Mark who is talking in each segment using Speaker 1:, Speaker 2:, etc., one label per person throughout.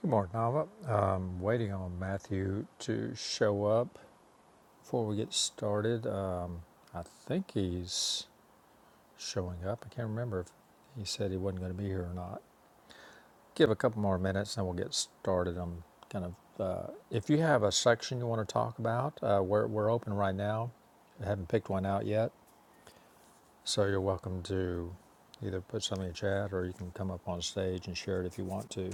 Speaker 1: Good morning, Nava. I'm waiting on Matthew to show up before we get started. Uh, I think he's showing up. I can't remember if he said he wasn't going to be here or not. Give a couple more minutes and we'll get started. I'm kind of, uh, if you have a section you want to talk about, uh, we're, we're open right now. I haven't picked one out yet. So you're welcome to either put something in chat or you can come up on stage and share it if you want to.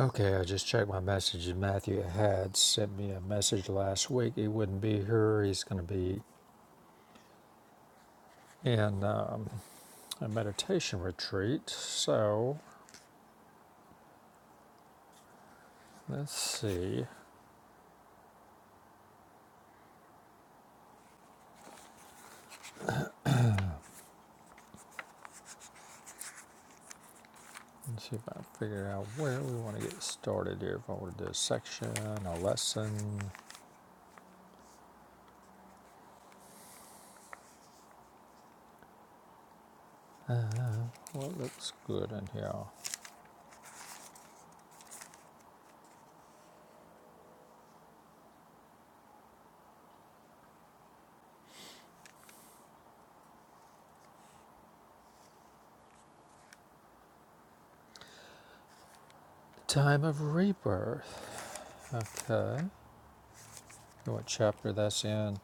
Speaker 1: Okay, I just checked my messages. Matthew had sent me a message last week. He wouldn't be here. He's going to be in um, a meditation retreat. So let's see. Let's see if I can figure out where we want to get started here. If I want to do a section, a lesson. Uh, what looks good in here? Time of rebirth. Okay. You know What chapter that's in?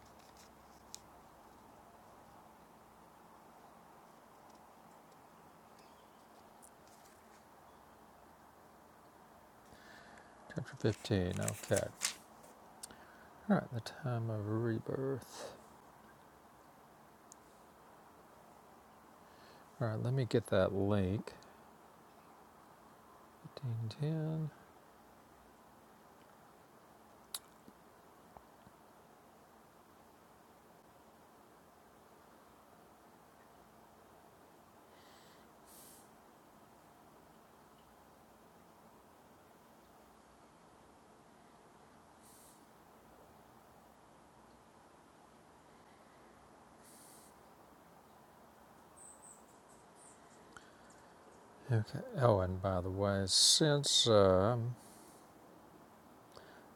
Speaker 1: Chapter 15. Okay. All right, the time of rebirth. All right, let me get that link. 15, ten. Okay. Oh, and by the way, since um,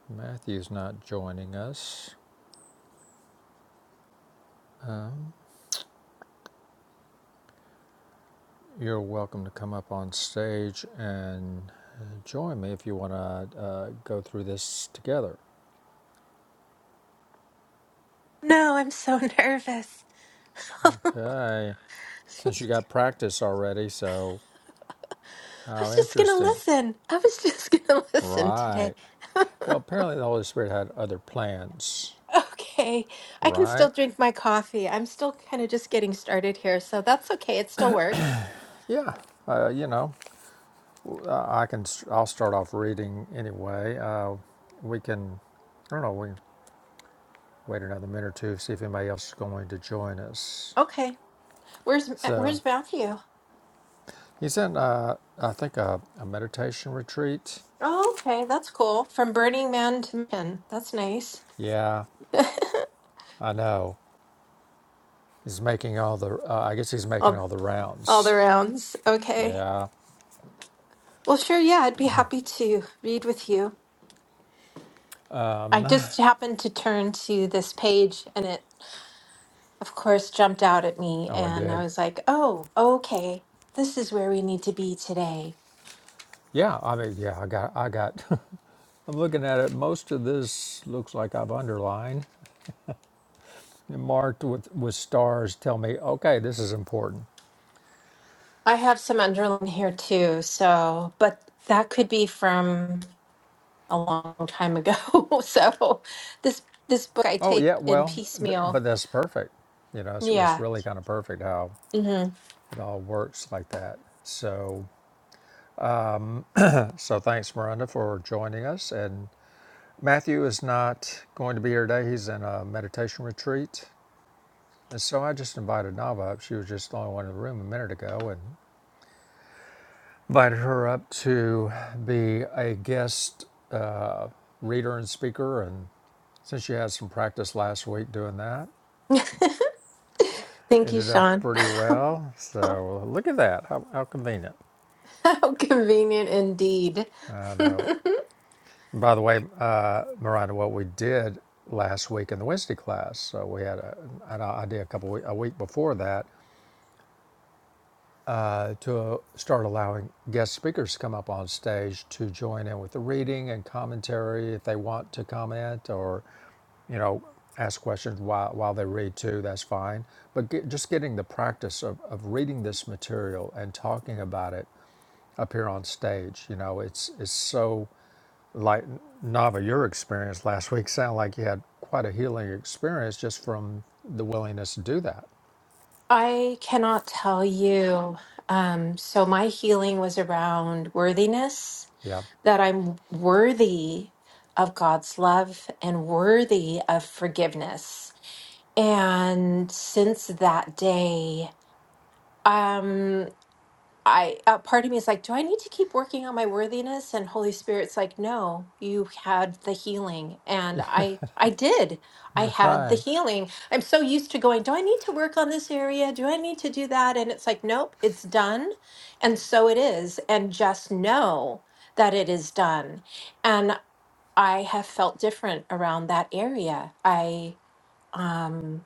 Speaker 1: Matthew's not joining us, um, you're welcome to come up on stage and uh, join me if you want to uh, go through this together.
Speaker 2: No, I'm so nervous. I
Speaker 1: Okay. Since you got practice already, so how
Speaker 2: was just gonna
Speaker 1: interesting.
Speaker 2: listen. I was just gonna listen
Speaker 1: Right.
Speaker 2: today.
Speaker 1: Well, apparently the Holy Spirit had other plans,
Speaker 2: okay, I can
Speaker 1: right?
Speaker 2: still drink my coffee. I'm still kind of just getting started here, so that's okay. It still works.
Speaker 1: Yeah. Uh, you know, Uh, I can. i I'll start off reading anyway. Uh, we can. I don't know. We can wait another minute or two see if anybody else is going to join us.
Speaker 2: Okay, where's
Speaker 1: So
Speaker 2: where's Matthew?
Speaker 1: he's in. Uh, I think a, a meditation retreat.
Speaker 2: Oh, okay, that's cool. From Burning Man to Man, that's nice.
Speaker 1: Yeah, I know. He's making all the. Uh, I guess he's making
Speaker 2: all
Speaker 1: all the
Speaker 2: all the
Speaker 1: rounds.
Speaker 2: rounds. Okay.
Speaker 1: Yeah.
Speaker 2: Well, sure. Yeah, I'd be happy to read with you. I just happened to turn to this page, and it of course, jumped out at me.
Speaker 1: Oh, I
Speaker 2: And I
Speaker 1: did.
Speaker 2: was like, oh, okay, this is where we need to be today.
Speaker 1: Yeah. I mean, yeah. I got. I got. I'm looking at it. Most of this looks like I've underlined, and marked with with stars. Tell me, okay, this is important.
Speaker 2: I have some underline here too. So, but that could be from a long time ago. so, this this book I
Speaker 1: Oh yeah,
Speaker 2: take in
Speaker 1: well, th-
Speaker 2: piecemeal.
Speaker 1: but that's perfect. You know, it's, it's
Speaker 2: Yeah.
Speaker 1: really kind of perfect how
Speaker 2: hmm
Speaker 1: it all works like that. So, so thanks, Miranda, for joining us. And Matthew is not going to be here today. He's in a meditation retreat, and so I just invited Nava up. She was just the only one in the room a minute ago, and invited her up to be a guest reader and speaker. And since she had some practice last week doing that,
Speaker 2: Thank you,
Speaker 1: ended up
Speaker 2: Sean.
Speaker 1: pretty well. So look at that. How, how convenient.
Speaker 2: How convenient indeed.
Speaker 1: I know. By the way, uh, Miranda, what we did last week in the Wednesday class, so we had a, an idea a couple week, a week before that uh, to start allowing guest speakers to come up on stage to join in with the reading and commentary if they want to comment or, you know, ask questions while, while they read too. That's fine. But get, just getting the practice of, of reading this material and talking about it up here on stage, you know, it's it's so Like Nava, your experience last week sounded like you had quite a healing experience just from the willingness to do that.
Speaker 2: I cannot tell you. Um, so my healing was around worthiness
Speaker 1: Yeah.
Speaker 2: that I'm worthy of God's love and worthy of forgiveness. And since that day, um, I a part of me is like, do I need to keep working on my worthiness? And Holy Spirit's like, no, you had the healing, and I I did. I had the
Speaker 1: Right.
Speaker 2: healing. I'm so used to going, do I need to work on this area? Do I need to do that? And it's like, nope, it's done. And so it is. And just know that it is done. and. I have felt different around that area. I um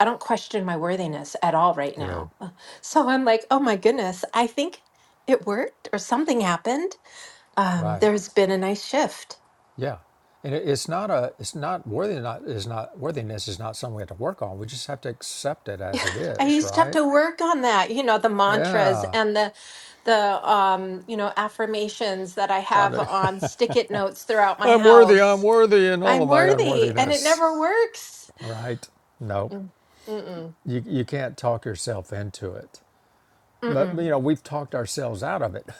Speaker 2: I don't question my worthiness at all right
Speaker 1: Good.
Speaker 2: now. Uh, So I'm like, oh my goodness, I think it worked or something happened. Um,
Speaker 1: Right.
Speaker 2: there's been a nice shift.
Speaker 1: Yeah. And it, it's not a. It's not worthiness. Not is not worthiness is not something we have to work on. We just have to accept it as it
Speaker 2: I
Speaker 1: is.
Speaker 2: used to have
Speaker 1: Right.
Speaker 2: to work on that, you know, the mantras
Speaker 1: Yeah.
Speaker 2: and the the um, you know, affirmations that I
Speaker 1: Trying
Speaker 2: have
Speaker 1: to.
Speaker 2: on stick it notes throughout my
Speaker 1: I'm worthy. I'm
Speaker 2: house.
Speaker 1: worthy in all
Speaker 2: I'm
Speaker 1: of my
Speaker 2: worthy and it
Speaker 1: unworthiness.
Speaker 2: never works.
Speaker 1: Right. No.
Speaker 2: Mm, Mm-mm.
Speaker 1: You you can't talk yourself into it.
Speaker 2: Mm-mm.
Speaker 1: But you know we've talked ourselves out of it.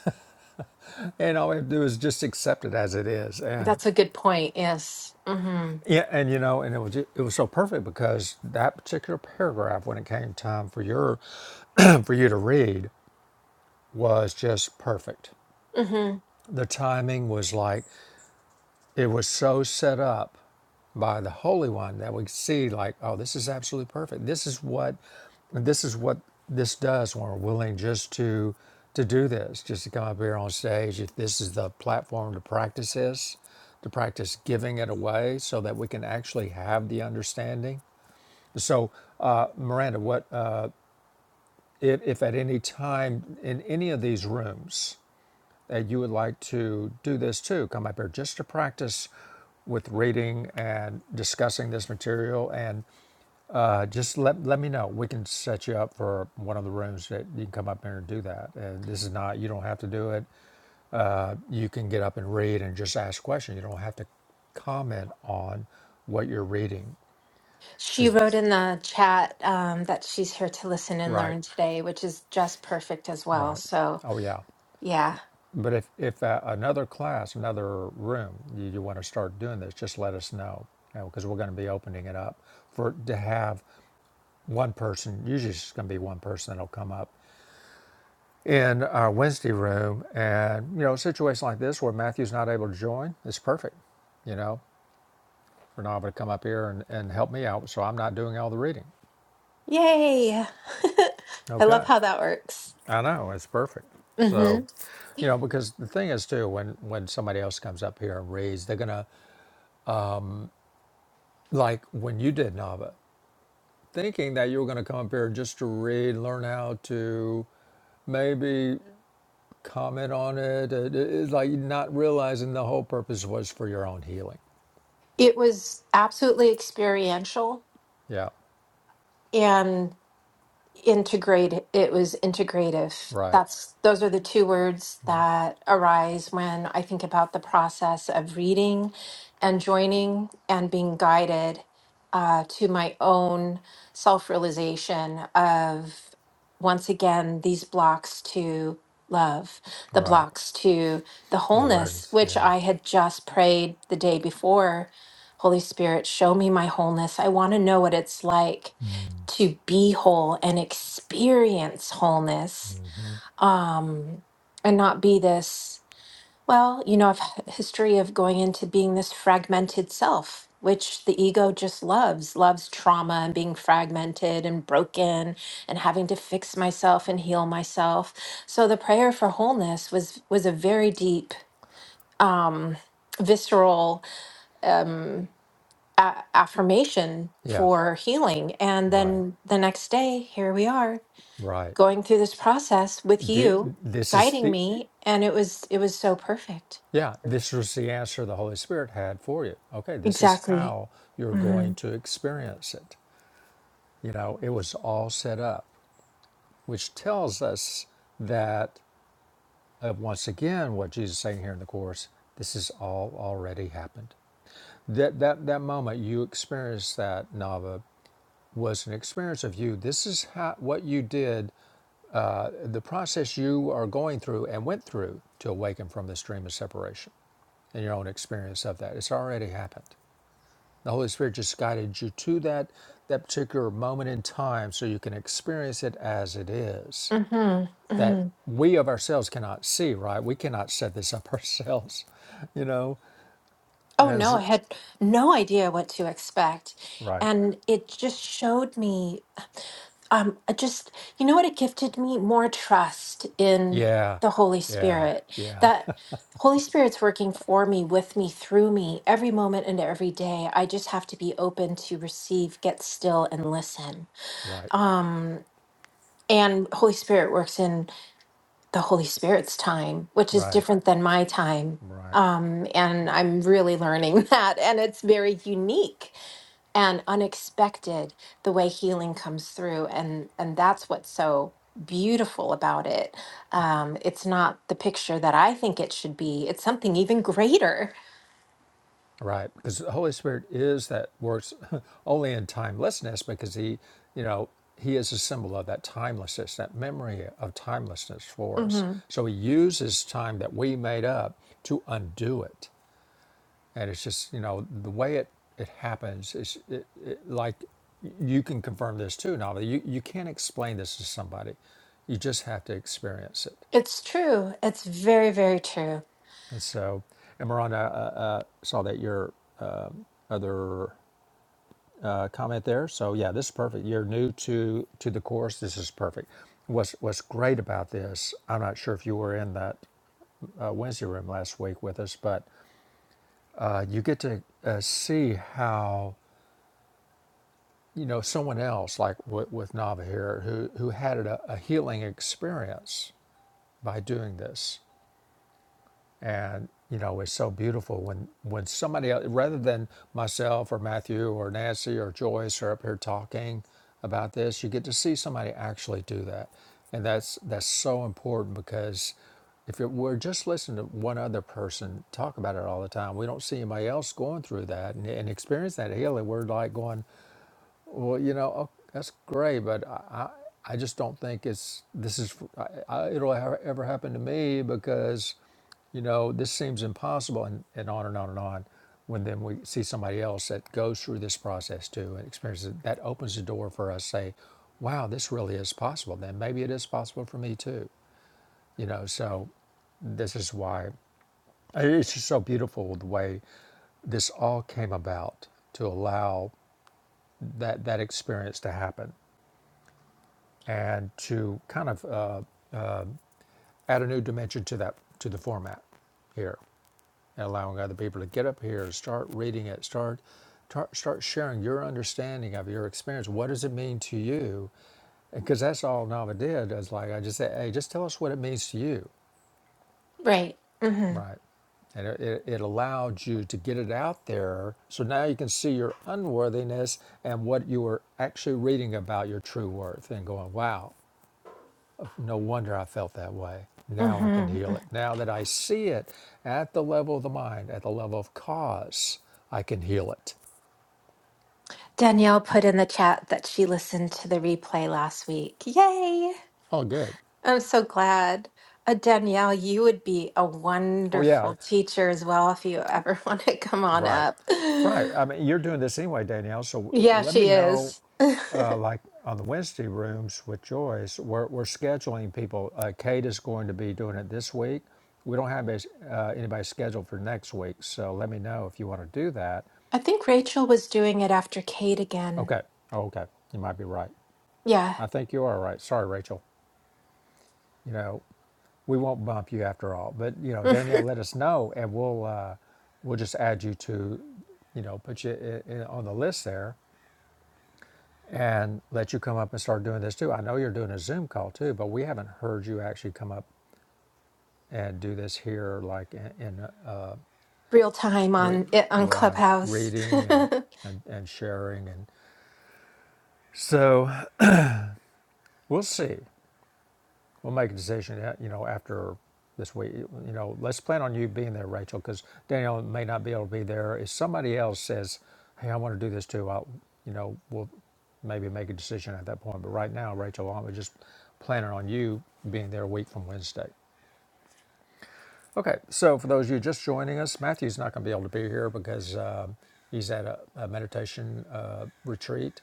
Speaker 1: and all we have to do is just accept it as it is and
Speaker 2: That's a good point. Yes. hmm
Speaker 1: yeah and you know and it was ju- it was so perfect because that particular paragraph when it came time for your for you to read was just perfect
Speaker 2: hmm
Speaker 1: the timing was like It was so set up by the Holy One that we see like, oh, this is absolutely perfect. This is what this is what this does when we're willing just to to do this, just to come up here on stage. If this is the platform to practice this, to practice giving it away so that we can actually have the understanding. So, uh, Miranda, what uh, if, if at any time in any of these rooms and you would like to do this too, come up here just to practice with reading and discussing this material, and uh, just let let me know. We can set you up for one of the rooms that you can come up here and do that. And this is not you don't have to do it. You can get up and read and just ask questions. You don't have to comment on what you're reading.
Speaker 2: She
Speaker 1: Cause
Speaker 2: wrote in the chat um, that she's here to listen and
Speaker 1: right,
Speaker 2: learn today, which is just perfect as well.
Speaker 1: right.
Speaker 2: So,
Speaker 1: Oh yeah.
Speaker 2: yeah.
Speaker 1: But if, if uh, another class, another room, you, you want to start doing this, just let us know because we're going to be opening it up for to have one person. Usually, it's going to be one person that'll come up in our Wednesday room, and you know, a situation like this where Matthew's not able to join, it's perfect. You know, for Nava to come up here and, and help me out, so I'm not doing all the reading.
Speaker 2: Yay. I
Speaker 1: Okay,
Speaker 2: love how that works.
Speaker 1: I know it's perfect.
Speaker 2: hmm
Speaker 1: So, you know, because the thing is too, when when somebody else comes up here and reads, they're gonna like when you did Nava, thinking that you were going to come up here just to read, learn how to maybe comment on it. it- it- It's like not realizing the whole purpose was for your own healing.
Speaker 2: It was absolutely experiential.
Speaker 1: Yeah,
Speaker 2: and. integrate it was integrative
Speaker 1: right,
Speaker 2: that's those are the two words that arise when i think about the process of reading and joining and being guided uh, to my own self-realization of once again these blocks to love the
Speaker 1: right.
Speaker 2: blocks to the
Speaker 1: The
Speaker 2: wholeness
Speaker 1: awareness.
Speaker 2: which
Speaker 1: Yeah,
Speaker 2: i had just prayed the day before holy spirit show me my wholeness i want to know what it's like to be whole and experience wholeness um and not be this well you know i've had a history of going into being this fragmented self which the ego just loves loves trauma and being fragmented and broken and having to fix myself and heal myself so the prayer for wholeness was was a very deep um visceral um a- affirmation
Speaker 1: yeah,
Speaker 2: for healing and
Speaker 1: right,
Speaker 2: then the next day here we are
Speaker 1: right.
Speaker 2: going through this process with
Speaker 1: The,
Speaker 2: you
Speaker 1: this is
Speaker 2: guiding
Speaker 1: the,
Speaker 2: me and it was it was so perfect
Speaker 1: yeah, this was the answer the Holy Spirit had for you. Okay, this is
Speaker 2: exactly
Speaker 1: how you're going
Speaker 2: mhm
Speaker 1: to experience it. You know, it was all set up. which tells us that uh, once again what jesus is saying here in the course this has all already happened that that that moment you experienced that nava was an experience of you this is how what you did the process you are going through and went through to awaken from this dream of separation and your own experience of that it's already happened the holy spirit just guided you to that that particular moment in time so you can experience it as it is
Speaker 2: mhm
Speaker 1: that
Speaker 2: mhm
Speaker 1: we of ourselves cannot see, right? We cannot set this up ourselves, you know,
Speaker 2: oh no
Speaker 1: as
Speaker 2: i had no idea what to expect
Speaker 1: right.
Speaker 2: and it just showed me um I just you know what it gifted me more trust in
Speaker 1: Yeah,
Speaker 2: the holy
Speaker 1: yeah,
Speaker 2: spirit
Speaker 1: yeah.
Speaker 2: that holy spirit's working for me with me through me every moment and every day i just have to be open to receive get still and listen
Speaker 1: Right,
Speaker 2: Um, and holy spirit works in the holy spirit's time which is
Speaker 1: right,
Speaker 2: different than my time
Speaker 1: right,
Speaker 2: um, and i'm really learning that and it's very unique and unexpected the way healing comes through and and that's what's so beautiful about it um, it's not the picture that i think it should be it's something even greater
Speaker 1: right. Because the Holy Spirit is that works only in timelessness because He, you know, He is a symbol of that timelessness, that memory of timelessness for us.
Speaker 2: hmm
Speaker 1: So He uses time that we made up to undo it and it's just you know the way it it happens is it, it, like you can confirm this too Nava. you you can't explain this to somebody you just have to experience it
Speaker 2: it's true it's very very true
Speaker 1: and so and Miranda uh, uh, saw that your uh, other uh, comment there so yeah this is perfect you're new to to the course this is perfect what's what's great about this I'm not sure if you were in that uh, Wednesday room last week with us but uh, you get to uh, see how you know, someone else like with, with Nava here who who had a, a healing experience by doing this, and you know, it's so beautiful when when somebody else, rather than myself or Matthew or Nancy or Joyce are up here talking about this, you get to see somebody actually do that, and that's that's so important because if it were just listening to one other person talk about it all the time, we don't see anybody else going through that and, and experience that healing. We're like going, well, you know, oh, that's great, but I, I, I just don't think it's this is I, I, it'll ha- ever happen to me because, you know, this seems impossible, and, and on and on and on. When then we see somebody else that goes through this process too and experiences it, that opens the door for us say, wow, this really is possible. Then maybe it is possible for me too. You know, so this is why it's just so beautiful the way this all came about to allow that that experience to happen and to kind of uh, add a new dimension to that to the format here and allowing other people to get up here start reading it start tar- start sharing your understanding of your experience what does it mean to you because that's all nava did is like i just said hey just tell us what it means to you
Speaker 2: right hmm
Speaker 1: right and it, it, it allowed you to get it out there so now you can see your unworthiness and what you were actually reading about your true worth and going wow No wonder I felt that way. Now I can
Speaker 2: hmm
Speaker 1: heal it. Now that I see it at the level of the mind, at the level of cause, I can heal it.
Speaker 2: Danielle put in the chat that she listened to the replay last week. Yay!
Speaker 1: Oh, good.
Speaker 2: I'm so glad. Uh, Danielle, you would be a
Speaker 1: Oh, yeah.
Speaker 2: wonderful teacher as well if you ever want to come on
Speaker 1: Right.
Speaker 2: up.
Speaker 1: Right. I mean, you're doing this anyway, Danielle. So uh,
Speaker 2: Yeah,
Speaker 1: let me
Speaker 2: she
Speaker 1: know,
Speaker 2: is.
Speaker 1: uh, like on the Wednesday rooms with Joyce, we're, we're scheduling people. Uh, Kate is going to be doing it this week. We don't have uh, anybody scheduled for next week. So let me know if you want to do that.
Speaker 2: I think Rachel was doing it after Kate again.
Speaker 1: Okay. Oh, okay. You might be right.
Speaker 2: Yeah.
Speaker 1: I think you are right. Sorry, Rachel. you know, we won't bump you after all. But you know, Danielle, let us know, and we'll uh, we'll just add you to, you know, put you i i on the list there, and let you come up and start doing this too. I know you're doing a Zoom call too, but we haven't heard you actually come up and do this here, like in, in uh,
Speaker 2: Real time
Speaker 1: re-
Speaker 2: on it on
Speaker 1: right
Speaker 2: Clubhouse.
Speaker 1: reading and, and and sharing, and so we'll see. We'll make a decision, uh, you know, after this week. You know, let's plan on you being there, Rachel, because Daniel may not be able to be there. If somebody else says, "Hey, I want to do this too," I'll, you know, we'll maybe make a decision at that point. But right now, Rachel, I'm just planning on you being there a week from Wednesday. Okay, so for those of you just joining us, Matthew's not going to be able to be here because um he's at a, a meditation uh, retreat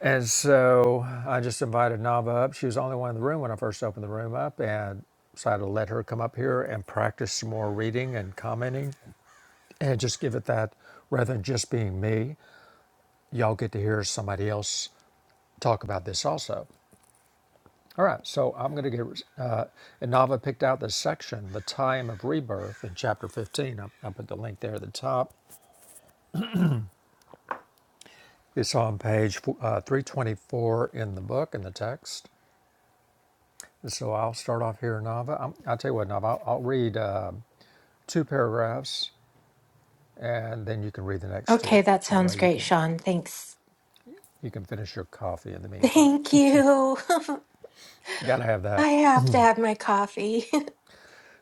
Speaker 1: and so I just invited Nava up. She was the only one in the room when I first opened the room up and decided to let her come up here and practice some more reading and commenting and just give it that rather than just being me. Y'all get to hear somebody else talk about this also. All right, so I'm going to get, uh, and Nava picked out the section, The Time of Rebirth in chapter 15. I, I put the link there at the top. It's on page uh, 324 in the book, in the text. So I'll start off here, Nava. I'm, I'll tell you what, Nava, I'll, I'll read uh, two paragraphs and then you can read the next
Speaker 2: Okay,
Speaker 1: two.
Speaker 2: that
Speaker 1: That
Speaker 2: sounds
Speaker 1: way you
Speaker 2: great,
Speaker 1: can
Speaker 2: Sean. Thanks.
Speaker 1: you can finish your coffee in the meantime.
Speaker 2: Thank you.
Speaker 1: Gotta have
Speaker 2: I
Speaker 1: that.
Speaker 2: have to have my coffee.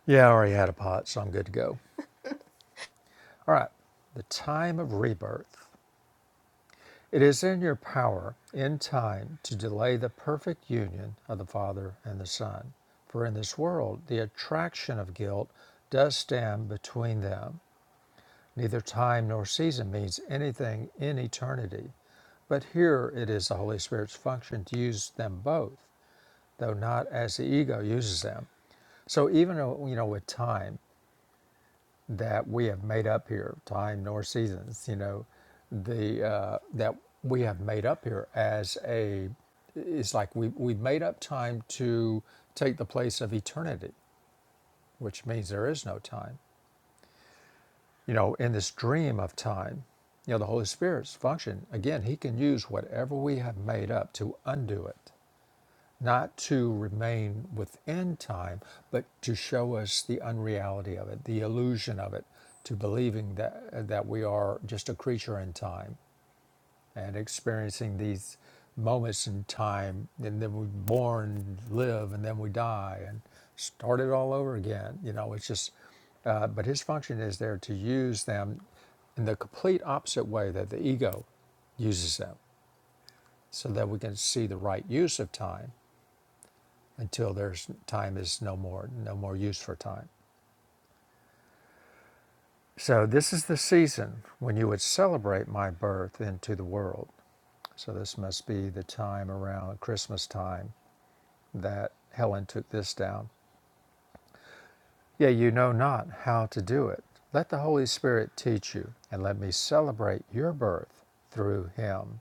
Speaker 1: Yeah, I already had a pot, so I'm good to go. All right. The time of rebirth. It is in your power, in time, to delay the perfect union of the Father and the Son. For in this world, the attraction of guilt does stand between them, Neither time nor season means anything in eternity, but here it is the Holy Spirit's function to use them both, though not as the ego uses them. So even uh, you know with time that we have made up here, time nor seasons, you know, the uh, that we have made up here as a it's like we we've made up time to take the place of eternity, which means there is no time you know, in this dream of time, you know, the Holy Spirit's function, again, he can use whatever we have made up to undo it, not to remain within time, but to show us the unreality of it, the illusion of it, to believing that that we are just a creature in time and experiencing these moments in time and then we are born live and then we die and start it all over again you know it's just uh, but his function is there to use them in the complete opposite way that the ego uses them so that we can see the right use of time until there's time is no more no more use for time so this is the season when you would celebrate my birth into the world so this must be the time around christmas time that Helen took this down. Yea, you know not how to do it. Let the Holy Spirit teach you, and let me celebrate your birth through him.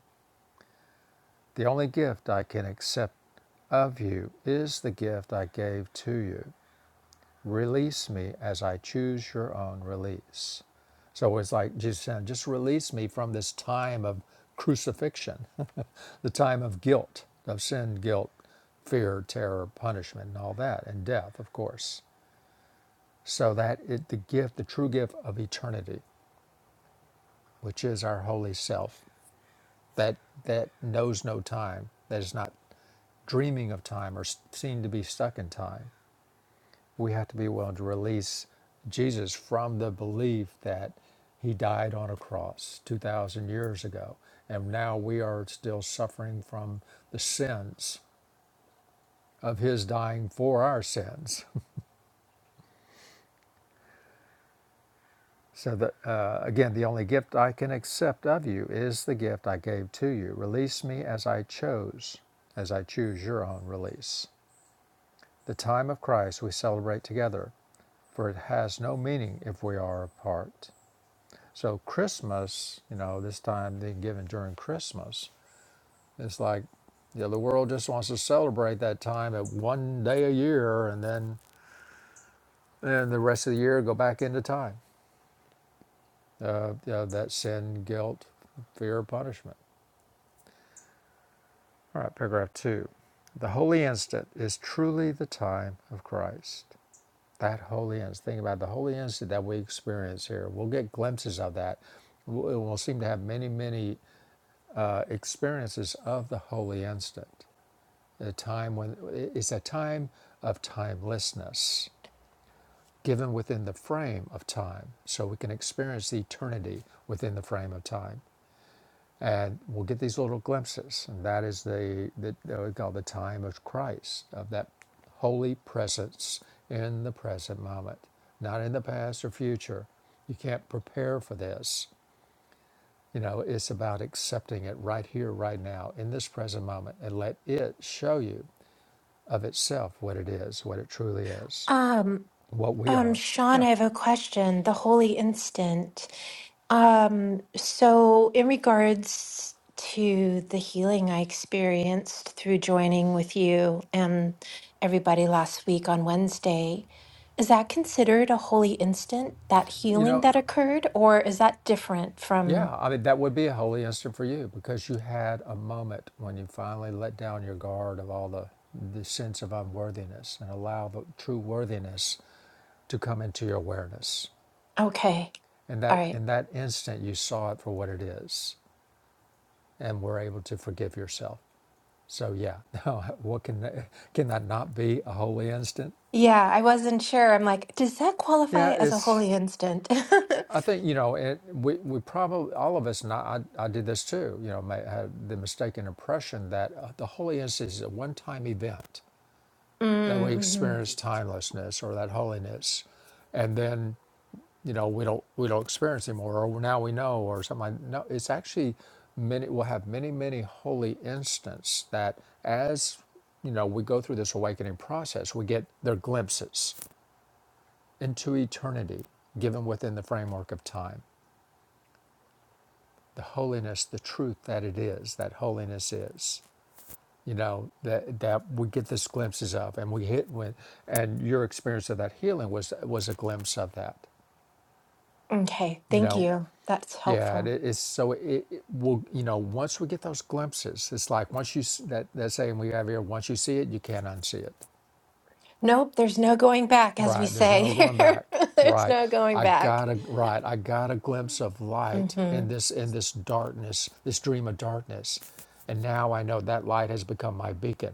Speaker 1: The only gift I can accept of you is the gift I gave to you. Release me as I choose your own release. So it's like Jesus saying, just release me from this time of crucifixion, the time of guilt, of sin, guilt, fear, terror, punishment, and all that, and death, of course. so that it, the gift, the true gift of eternity, which is our holy self, that that knows no time, that is not dreaming of time or seem to be stuck in time. We have to be willing to release Jesus from the belief that he died on a cross 2,000 years ago. And now we are still suffering from the sins of his dying for our sins. So that uh, again, the only gift I can accept of you is the gift I gave to you. Release me as I chose, as I choose your own release. The time of Christ we celebrate together, for it has no meaning if we are apart. So Christmas, you know, this time being given during Christmas, it's like, you know, the world just wants to celebrate that time at one day a year, and then and the rest of the year go back into time. Uh, you know, that sin, guilt, fear, punishment. All right, paragraph two. The holy instant is truly the time of Christ. That holy instant. Think about the holy instant that we experience here. We'll get glimpses of that. We'll seem to have many, many uh, experiences of the holy instant. A time when it's a time of timelessness, given within the frame of time, so we can experience the eternity within the frame of time. and we'll get these little glimpses and that is the, the that we call the time of christ of that holy presence in the present moment not in the past or future you can't prepare for this you know it's about accepting it right here right now in this present moment and let it show you of itself what it is what it truly is
Speaker 2: Um,
Speaker 1: what we
Speaker 2: Um,
Speaker 1: are
Speaker 2: Sean,
Speaker 1: yeah
Speaker 2: I have a question. The holy instant. Um, so in regards to the healing I experienced through joining with you and everybody last week on Wednesday, is that considered a holy instant, that
Speaker 1: you
Speaker 2: healing
Speaker 1: know
Speaker 2: that occurred, or is that different from,
Speaker 1: Yeah, I mean, that would be a holy instant for you because you had a moment when you finally let down your guard of all the, the sense of unworthiness and allow the true worthiness to come into your awareness.
Speaker 2: okay,
Speaker 1: And
Speaker 2: all
Speaker 1: that
Speaker 2: right.
Speaker 1: in that instant, you saw it for what it is and were able to forgive yourself. So yeah, no, what can can that not be a holy instant?
Speaker 2: Yeah, I wasn't sure. I'm like, does that
Speaker 1: Yeah,
Speaker 2: qualify as a
Speaker 1: it's
Speaker 2: holy instant?
Speaker 1: I think you know, it, we we probably all of us, and I, I I did this too. You know, may had the mistaken impression that uh, the holiness is a one-time event that we
Speaker 2: mm-hmm.
Speaker 1: experience timelessness or that holiness, and then you know we don't we don't experience anymore, or now we know, or something. Like, that. no, it's actually many. We'll have many many holy instances that as you know we go through this awakening process, we get their glimpses into eternity given within the framework of time the holiness, the truth that it is, that holiness is. You know that that we get these glimpses of, and we hit with, and your experience of that healing was was a glimpse of that.
Speaker 2: Okay,
Speaker 1: You
Speaker 2: thank
Speaker 1: know,
Speaker 2: you. That's
Speaker 1: yeah,
Speaker 2: helpful.
Speaker 1: it, it's so it, it will. You know, once we get those glimpses, it's like once you s- that that saying we have here, once you see it, you can't unsee it.
Speaker 2: Nope, there's no going back, as we
Speaker 1: Right. There's
Speaker 2: say
Speaker 1: no going
Speaker 2: here.
Speaker 1: back.
Speaker 2: There's
Speaker 1: Right.
Speaker 2: no going
Speaker 1: I
Speaker 2: back.
Speaker 1: got a right. I got a glimpse of light
Speaker 2: hmm
Speaker 1: in this in this darkness, this dream of darkness. And now I know that light has become my beacon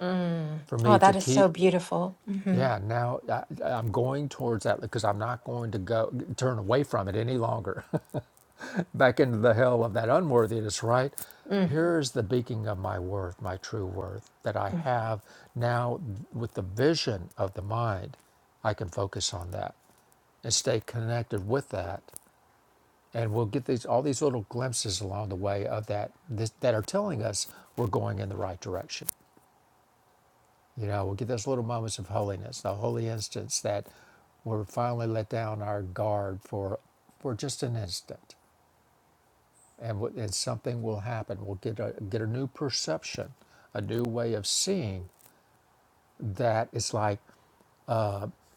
Speaker 2: Mm.
Speaker 1: for
Speaker 2: Oh,
Speaker 1: me to
Speaker 2: that is so
Speaker 1: keep.
Speaker 2: beautiful. hmm
Speaker 1: Yeah, now I, I'm going towards that because I'm not going to go turn away from it any longer. back into the hell of that unworthiness, right?
Speaker 2: Mm.
Speaker 1: Here's the beacon of my worth, my true worth that I have now with the vision of the mind. I can focus on that and stay connected with that. And we'll get these all these little glimpses along the way of that this, that are telling us we're going in the right direction. You know, we'll get those little moments of holiness, the holy instance that we're finally let down our guard for for just an instant and, and something will happen. We'll get a, get a new perception, a new way of seeing that it's like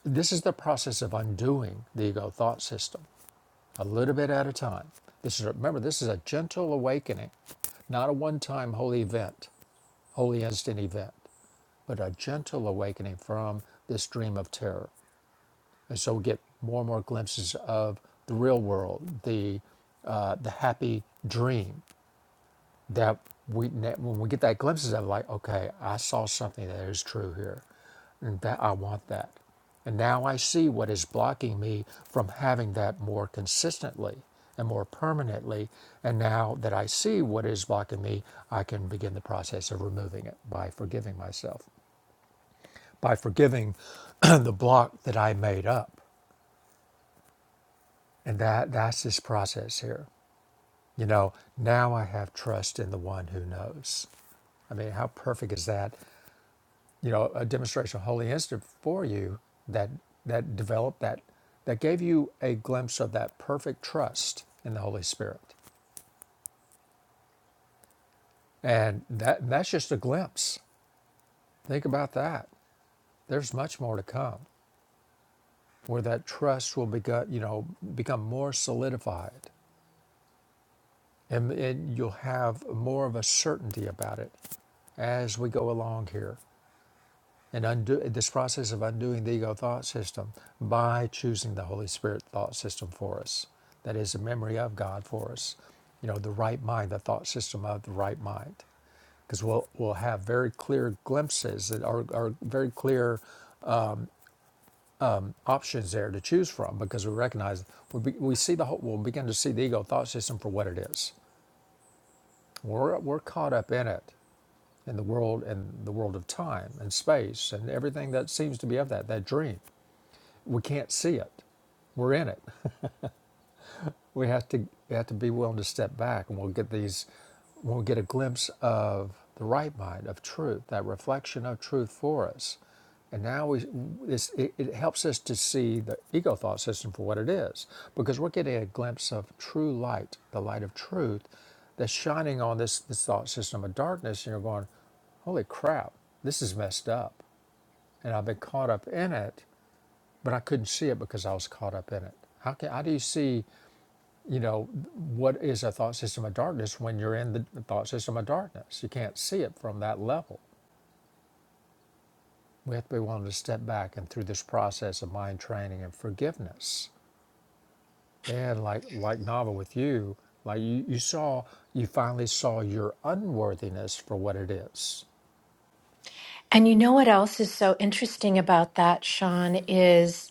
Speaker 1: this is the process of undoing the ego thought system, a little bit at a time. This is remember this is a gentle awakening, not a one-time holy event, holy instant event, but a gentle awakening from this dream of terror. And so we get more and more glimpses of the real world, the uh, the happy dream that we when we get that glimpses of like okay i saw something that is true here and that i want that and now i see what is blocking me from having that more consistently and more permanently and now that i see what is blocking me i can begin the process of removing it by forgiving myself by forgiving the block that i made up and that that's this process here you know now i have trust in the one who knows I mean, how perfect is that? you know, a demonstration of Holy Instant for you that that developed that that gave you a glimpse of that perfect trust in the Holy Spirit. And that that's just a glimpse. Think about that. There's much more to come where that trust will become, you know, become more solidified and, and you'll have more of a certainty about it as we go along here. and undo this process of undoing the ego thought system by choosing the Holy Spirit thought system for us. That is the memory of God for us. You know, the right mind, the thought system of the right mind. Because we'll, we'll have very clear glimpses that are, are very clear options there to choose from because we recognize, we, be, we see the whole, we'll begin to see the ego thought system for what it is. We're, we're caught up in it, in the world, in the world of time and space and everything that seems to be of that, that dream we can't see it. We're in it. We have to we have to be willing to step back, and we'll get these. We'll get a glimpse of the right mind of truth, that reflection of truth for us, and now we this it, it helps us to see the ego thought system for what it is, because we're getting a glimpse of true light, the light of truth, that's shining on this this thought system of darkness, and you're going, holy crap, this is messed up, and I've been caught up in it but I couldn't see it because I was caught up in it. How can how do you see, you know, what is a thought system of darkness when you're in the thought system of darkness? You can't see it from that level. We have to be willing to step back and through this process of mind training and forgiveness. Then like like Nava with you, like you, you saw you finally saw your unworthiness for what it is.
Speaker 2: And you know what else is so interesting about that, Sean, is.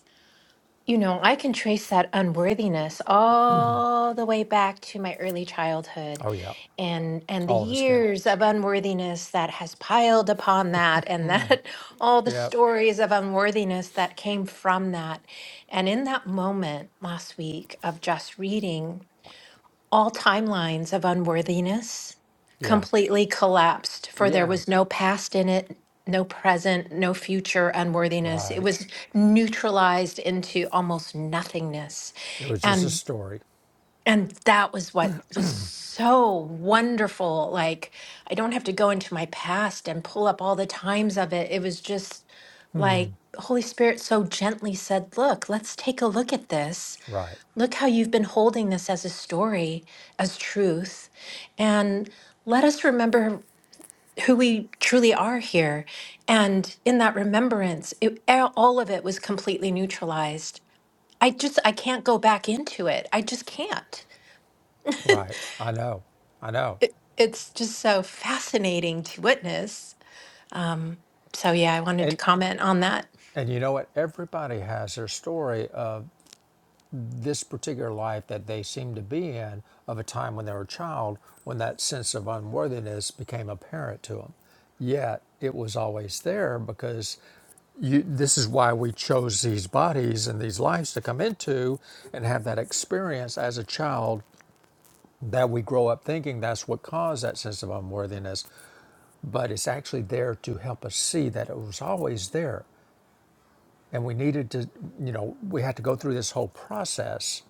Speaker 2: You know, I can trace that unworthiness all the way back to my early childhood
Speaker 1: Oh yeah.
Speaker 2: and and the
Speaker 1: All of us can.
Speaker 2: years of unworthiness that has piled upon that and that all the
Speaker 1: Yeah.
Speaker 2: stories of unworthiness that came from that. And in that moment last week of just reading all timelines of unworthiness
Speaker 1: Yeah.
Speaker 2: completely collapsed, for there
Speaker 1: Yeah.
Speaker 2: was no past in it, no present, no future unworthiness. It
Speaker 1: Right.
Speaker 2: was neutralized into almost nothingness.
Speaker 1: It was just a
Speaker 2: And
Speaker 1: story.
Speaker 2: and that was what was so wonderful. Like I don't have to go into my past and pull up all the times of it. It was just like Holy Spirit so gently said, "Look, let's take a look at this."
Speaker 1: Right.
Speaker 2: Look how you've been holding this as a story, as truth. And let us remember who we truly are here. And in that remembrance, it, all of it was completely neutralized. I just, I can't go back into it. I just can't.
Speaker 1: Right. I know. I know.
Speaker 2: It, it's just so fascinating to witness. Um, so, yeah, I wanted to
Speaker 1: And
Speaker 2: comment on that.
Speaker 1: and you know what? Everybody has their story of this particular life that they seem to be in of a time when they were a child when that sense of unworthiness became apparent to them. Yet it was always there because you, this is why we chose these bodies and these lives to come into and have that experience as a child that we grow up thinking that's what caused that sense of unworthiness. But it's actually there to help us see that it was always there and we needed to you know we had to go through this whole process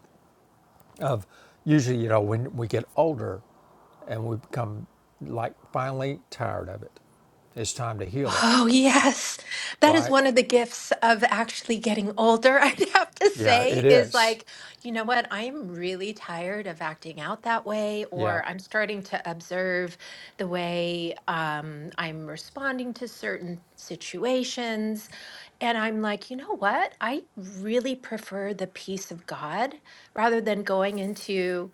Speaker 1: of usually you know when we get older and we become like finally tired of it it's time to heal it
Speaker 2: Oh, yes. That is
Speaker 1: right
Speaker 2: one of the gifts of actually getting older, I'd have to
Speaker 1: yeah
Speaker 2: say,
Speaker 1: it
Speaker 2: is
Speaker 1: is
Speaker 2: like, you know what? I'm really tired of acting out that way,
Speaker 1: yeah
Speaker 2: or I'm starting to observe the way um, I'm responding to certain situations. And I'm like, you know what? I really prefer the peace of God rather than going into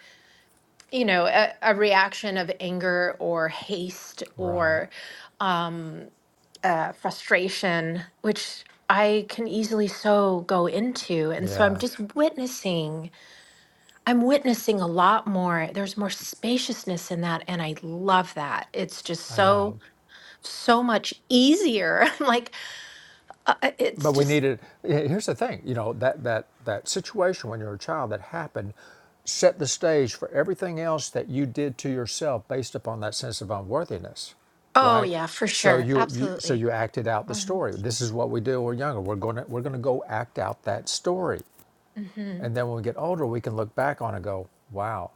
Speaker 2: you know a, a reaction of anger or haste
Speaker 1: right
Speaker 2: or um uh frustration which i can easily so go into and so i'm
Speaker 1: yeah
Speaker 2: just witnessing i'm witnessing a lot more there's more spaciousness in that and i love that it's just
Speaker 1: i
Speaker 2: so
Speaker 1: know
Speaker 2: so much easier i'm like uh, uh,
Speaker 1: But
Speaker 2: it's
Speaker 1: we
Speaker 2: just
Speaker 1: needed. Here's the thing, you know that that that situation when you're a child that happened set the stage for everything else that you did to yourself based upon that sense of unworthiness,
Speaker 2: oh
Speaker 1: right?
Speaker 2: yeah for
Speaker 1: So
Speaker 2: sure
Speaker 1: you, you so
Speaker 2: absolutely
Speaker 1: you acted out the
Speaker 2: hmm
Speaker 1: story. This is what we do. when We're younger. We're gonna we're gonna go act out that story, and
Speaker 2: and
Speaker 1: then when we get older, we can look back on it and go, wow,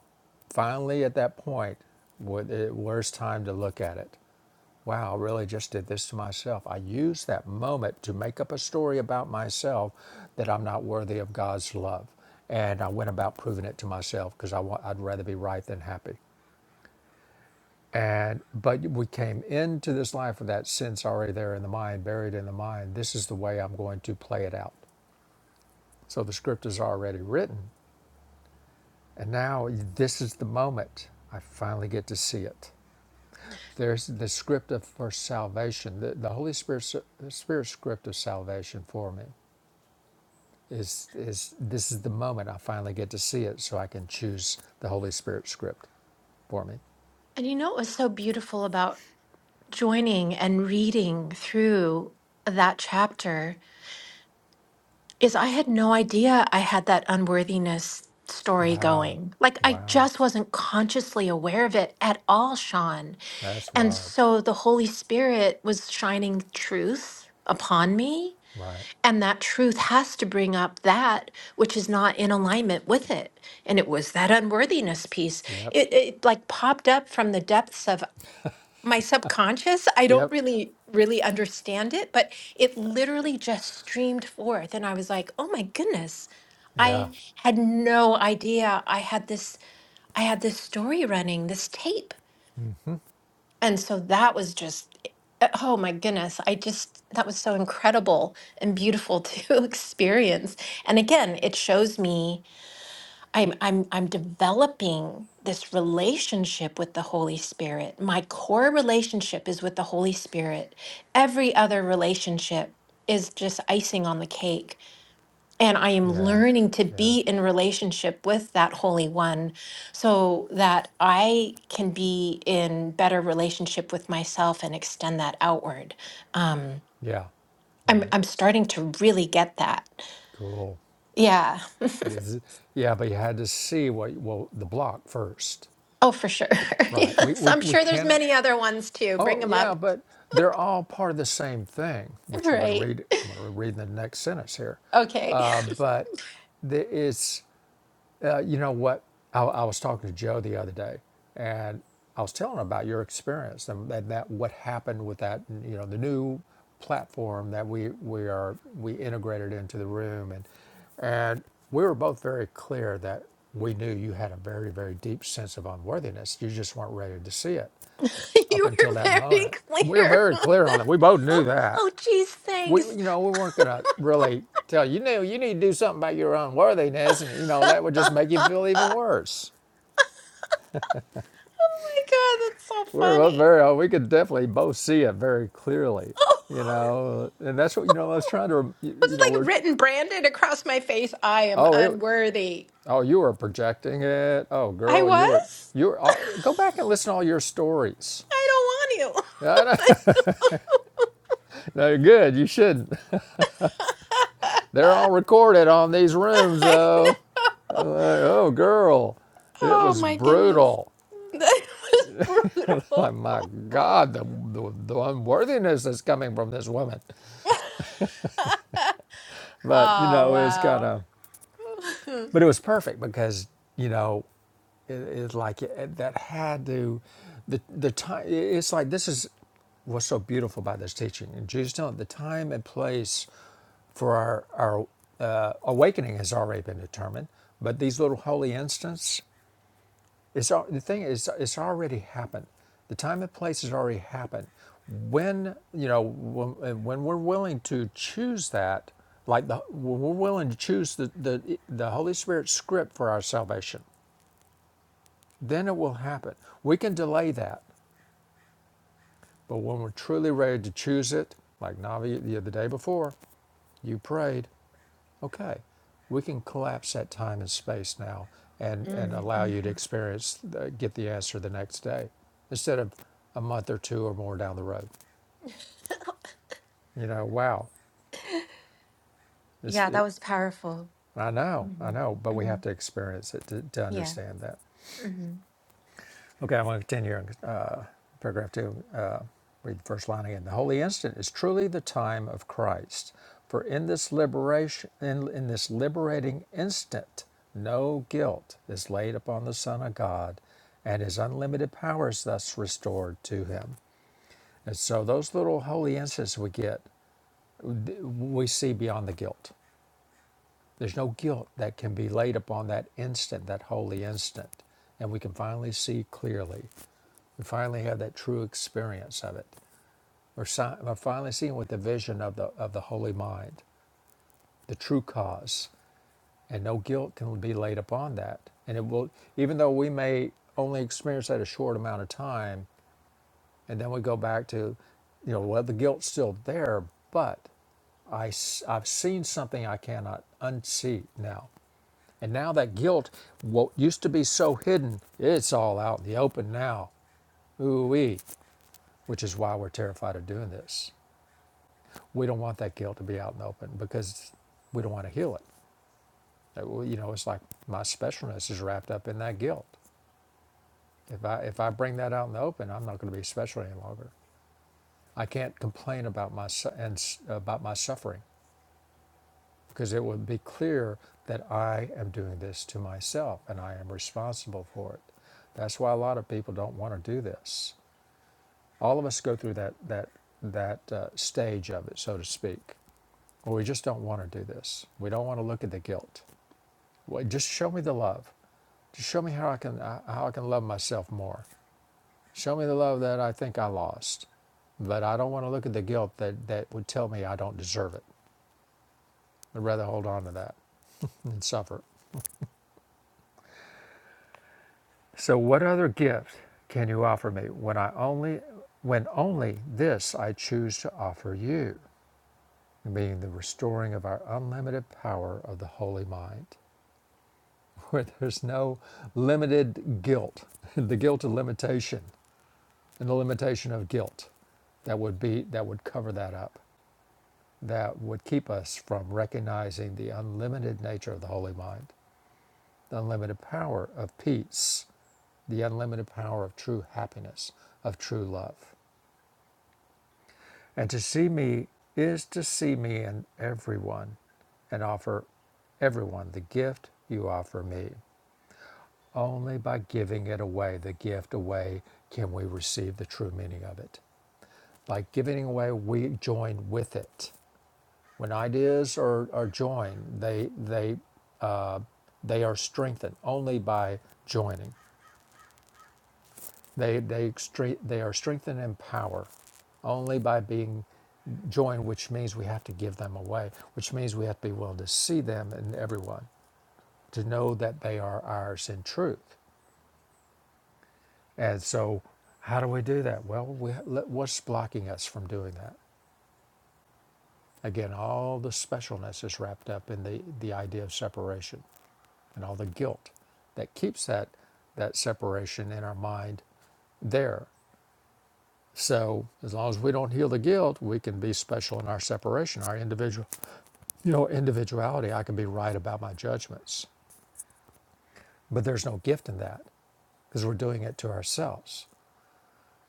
Speaker 1: finally at that point, wh- eh, where's time to look at it? Wow, I really just did this to myself. I used that moment to make up a story about myself that I'm not worthy of God's love. And I went about proving it to myself because I wa- I'd rather be right than happy. And but we came into this life with that sense already there in the mind, buried in the mind. This is the way I'm going to play it out. So the script is already written, and now this is the moment. I finally get to see it. There's the script of for salvation. The, the Holy Spirit, the Spirit script of salvation for me is is this is the moment I finally get to see it, so I can choose the Holy Spirit script for me.
Speaker 2: you know what was so beautiful about joining and reading through that chapter is I had no idea I had that unworthiness story
Speaker 1: Wow,
Speaker 2: going. Like I
Speaker 1: wow,
Speaker 2: just wasn't consciously aware of it at all, Sean.
Speaker 1: that's
Speaker 2: And
Speaker 1: wild.
Speaker 2: so the Holy Spirit was shining truth upon me.
Speaker 1: Right.
Speaker 2: And that truth has to bring up that which is not in alignment with it. And it was that unworthiness piece.
Speaker 1: Yep.
Speaker 2: It, it like popped up from the depths of my subconscious i don't
Speaker 1: Yep.
Speaker 2: really really understand it but it literally just streamed forth and i was like oh my goodness
Speaker 1: Yeah.
Speaker 2: i had no idea i had this i had this story running this tape
Speaker 1: mm-hmm,
Speaker 2: and so that was just uh, oh my goodness i just that was so incredible and beautiful to experience and again it shows me I'm I'm I'm developing this relationship with the Holy Spirit. My core relationship is with the Holy Spirit. Every other relationship is just icing on the cake. And I am
Speaker 1: Yeah.
Speaker 2: learning to
Speaker 1: Yeah.
Speaker 2: be in relationship with that Holy One so that I can be in better relationship with myself and extend that outward. Um,
Speaker 1: Yeah.
Speaker 2: I'm
Speaker 1: Right.
Speaker 2: I'm starting to really get that.
Speaker 1: Cool.
Speaker 2: Yeah.
Speaker 1: This is, yeah, but you had to see what well the block first.
Speaker 2: Oh, for sure.
Speaker 1: Right. We
Speaker 2: Yes,
Speaker 1: we
Speaker 2: I'm
Speaker 1: we
Speaker 2: sure there's
Speaker 1: cannot.
Speaker 2: many other ones too. Bring
Speaker 1: Oh,
Speaker 2: them
Speaker 1: yeah,
Speaker 2: up.
Speaker 1: but they're all part of the same thing, which we're going to
Speaker 2: Right.
Speaker 1: read. I'm going to read in the next sentence here.
Speaker 2: Okay.
Speaker 1: Uh, But the, it's, uh, you know what? I, I was talking to Joe the other day, and I was telling him about your experience and, and that what happened with that, you know, the new platform that we, we are we integrated into the room, and and we were both very clear that we knew you had a very very deep sense of unworthiness. You just weren't ready to see it up
Speaker 2: You
Speaker 1: until
Speaker 2: were
Speaker 1: that
Speaker 2: very
Speaker 1: moment. And we were
Speaker 2: clear.
Speaker 1: very clear on that. We both knew
Speaker 2: Oh,
Speaker 1: that.
Speaker 2: oh geez,
Speaker 1: We,
Speaker 2: thanks.
Speaker 1: you know, we weren't going to really tell you, know, you need to do something about your unworthiness. And, you know, that would just
Speaker 2: Oh
Speaker 1: make you feel even
Speaker 2: my
Speaker 1: worse.
Speaker 2: God, that's so
Speaker 1: We were
Speaker 2: funny.
Speaker 1: very, oh, we could definitely both see it very clearly,
Speaker 2: Oh,
Speaker 1: you know. And that's what, you know, I was trying to, you
Speaker 2: was
Speaker 1: know,
Speaker 2: it like
Speaker 1: we're,
Speaker 2: written branded across my face? I am
Speaker 1: oh, it,
Speaker 2: unworthy.
Speaker 1: oh, you were projecting it. Oh,
Speaker 2: I
Speaker 1: girl, you were,
Speaker 2: was?
Speaker 1: you were, oh, go back and listen to all your stories.
Speaker 2: I don't want
Speaker 1: No,
Speaker 2: you.
Speaker 1: no, no, good. You should. They're all recorded on these
Speaker 2: I know.
Speaker 1: rooms, though.
Speaker 2: I know.
Speaker 1: Like, oh, girl, it
Speaker 2: Oh
Speaker 1: was
Speaker 2: my goodness.
Speaker 1: brutal.
Speaker 2: That was
Speaker 1: Like,
Speaker 2: brutal.
Speaker 1: my
Speaker 2: oh
Speaker 1: God, the, the, the unworthiness that's coming from this woman. But, you know, it was kind
Speaker 2: wow.
Speaker 1: of, but it was perfect because, you know, it, it's like it, that had to, the, the time, it's like this is what's so beautiful about this teaching. And Jesus telling the time and place for our, our uh, awakening has already been determined, but these little holy instants It's the thing is, it's already happened. The time and place has already happened. When you know when, when we're willing to choose that, like the, when we're willing to choose the, the the Holy Spirit script for our salvation, then it will happen. We can delay that, but when we're truly ready to choose it, like Navi the, the day before, you prayed. Okay. We can collapse that time and space now and, and
Speaker 2: Mm,
Speaker 1: allow you to
Speaker 2: mhm.
Speaker 1: experience, the, get the answer the next day instead of a month or two or more down the road. You know, wow, this,
Speaker 2: yeah, that
Speaker 1: it,
Speaker 2: was powerful.
Speaker 1: I know, I
Speaker 2: Mhm,
Speaker 1: know, but we have
Speaker 2: mhm.
Speaker 1: to experience it to, to
Speaker 2: Yeah.
Speaker 1: understand that.
Speaker 2: hmm
Speaker 1: Okay, I'm going to continue in uh, paragraph two. Uh, read the first line again. The holy instant is truly the time of Christ, for in this liberation, in, in this liberating instant, no guilt is laid upon the Son of God, and His unlimited power is thus restored to Him. And so, those little holy instants we get, we see beyond the guilt. There's no guilt that can be laid upon that instant, that holy instant, and we can finally see clearly. We finally have that true experience of it. We're, si- we're finally seeing with the vision of the, of the holy mind, the true cause, and no guilt can be laid upon that. And it will, even though we may only experience that a short amount of time, and then we go back to, you know, well, the guilt's still there, but I, have seen something I cannot unsee now. And now that guilt, what used to be so hidden, it's all out in the open now. Ooh wee. which is why we're terrified of doing this. We don't want that guilt to be out in the open because we don't want to heal it. Uh, well, You know, it's like my specialness is wrapped up in that guilt. If I if I bring that out in the open, I'm not going to be special any longer. I can't complain about my and about my suffering because it would be clear that I am doing this to myself and I am responsible for it. That's why a lot of people don't want to do this. All of us go through that that that uh, stage of it, so to speak Well, we just don't want to do this. We don't want to look at the guilt. Well, just show me the love. Just show me how I can uh, how I can love myself more. Show me the love that I think I lost. But I don't want to look at the guilt that, that would tell me I don't deserve it. I'd rather hold on to that and suffer. So what other gift can you offer me when I only when only this I choose to offer you, being the restoring of our unlimited power of the holy mind? where there's no limited guilt, the guilt of limitation and the limitation of guilt that would be that would cover that up, that would keep us from recognizing the unlimited nature of the holy mind, the unlimited power of peace, the unlimited power of true happiness, of true love. And to see me is to see me in everyone and offer everyone the gift you offer me. Only by giving it away, the gift away, can we receive the true meaning of it. By giving away, we join with it. When ideas are, are joined, they they uh, they are strengthened only by joining. They they they are strengthened in power only by being joined, which means we have to give them away, which means we have to be willing to see them in everyone, to know that they are ours in truth And so, how do we do that? Well, we, what's blocking us from doing that? Again, all the specialness is wrapped up in the, the idea of separation and all the guilt that keeps that, that separation in our mind there. So, as long as we don't heal the guilt, we can be special in our separation, our individual, you know, individuality. I can be right about my judgments, but there's no gift in that because we're doing it to ourselves.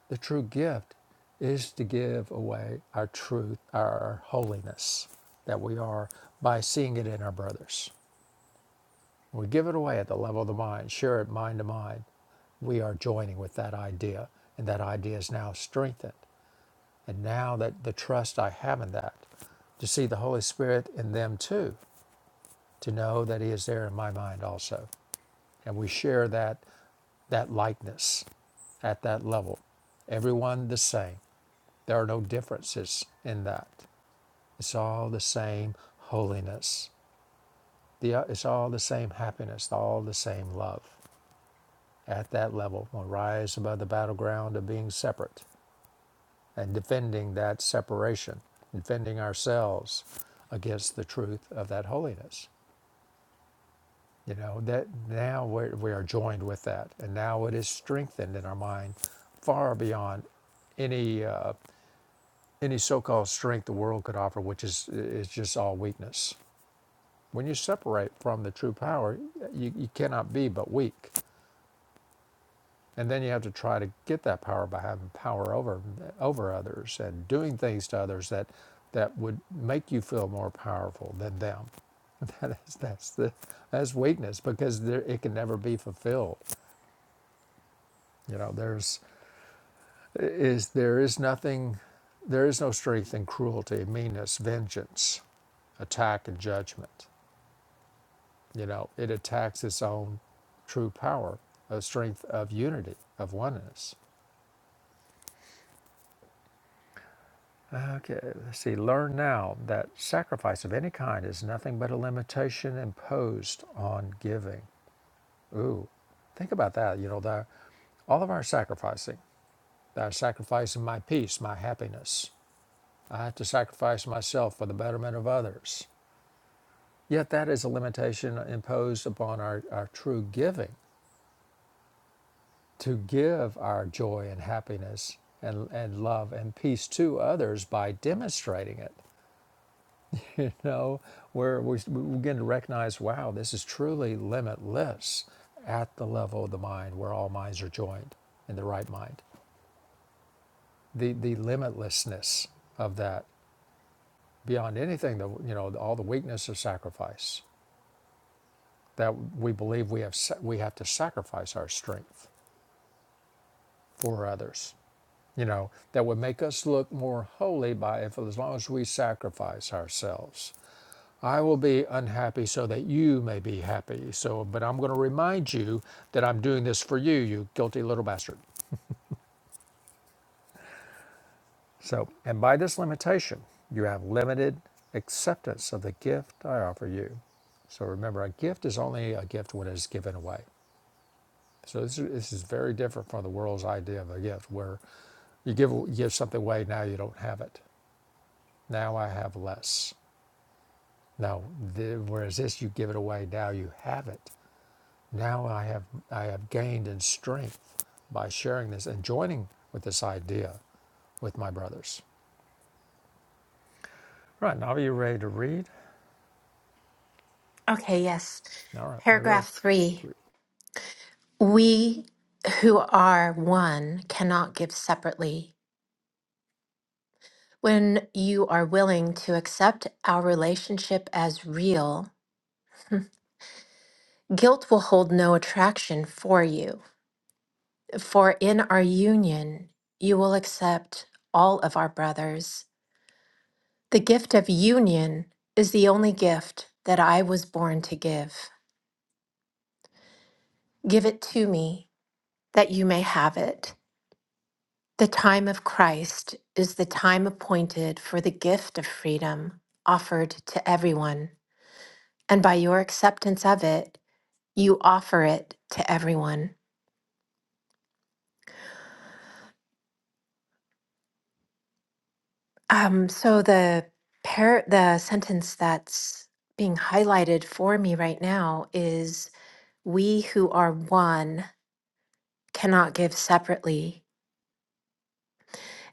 Speaker 1: The true gift is to give away our truth, our holiness that we are by seeing it in our brothers. We give it away at the level of the mind, share it mind to mind. We are joining with that idea, and that idea is now strengthened. And now that the trust I have in that, to see the Holy Spirit in them too, to know that He is there in my mind also. And we share that that likeness at that level. Everyone the same. There are no differences in that. It's all the same holiness. The, uh, it's all the same happiness, all the same love. At that level, one rise above the battleground of being separate and defending that separation, defending ourselves against the truth of that holiness. You know, that now we're, we are joined with that, and now it is strengthened in our mind far beyond any uh, any so-called strength the world could offer, which is is just all weakness. When you separate from the true power, you, you cannot be but weak. And then you have to try to get that power by having power over over others and doing things to others that that would make you feel more powerful than them. That is that's the that's weakness because there, it can never be fulfilled. You know, there's is there is nothing, there is no strength in cruelty, meanness, vengeance, attack, and judgment. You know, it attacks its own true power, a strength of unity, of oneness. Okay, let's see. Learn now that sacrifice of any kind is nothing but a limitation imposed on giving. Ooh, think about that. You know, the, all of our sacrificing, that sacrificing my peace, my happiness. I have to sacrifice myself for the betterment of others. Yet that is a limitation imposed upon our, our true giving to give our joy and happiness and, and love and peace to others by demonstrating it. You know, where we begin to recognize, wow, this is truly limitless at the level of the mind where all minds are joined in the right mind. The, the limitlessness of that beyond anything that, you know, all the weakness of sacrifice that we believe we have, we have to sacrifice our strength for others. you know, that would make us look more holy by if as long as we sacrifice ourselves. I will be unhappy so that you may be happy. So, but I'm going to remind you that I'm doing this for you, you guilty little bastard. So, and by this limitation, you have limited acceptance of the gift I offer you. So remember, a gift is only a gift when it's given away. So this is, this is very different from the world's idea of a gift, where you give give something away, now you don't have it. Now I have less. Now, the, whereas this, you give it away. Now you have it. Now I have I have gained in strength by sharing this and joining with this idea with my brothers. Right now, are you ready to read?
Speaker 2: Okay, yes.
Speaker 1: All right, paragraph
Speaker 2: Paragraph three.
Speaker 1: three.
Speaker 2: We who are one cannot give separately. When you are willing to accept our relationship as real, Guilt will hold no attraction for you, for in our union you will accept all of our brothers. The gift of union is the only gift that I was born to give. Give it to me that you may have it. The time of Christ is the time appointed for the gift of freedom offered to everyone, and by your acceptance of it, you offer it to everyone. Um, so the par- the sentence that's being highlighted for me right now is we who are one cannot give separately.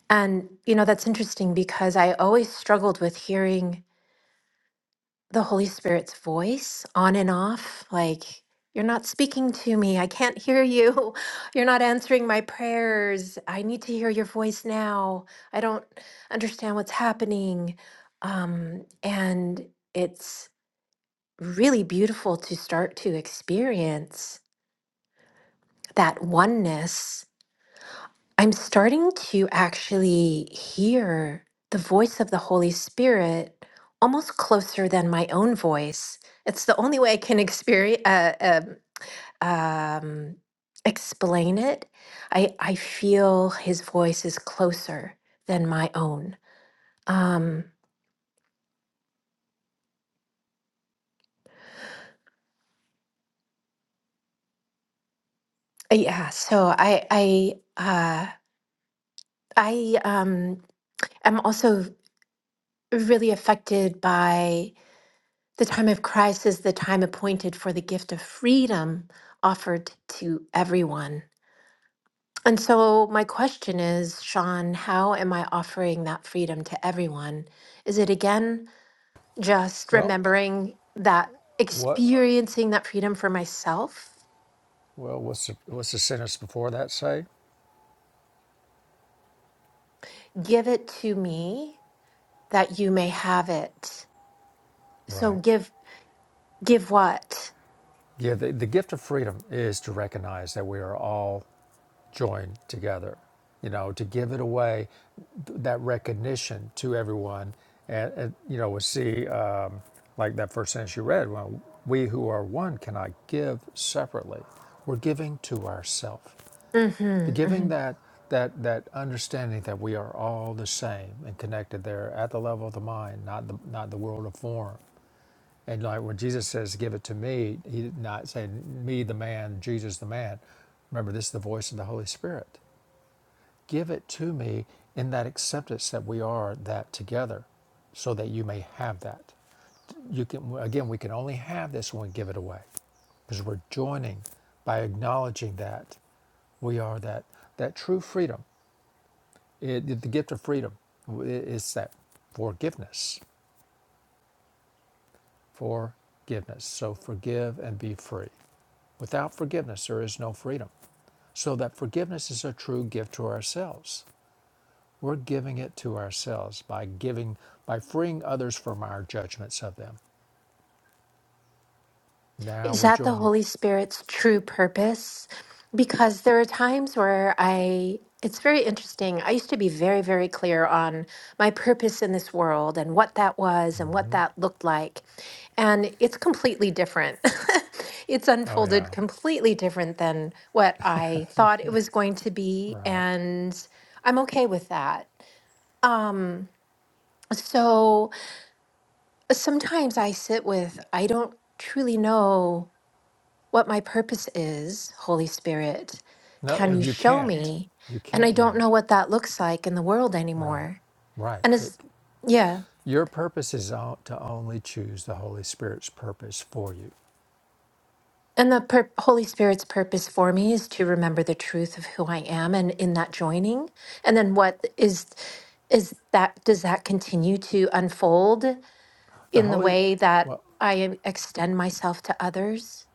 Speaker 2: And you know that's interesting because I always struggled with hearing the Holy Spirit's voice on and off like you're not speaking to me. I can't hear you. You're not answering my prayers. I need to hear your voice now. I don't understand what's happening. Um, and it's really beautiful to start to experience that oneness. I'm starting to actually hear the voice of the Holy Spirit almost closer than my own voice. It's the only way I can experience, uh, um, um, explain it. I, I feel his voice is closer than my own. Um, yeah, so I, I, uh, I um, am also really affected by the time of Christ as the time appointed for the gift of freedom offered to everyone. And so, my question is, Sean, how am I offering that freedom to everyone? Is it again just
Speaker 1: Well,
Speaker 2: remembering that
Speaker 1: what?
Speaker 2: experiencing that freedom for myself?
Speaker 1: Well, what's the, what's the sentence before that say?
Speaker 2: Give it to me that you may have it. So,
Speaker 1: Right.
Speaker 2: give, give what?
Speaker 1: Yeah. The, the gift of freedom is to recognize that we are all join together, you know, to give it away, that recognition to everyone. And, and you know, we see, um, like that first sentence you read, well, we who are one cannot give separately. We're giving to ourselves. The
Speaker 2: hmm
Speaker 1: giving that, that, that understanding that we are all the same and connected there at the level of the mind, not the, not the world of form. And like when Jesus says, "Give it to me," he did not say, "Me, the man, Jesus, the man." Remember, this is the voice of the Holy Spirit. Give it to me in that acceptance that we are that together so that you may have that. You can again we can only have this when we give it away. Because we're joining by acknowledging that we are that that true freedom. It, it- the gift of freedom is that forgiveness. Forgiveness. So forgive and be free. Without forgiveness there is no freedom. So that forgiveness is a true gift to ourselves. We're giving it to ourselves by giving, by freeing others from our judgments of them. Now
Speaker 2: Is
Speaker 1: we're
Speaker 2: that the
Speaker 1: joined.
Speaker 2: Holy Spirit's true purpose? Because there are times where I, it's very interesting. I used to be very, very clear on my purpose in this world and what that was and what that looked like. And it's completely different. it's
Speaker 1: Oh yeah,
Speaker 2: unfolded completely different than what I thought it was going to be.
Speaker 1: right.
Speaker 2: And I'm okay with that. Um, so sometimes I sit with, I don't truly know what my purpose is, Holy Spirit.
Speaker 1: No,
Speaker 2: Can you
Speaker 1: and you
Speaker 2: show
Speaker 1: can't.
Speaker 2: me?
Speaker 1: You
Speaker 2: And I
Speaker 1: can't
Speaker 2: don't
Speaker 1: know.
Speaker 2: know what that looks like in the world
Speaker 1: Right,
Speaker 2: anymore.
Speaker 1: right.
Speaker 2: And
Speaker 1: It,
Speaker 2: it's, yeah.
Speaker 1: your purpose is o- to only choose the Holy Spirit's purpose for you.
Speaker 2: And the pur- Holy Spirit's purpose for me is to remember the truth of who I am and in that joining. And then what is, is that, does that continue to unfold
Speaker 1: The
Speaker 2: in the
Speaker 1: Holy,
Speaker 2: way that
Speaker 1: well,
Speaker 2: I am- extend myself to others?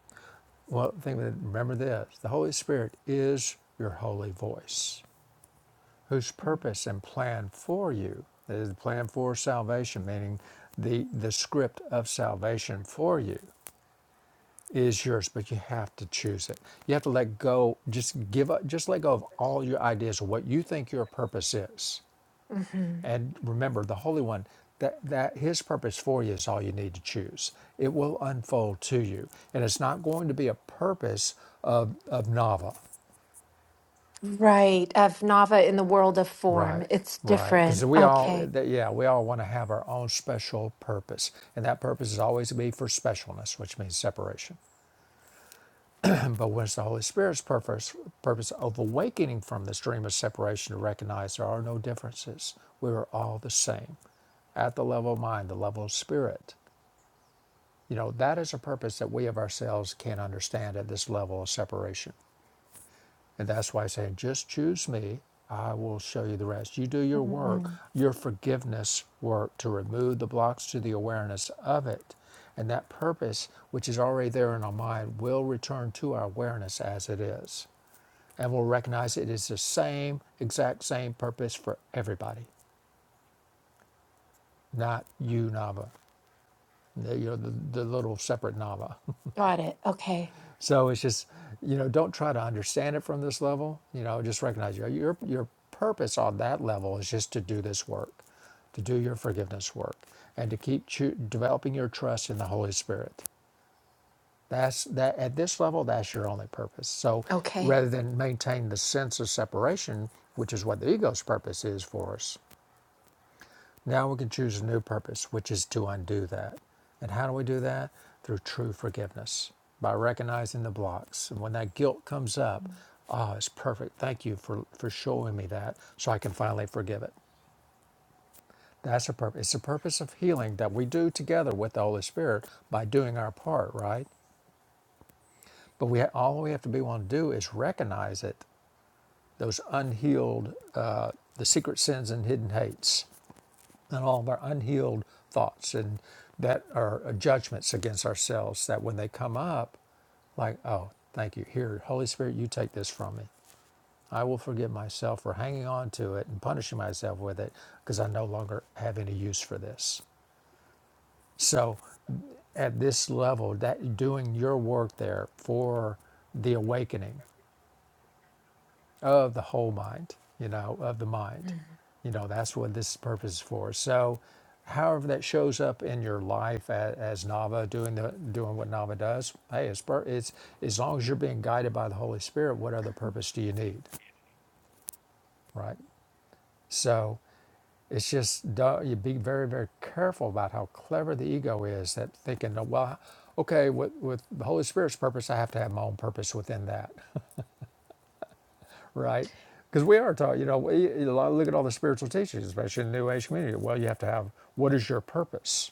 Speaker 1: well. Think of it, remember this: the Holy Spirit is your holy voice. whose purpose and plan for you is the plan for salvation, meaning the the script of salvation for you is yours, but you have to choose it. You have to let go, just give up, just let go of all your ideas of what you think your purpose is.
Speaker 2: hmm
Speaker 1: And remember, the Holy One, that, that his purpose for you is all you need to choose. It will unfold to you. And it's not going to be a purpose of, of Nava.
Speaker 2: Right. Of Nava in the world of
Speaker 1: Right,
Speaker 2: form. It's
Speaker 1: right. Because
Speaker 2: different.
Speaker 1: we all,
Speaker 2: Okay.
Speaker 1: th- yeah, we all want to have our own special purpose. And that purpose is always to be for specialness, which means separation. But when it's the Holy Spirit's purpose, purpose of awakening from this dream of separation to recognize there are no differences, we are all the same at the level of mind, the level of spirit. You know, that is a purpose that we of ourselves can't understand at this level of separation. And that's why I say, just choose me. I will show you the rest. You do your work, your forgiveness work to remove the blocks to the awareness of it. And that purpose, which is already there in our mind, will return to our awareness as it is. And we'll recognize it is the same, exact same purpose for everybody, not you, Nava, the, you know, the, the little separate Nava.
Speaker 2: Got it. Okay.
Speaker 1: So it's just, you know, don't try to understand it from this level. You know, just recognize your your your purpose on that level is just to do this work, to do your forgiveness work, and to keep cho- developing your trust in the Holy Spirit. That's that at this level, that's your only purpose. So
Speaker 2: Okay.
Speaker 1: rather than maintain the sense of separation, which is what the ego's purpose is for us, now we can choose a new purpose, which is to undo that. And how do we do that? Through true forgiveness, by recognizing the blocks. And when that guilt comes up, oh, it's perfect. Thank you for, for showing me that so I can finally forgive it. That's a purpose. It's the purpose of healing that we do together with the Holy Spirit by doing our part, right? But we ha- all we have to be willing to do is recognize it, those unhealed, uh, the secret sins and hidden hates and all of our unhealed thoughts and that are uh, judgments against ourselves that when they come up like oh thank you here holy spirit you take this from me i will forgive myself for hanging on to it and punishing myself with it because i no longer have any use for this so at this level that doing your work there for the awakening of the whole mind, you know, of the mind.
Speaker 2: Mm.
Speaker 1: You know, that's what this purpose is for. So, however that shows up in your life as, as Nava doing the doing what Nava does, hey, it's pur- it's as long as you're being guided by the Holy Spirit, what other purpose do you need, right? So, it's just don't- you be very very careful about how clever the ego is at thinking, well, okay, with with the Holy Spirit's purpose, I have to have my own purpose within that. right? Because we are taught, you know, we, look at all the spiritual teachings, especially in the New Age community. Well, you have to have what is your purpose?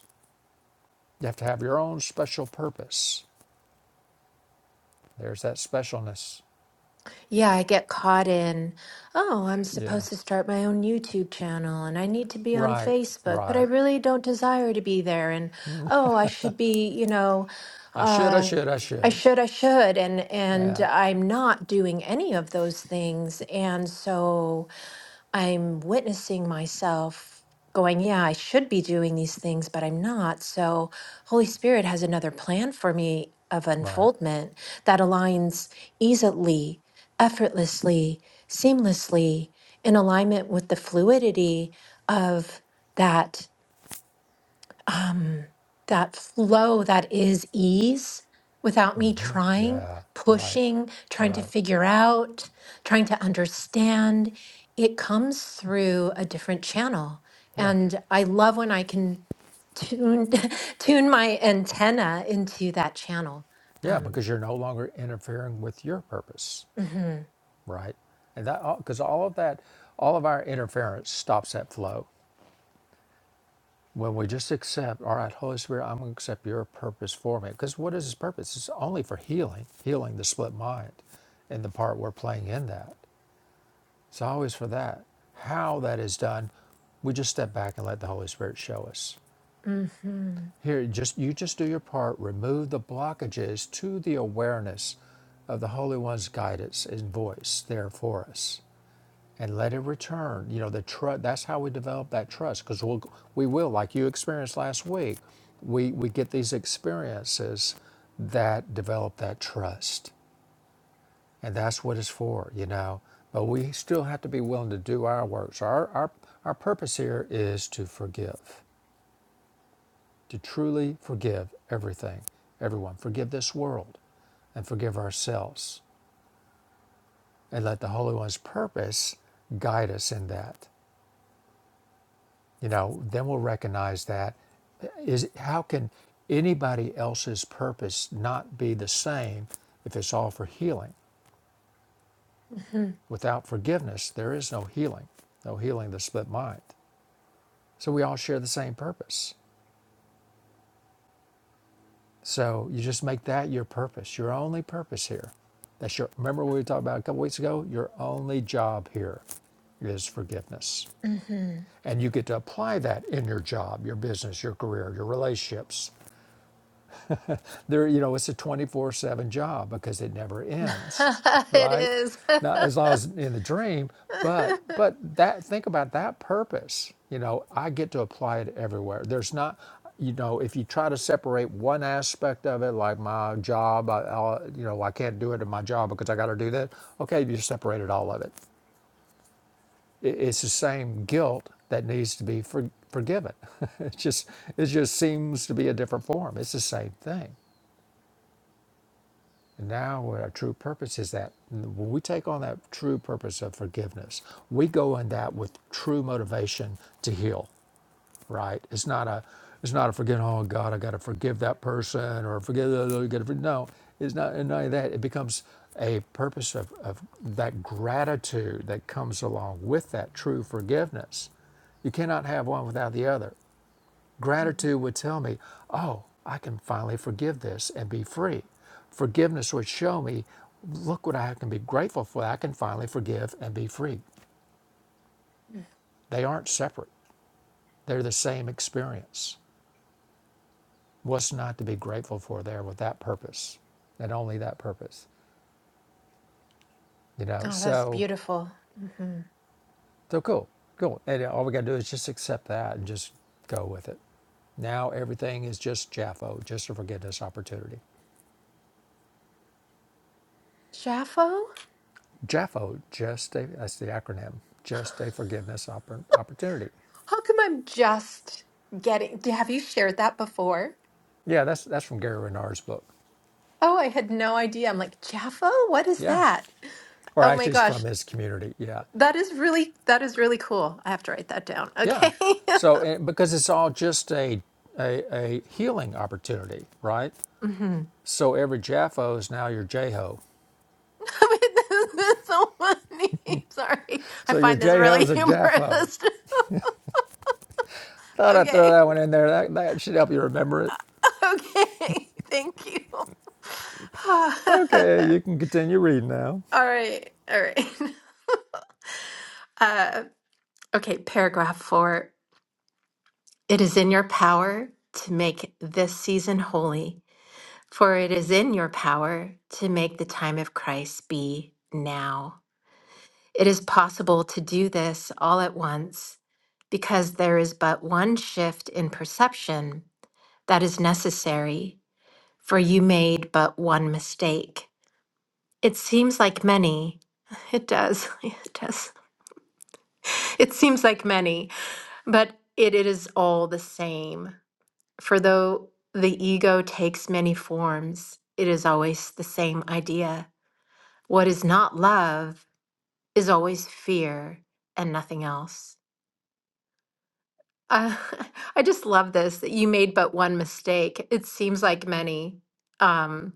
Speaker 1: You have to have your own special purpose. There's that specialness.
Speaker 2: Yeah, I get caught in, oh, I'm
Speaker 1: Yeah.
Speaker 2: supposed to start my own YouTube channel and I need to be on
Speaker 1: Right.
Speaker 2: Facebook, but I
Speaker 1: Right.
Speaker 2: really don't desire to be there. And oh, I should be, you know,
Speaker 1: I should. I
Speaker 2: uh,
Speaker 1: should. I
Speaker 2: I
Speaker 1: should.
Speaker 2: should, I should, and and
Speaker 1: Yeah.
Speaker 2: I'm not doing any of those things. And so I'm witnessing myself going, yeah, I should be doing these things, but I'm not. So, Holy Spirit has another plan for me of
Speaker 1: Right.
Speaker 2: unfoldment that aligns easily, effortlessly, seamlessly in alignment with the fluidity of that um, that flow that is ease without me trying,
Speaker 1: Yeah. Right.
Speaker 2: pushing, trying to
Speaker 1: Right.
Speaker 2: figure out, trying to understand. It comes through a different channel.
Speaker 1: Yeah.
Speaker 2: And I love when I can tune tune my antenna into that channel.
Speaker 1: Yeah.
Speaker 2: Um,
Speaker 1: Because you're no longer interfering with your purpose.
Speaker 2: mhm,
Speaker 1: Right. And that because all of that, all of our interference stops that flow. When we just accept, all right, Holy Spirit, I'm going to accept your purpose for me. Because what is his purpose? It's only for healing, healing the split mind and the part we're playing in that. It's always for that. How that is done, we just step back and let the Holy Spirit show us.
Speaker 2: mhm,
Speaker 1: Here, just you just do your part, remove the blockages to the awareness of the Holy One's guidance and voice there for us and let it return. You know, the trust. That's how we develop that trust because we'll we will, like you experienced last week, we we get these experiences that develop that trust, and that's what it's for. You know, but we still have to be willing to do our work. So our our our purpose here is to forgive, to truly forgive everything, everyone. Forgive this world, and forgive ourselves, and let the Holy One's purpose guide us in that. you know then we'll recognize that is how can anybody else's purpose not be the same if it's all for healing
Speaker 2: mhm,
Speaker 1: without forgiveness there is no healing no healing of the split mind so we all share the same purpose so you just make that your purpose your only purpose here that's your remember what we talked about a couple weeks ago your only job here is forgiveness.
Speaker 2: mhm.
Speaker 1: And you get to apply that in your job, your business, your career, your relationships, there you know it's a 24/7 job because it never ends
Speaker 2: it
Speaker 1: right
Speaker 2: is.
Speaker 1: now as long as in the dream but but that think about that purpose you know I get to apply it everywhere there's not you know if you try to separate one aspect of it like my job I, I'll, you know I can't do it in my job because I got to do that okay you separated all of it it- it's the same guilt that needs to be for, forgiven. it just it just seems to be a different form. It's the same thing. And now, what our true purpose is that when we take on that true purpose of forgiveness, we go in that with true motivation to heal. Right? It's not a, it's not a forgetting. Oh God, I got to forgive that person or forgive the other. gotta forg-" No, it's not. and None of that. It becomes a purpose of, of that gratitude that comes along with that true forgiveness. You cannot have one without the other.
Speaker 2: Mhm.
Speaker 1: Gratitude would tell me, oh, I can finally forgive this and be free. Forgiveness would show me, look what I can be grateful for. I can finally forgive and be free. They aren't separate, they're the same experience. What's not to be grateful for there with that purpose and only that purpose? You know,
Speaker 2: Oh, that's
Speaker 1: so,
Speaker 2: beautiful. hmm
Speaker 1: so cool, cool. And all we got to do is just accept that and just go with it. Now everything is just Jaffo, just a forgiveness opportunity.
Speaker 2: Jaffo?
Speaker 1: JAFO, just a, that's the acronym, just
Speaker 2: How
Speaker 1: a forgiveness oppor- opportunity.
Speaker 2: come I'm just getting, have you shared that before?
Speaker 1: Yeah, that's that's from Gary Renard's book.
Speaker 2: Oh, I had no idea. I'm like, Jaffo? What is
Speaker 1: Yeah,
Speaker 2: that?
Speaker 1: or
Speaker 2: Oh my
Speaker 1: actually it's from
Speaker 2: gosh.
Speaker 1: his community. Yeah,
Speaker 2: That is really, that is really cool. I have to write that down.
Speaker 1: yeah.
Speaker 2: Okay.
Speaker 1: So eh, because it's all just a a, a healing opportunity, right?
Speaker 2: hmm
Speaker 1: So every JAFO is now your JHO.
Speaker 2: this is so funny. Sorry. I
Speaker 1: So your
Speaker 2: find this
Speaker 1: JHO
Speaker 2: really
Speaker 1: is a JAFO.
Speaker 2: humorous.
Speaker 1: Thought I'd throw
Speaker 2: okay.
Speaker 1: that one in there. That, that should help you remember it.
Speaker 2: Okay. Thank you.
Speaker 1: Okay, you can continue reading now.
Speaker 2: All right. All right. Uh, Okay, paragraph four. It is in your power to make this season holy, for it is in your power to make the time of Christ be now. It is possible to do this all at once because there is but one shift in perception that is necessary, for you made but one mistake. It seems like many. It does. It does. It seems like many, but it it is all the same. For though the ego takes many forms, it is always the same idea. What is not love is always fear and nothing else. Uh, I just love this that you made but one mistake. It seems like many, um,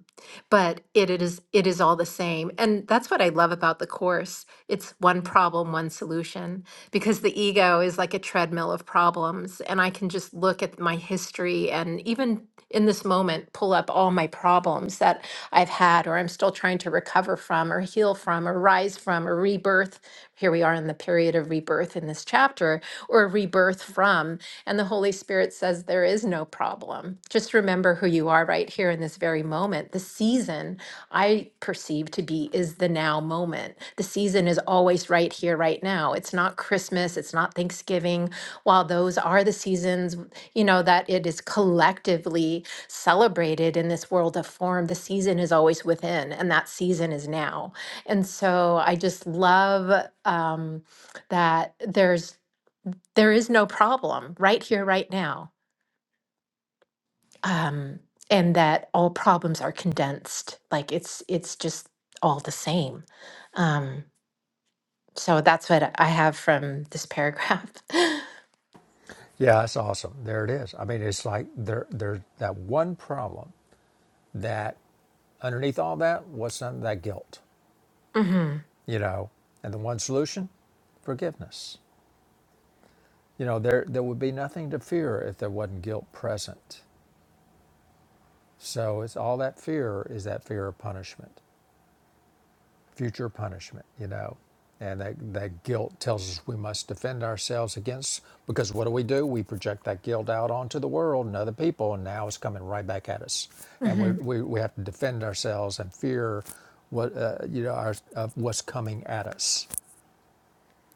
Speaker 2: but it, it is it is all the same. And that's what I love about the course. It's one problem, one solution, because the ego is like a treadmill of problems, and I can just look at my history and even in this moment pull up all my problems that I've had or I'm still trying to recover from or heal from or rise from or rebirth. Here we are in the period of rebirth in this chapter or rebirth from. And the Holy Spirit says there is no problem. Just remember who you are right here in this very moment. The season I perceive to be is the now moment. The season is always right here, right now. It's not Christmas, it's not Thanksgiving. While those are the seasons, you know, that it is collectively celebrated in this world of form, the season is always within, and that season is now. And so I just love um, that there's there is no problem right here right now um, and that all problems are condensed like it's it's just all the same um, so that's what i have from this paragraph
Speaker 1: Yeah, it's awesome. There it is. I mean, it's like there there's that one problem that Underneath all that, was what's of that guilt?
Speaker 2: hmm
Speaker 1: You know, and the one solution, forgiveness. You know, there there would be nothing to fear if there wasn't guilt present. So it's all that fear is that fear of punishment, future punishment. You know, and that that guilt tells us we must defend ourselves against because what do we do? We project that guilt out onto the world and other people, and now it's coming right back at us, and we
Speaker 2: hmm
Speaker 1: we, we have to defend ourselves and fear what uh, you know our, of what's coming at us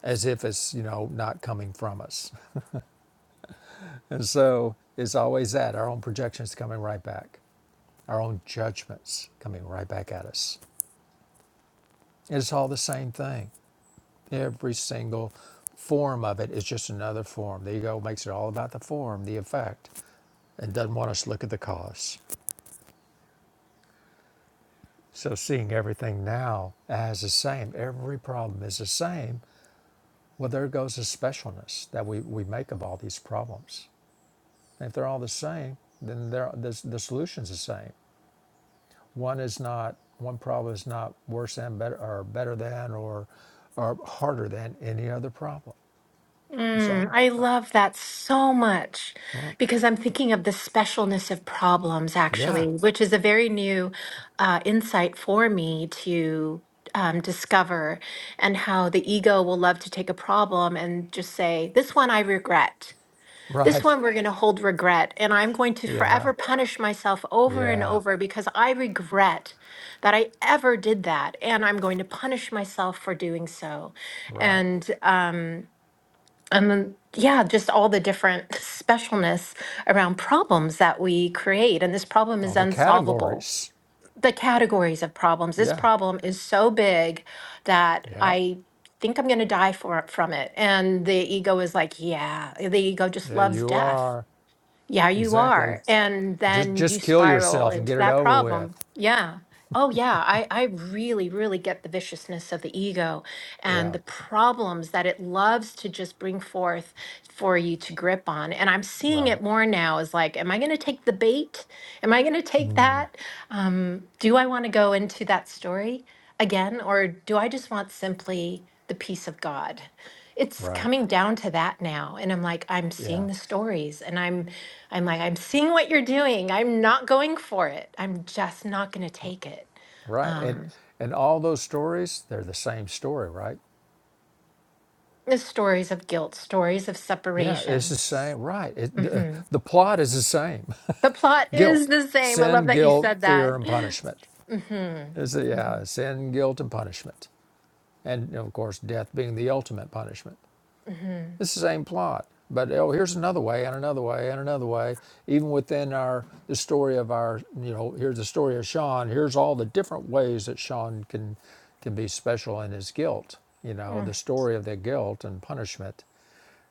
Speaker 1: as if it's you know not coming from us and so it's always that our own projections coming right back our own judgments coming right back at us it's all the same thing every single form of it is just another form the ego makes it all about the form the effect and doesn't want us to look at the cause so seeing everything now as the same every problem is the same well there goes the specialness that we, we make of all these problems If they're all the same, then they're, the, the solution's the same. One is not, one problem is not worse than, better, or better than, or, or harder than any other problem. So
Speaker 2: Mm, I
Speaker 1: uh,
Speaker 2: love that so much because I'm thinking of the specialness of problems,
Speaker 1: yeah,
Speaker 2: actually, which is a very new uh, insight for me to um, discover, and how the ego will love to take a problem and just say, This one I regret. This
Speaker 1: right.
Speaker 2: one we're going to hold regret. And I'm going to
Speaker 1: Yeah,
Speaker 2: forever punish myself over and
Speaker 1: yeah,
Speaker 2: over because I regret that I ever did that. And I'm going to punish myself for doing so.
Speaker 1: right.
Speaker 2: And, um, and then yeah just all the different specialness around problems that we create and this problem
Speaker 1: All
Speaker 2: is
Speaker 1: the
Speaker 2: unsolvable
Speaker 1: categories.
Speaker 2: the categories of problems this
Speaker 1: Yeah,
Speaker 2: problem is so big that
Speaker 1: yeah,
Speaker 2: i think i'm going to die for, from it and the ego is like yeah the ego just
Speaker 1: yeah,
Speaker 2: loves
Speaker 1: you
Speaker 2: death
Speaker 1: are.
Speaker 2: yeah, you
Speaker 1: Exactly.
Speaker 2: are. And
Speaker 1: Just,
Speaker 2: then you
Speaker 1: just kill
Speaker 2: spiral
Speaker 1: yourself and
Speaker 2: into
Speaker 1: get it
Speaker 2: that
Speaker 1: over with.
Speaker 2: problem. Yeah. Oh, yeah. I, I really, really get the viciousness of the ego and
Speaker 1: Yeah,
Speaker 2: the problems that it loves to just bring forth for you to grip on. And I'm seeing
Speaker 1: right,
Speaker 2: it more now as like, am I going to take the bait? Am I going to take that? Um, do I want to go into that story again? Or do I just want simply the peace of God? It's
Speaker 1: right.
Speaker 2: coming down to that now. And I'm like, I'm seeing
Speaker 1: Yeah.
Speaker 2: the stories and I'm I'm like, I'm seeing what you're doing. I'm not going for it. I'm just not going to take it.
Speaker 1: Right. And
Speaker 2: Um,
Speaker 1: and all those stories, they're the same story, right?
Speaker 2: the stories of guilt, stories of
Speaker 1: Yeah, it's
Speaker 2: separation.
Speaker 1: the same. Right. It, the,
Speaker 2: hmm
Speaker 1: the plot is the same.
Speaker 2: The plot is
Speaker 1: guilt,
Speaker 2: the same. I love
Speaker 1: sin,
Speaker 2: that you
Speaker 1: guilt,
Speaker 2: said
Speaker 1: fear,
Speaker 2: that.
Speaker 1: and punishment.
Speaker 2: hmm
Speaker 1: It's, a, yeah, sin, guilt, and punishment. And of course, death being the ultimate punishment.
Speaker 2: hmm
Speaker 1: It's the same plot. But oh, here's another way and another way and another way. Even within our the story of our you know, here's the story of Sean, here's all the different ways that Sean can can be special in his guilt, you know,
Speaker 2: hmm
Speaker 1: the story of the guilt and punishment.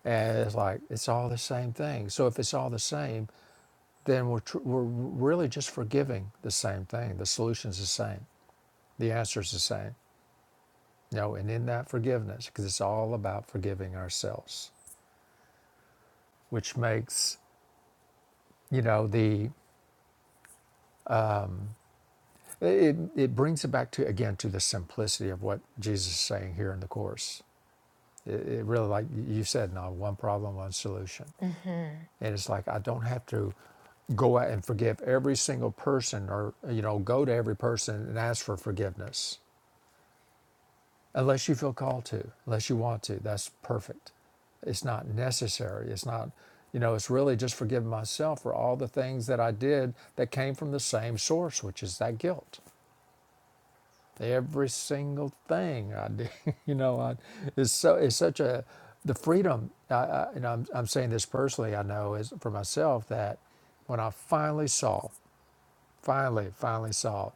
Speaker 1: And it's like it's all the same thing. So if it's all the same, then we're tr- we're really just forgiving the same thing. The solution's the same. The answer's the same. You know, and in that forgiveness, because it's all about forgiving ourselves, which makes you know the it, it brings it back to again to the simplicity of what jesus is saying here in the course it, it really like you said now one problem one solution
Speaker 2: hmm
Speaker 1: and it's like i don't have to go out and forgive every single person or you know go to every person and ask for forgiveness unless you feel called to unless you want to that's perfect it's not necessary it's not you know it's really just forgiving myself for all the things that i did that came from the same source which is that guilt every single thing I do. You know, I, it's so it's such a the freedom. I, I, and I'm I'm saying this personally. I know is for myself that when I finally saw, finally, finally saw,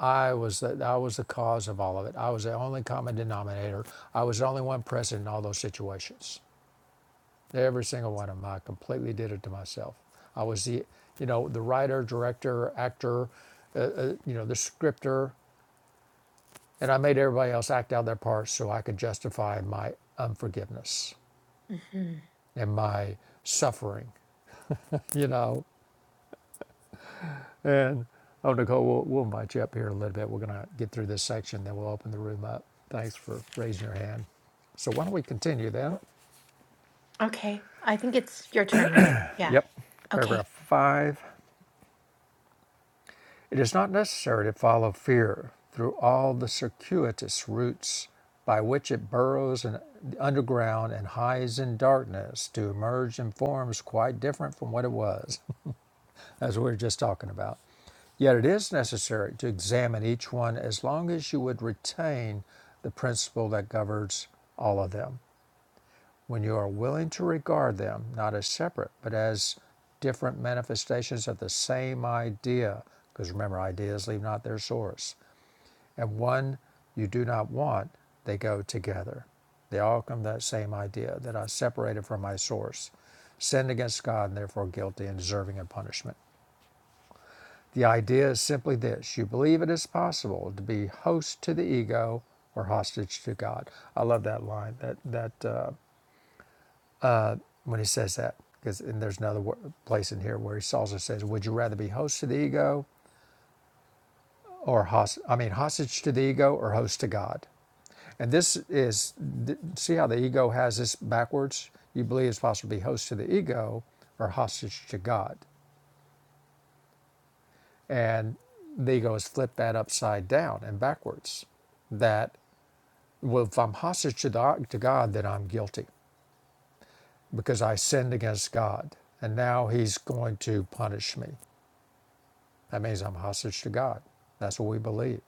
Speaker 1: I was the I was the cause of all of it. I was the only common denominator. I was the only one present in all those situations. Every single one of them. I completely did it to myself. I was the you know the writer, director, actor, uh, uh, you know the scripter. And I made everybody else act out their parts so I could justify my unforgiveness
Speaker 2: hmm
Speaker 1: and my suffering, you know. And oh, Nicole, we'll, we'll invite you up here in a little bit. We're going to get through this section, then we'll open the room up. Thanks for raising your hand. So why don't we continue then?
Speaker 2: Okay. I think it's your turn, right? Yeah.
Speaker 1: Yep.
Speaker 2: Okay.
Speaker 1: Paragraph five. It is not necessary to follow fear through all the circuitous routes by which it burrows in, underground and hides in darkness to emerge in forms quite different from what it was, as we were just talking about. Yet it is necessary to examine each one as long as you would retain the principle that governs all of them. When you are willing to regard them not as separate, but as different manifestations of the same idea, because remember, ideas leave not their source, and one you do not want, they go together. They all come to that same idea that I separated from my source, sinned against God, and therefore guilty and deserving of punishment. The idea is simply this you believe it is possible to be host to the ego or hostage to God. I love that line. That, that, uh, when he says that. Because and there's another place in here where he also says, "Would you rather be host to the ego or host? I mean, hostage to the ego or host to God?" And this is see how the ego has this backwards. You believe it's possible to be host to the ego or hostage to God, and the ego has flipped that upside down and backwards. That well, if I'm hostage to, the, to God, then I'm guilty because I sinned against God, and now He's going to punish me. That means I'm hostage to God. That's what we believe.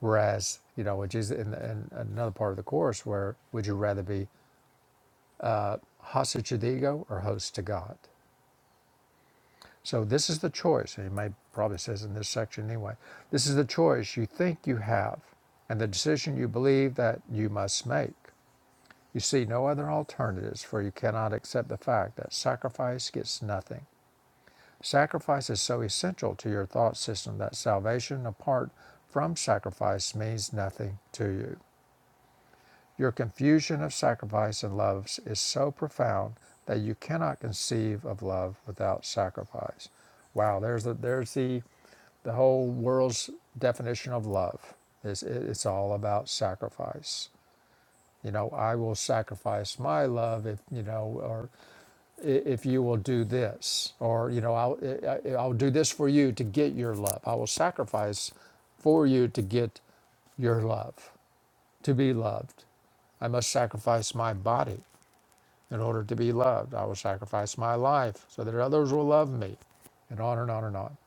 Speaker 1: Whereas, you know, which is in, in another part of the course where would you rather be hostage to the ego or host to God? So this is the choice. And he may probably says in this section anyway. This is the choice you think you have and the decision you believe that you must make. You see no other alternatives, for you cannot accept the fact that sacrifice gets nothing Sacrifice is so essential to your thought system that salvation apart from sacrifice means nothing to you. Your confusion of sacrifice and love is so profound that you cannot conceive of love without sacrifice. Wow, there's the, there's the the whole world's definition of love is it's all about sacrifice you know i will sacrifice my love if you know or if you will do this or you know I'll, I'll do this for you to get your love i will sacrifice for you to get your love to be loved i must sacrifice my body in order to be loved i will sacrifice my life so that others will love me and on and on and on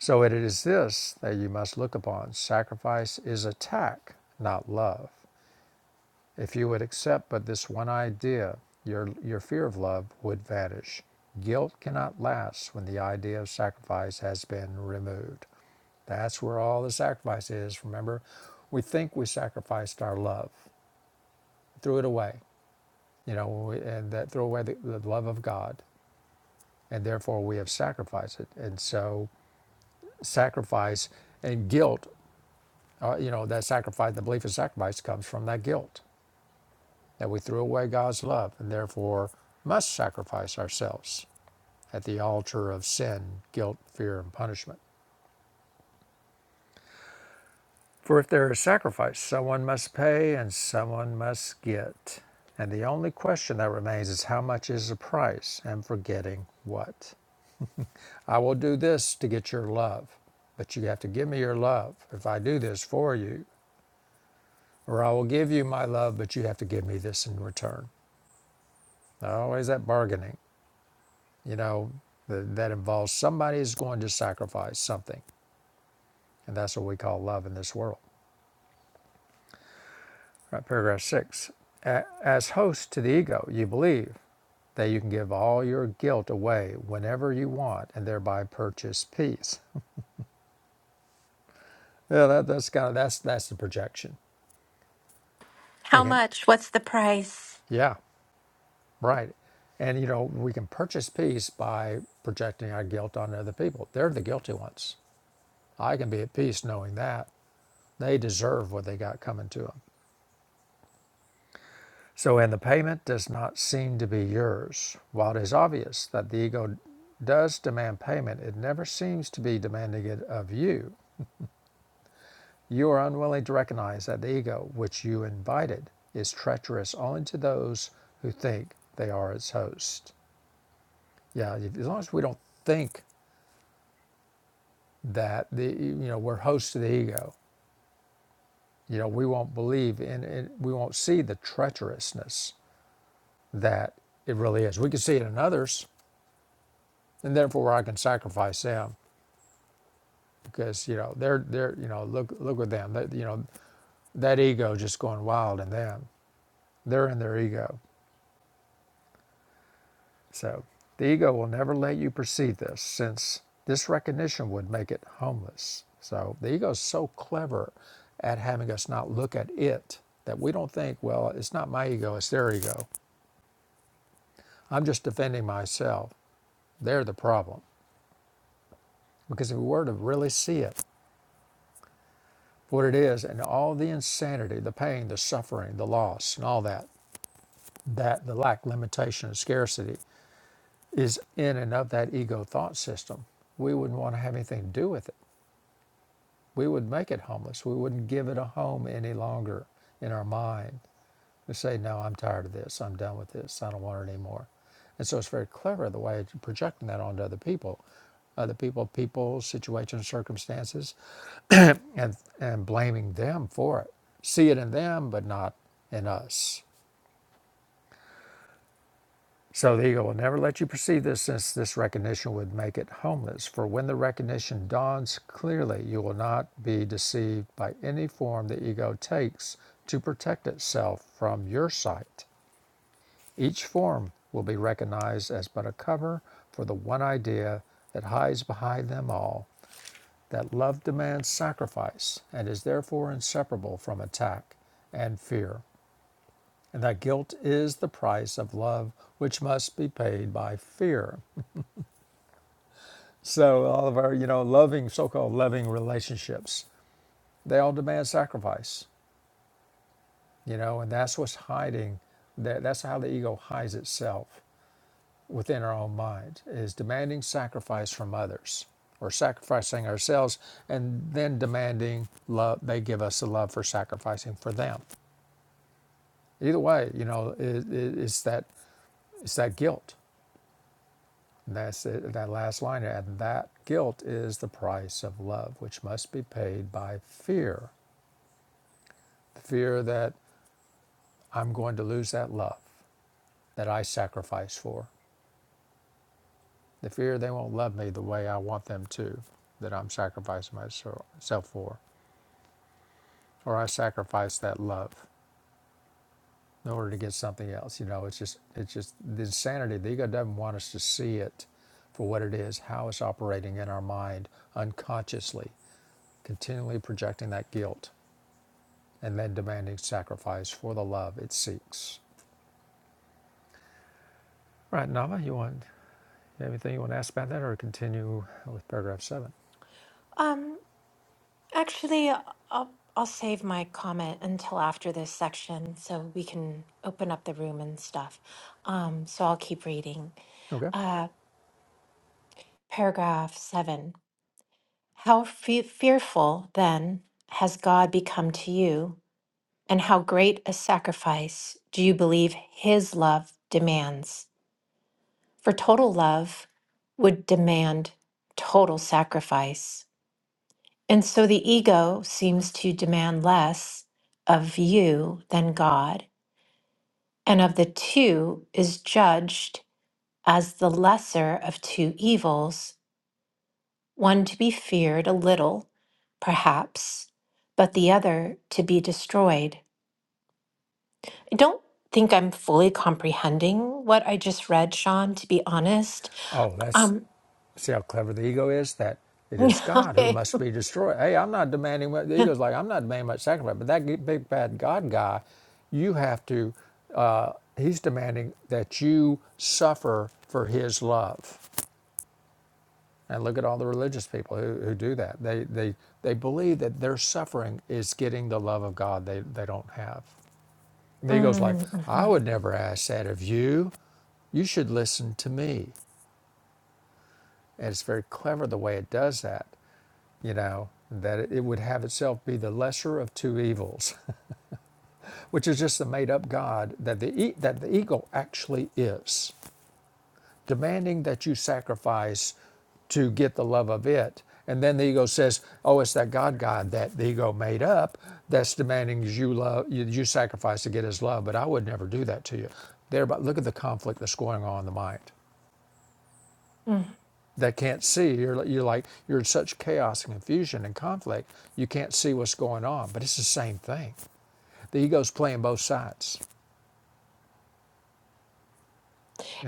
Speaker 1: so it is this that you must look upon sacrifice is attack not love If you would accept but this one idea, your, your fear of love would vanish. Guilt cannot last when the idea of sacrifice has been removed. That's where all the sacrifice is. Remember, we think we sacrificed our love, threw it away, you know, and that threw away the, the love of God, and therefore we have sacrificed it. And so, sacrifice and guilt, uh, you know, that sacrifice, the belief of sacrifice comes from that guilt. that we threw away God's love and therefore must sacrifice ourselves at the altar of sin, guilt, fear, and punishment. For if there is sacrifice, someone must pay and someone must get. And the only question that remains is how much is the price and for getting what? I will do this to get your love, but you have to give me your love if I do this for you. Or I will give you my love, but you have to give me this in return. Always that bargaining. You know, that, that involves somebody is going to sacrifice something. And that's what we call love in this world. All right, paragraph six. As host to the ego, you believe that you can give all your guilt away whenever you want and thereby purchase peace. Yeah, that, that's kind of that's that's the projection.
Speaker 2: How
Speaker 1: Thinking,
Speaker 2: much? What's the price?
Speaker 1: yeah, right. And you know, we can purchase peace by projecting our guilt on other people. They're the guilty ones. I can be at peace knowing that. They deserve what they got coming to them. So, and the payment does not seem to be yours. While it is obvious that the ego does demand payment, it never seems to be demanding it of you. You are unwilling to recognize that the ego, which you invited, is treacherous only to those who think they are its host. Yeah, as long as we don't think that the you know we're host to the ego, you know we won't believe in it. We won't see the treacherousness that it really is. We can see it in others, and therefore I can sacrifice them because you know they're they're you know look look at them that you know that ego just going wild in them they're in their ego so the ego will never let you perceive this since this recognition would make it homeless so the ego is so clever at having us not look at it that we don't think well it's not my ego it's their ego i'm just defending myself they're the problem because if we were to really see it what it is and all the insanity the pain the suffering the loss and all that that the lack, limitation, and scarcity is in and of that ego thought system, we wouldn't want to have anything to do with it. We would make it homeless. We wouldn't give it a home any longer in our mind. We say, no, I'm tired of this. I'm done with this. I don't want it anymore. And so it's very clever the way you're projecting that onto other people, other people, people, situations, circumstances, and, and blaming them for it. See it in them, but not in us. So the ego will never let you perceive this since this recognition would make it homeless. For when the recognition dawns clearly, you will not be deceived by any form the ego takes to protect itself from your sight. Each form will be recognized as but a cover for the one idea that hides behind them all that love demands sacrifice and is therefore inseparable from attack and fear, and that guilt is the price of love which must be paid by fear. So all of our, you know, loving, so-called loving relationships, they all demand sacrifice, you know, and that's what's hiding. That that's how the ego hides itself within our own mind is demanding sacrifice from others or sacrificing ourselves and then demanding love they give us the love for sacrificing for them either way you know it, it, it's that it's that guilt and that's it, that last line and that guilt is the price of love which must be paid by fear The fear that I'm going to lose that love that I sacrifice for, the fear they won't love me the way I want them to, that I'm sacrificing myself for, or I sacrifice that love in order to get something else. You know, it's just it's just the insanity. The ego doesn't want us to see it for what it is, how it's operating in our mind unconsciously, continually projecting that guilt and then demanding sacrifice for the love it seeks. All Right, Nama, you want Anything you want to ask about that or continue with paragraph seven?
Speaker 2: Um, Actually, uh, I'll I'll save my comment until after this section so we can open up the room and stuff. Um, so I'll keep reading.
Speaker 1: Okay.
Speaker 2: Uh, paragraph seven. How fe- fearful then has God become to you, and how great a sacrifice do you believe His love demands? For total love would demand total sacrifice. And so the ego seems to demand less of you than God, and of the two is judged as the lesser of two evils, one to be feared a little, perhaps, but the other to be destroyed. I don't think I'm fully comprehending what I just read, Sean, to be honest.
Speaker 1: Oh, that's
Speaker 2: Um,
Speaker 1: see how clever the ego is. That it is God who
Speaker 2: okay.
Speaker 1: must be destroyed. Hey, I'm not demanding. Much, the ego's like I'm not demanding much sacrifice, but that big bad God guy, you have to. Uh, he's demanding that you suffer for His love. And look at all the religious people who, who do that. They they they believe that their suffering is getting the love of God. They they don't have. The Ego's like,
Speaker 2: Mm,
Speaker 1: I
Speaker 2: mhm,
Speaker 1: would never ask that of you. You should listen to me. And it's very clever the way it does that, you know, that it would have itself be the lesser of two evils, which is just the made up God that the, e- that the ego actually is. demanding that you sacrifice to get the love of it. And then the ego says, "Oh, it's that God God that the ego made up that's demanding you love you, you sacrifice to get His love." But I would never do that to you. There, but look at the conflict that's going on in the mind
Speaker 2: mm.
Speaker 1: that can't see. You're you're like you're in such chaos and confusion and conflict. You can't see what's going on. But it's the same thing. The ego's playing both sides.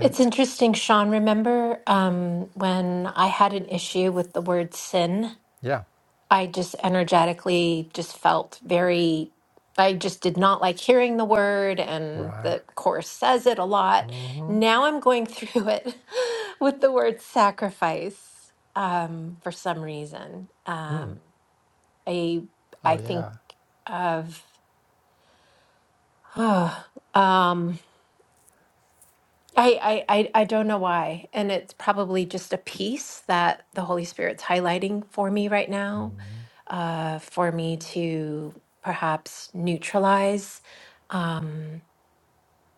Speaker 2: It's interesting, Sean. Remember um, when I had an issue with the word sin?
Speaker 1: yeah,
Speaker 2: I just energetically just felt very, I just did not like hearing the word, and
Speaker 1: right.
Speaker 2: the course says it a lot. Now I'm going through it with the word sacrifice um, for some reason. Um, I
Speaker 1: Oh
Speaker 2: I think
Speaker 1: yeah,
Speaker 2: of. um, I, I I I don't know why, and it's probably just a piece that the Holy Spirit's highlighting for me right now, uh, for me to perhaps neutralize. Um,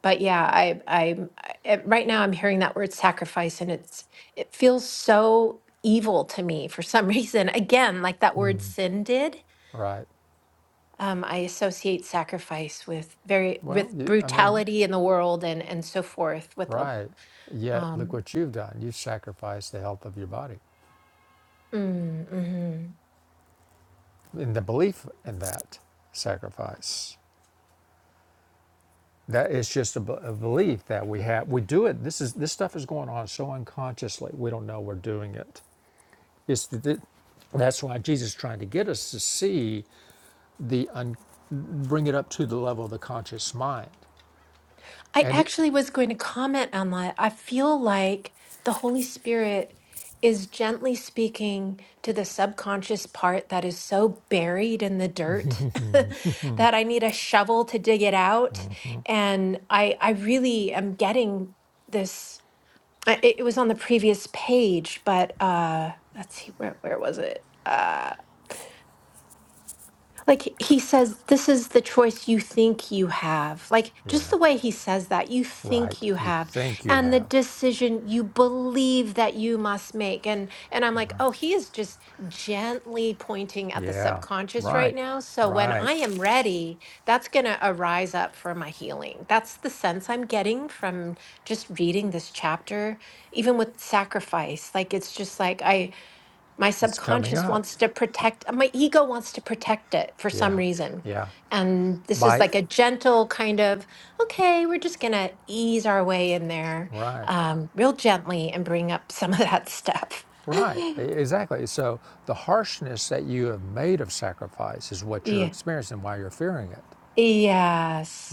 Speaker 2: but yeah, I i I right now I'm hearing that word sacrifice, and it's it feels so evil to me for some reason. Again, like that word sin did.
Speaker 1: right.
Speaker 2: Um, I associate sacrifice with very
Speaker 1: Well,
Speaker 2: with
Speaker 1: you, I mean,
Speaker 2: brutality in the world and and so forth with a
Speaker 1: Right. Yet look
Speaker 2: um
Speaker 1: what you've done. You've sacrificed the health of your body
Speaker 2: Mm, Mm-hmm.
Speaker 1: in the belief in that sacrifice. That is just a, b- a belief that we have. We do it. This is this stuff is going on so unconsciously. We don't know we're doing it. It's the, the- that's why Jesus is trying to get us to see the un, bring it up to the level of the conscious mind.
Speaker 2: I
Speaker 1: And it-
Speaker 2: actually was going to comment on that. I feel like the Holy Spirit is gently speaking to the subconscious part that is so buried in the dirt that I need a shovel to dig it out. And I, I really am getting this. I- It, it was on the previous page, but uh, let's see, where, where was it? Uh, Like he says, this is the choice you think you have. Like just
Speaker 1: yeah,
Speaker 2: the way he says that, you think
Speaker 1: right.
Speaker 2: you
Speaker 1: You
Speaker 2: have,
Speaker 1: think you
Speaker 2: and the
Speaker 1: have.
Speaker 2: decision you believe that you must make. And and I'm like, oh, he is just gently pointing at the
Speaker 1: Yeah,
Speaker 2: subconscious right
Speaker 1: right,
Speaker 2: now. So when
Speaker 1: right.
Speaker 2: I am ready, that's gonna arise up for my healing. That's the sense I'm getting from just reading this chapter, even with sacrifice. Like it's just like I my
Speaker 1: It's coming
Speaker 2: subconscious
Speaker 1: up.
Speaker 2: wants to protect my ego wants to protect it for some
Speaker 1: Yeah,
Speaker 2: reason
Speaker 1: yeah.
Speaker 2: and this is
Speaker 1: Bite.
Speaker 2: like a gentle kind of okay we're just gonna ease our way in there
Speaker 1: Right.
Speaker 2: um, real gently and bring up some of that stuff
Speaker 1: Right. E- Exactly. So the harshness that you have made of sacrifice is what you're
Speaker 2: yeah
Speaker 1: experiencing, and why you're fearing it.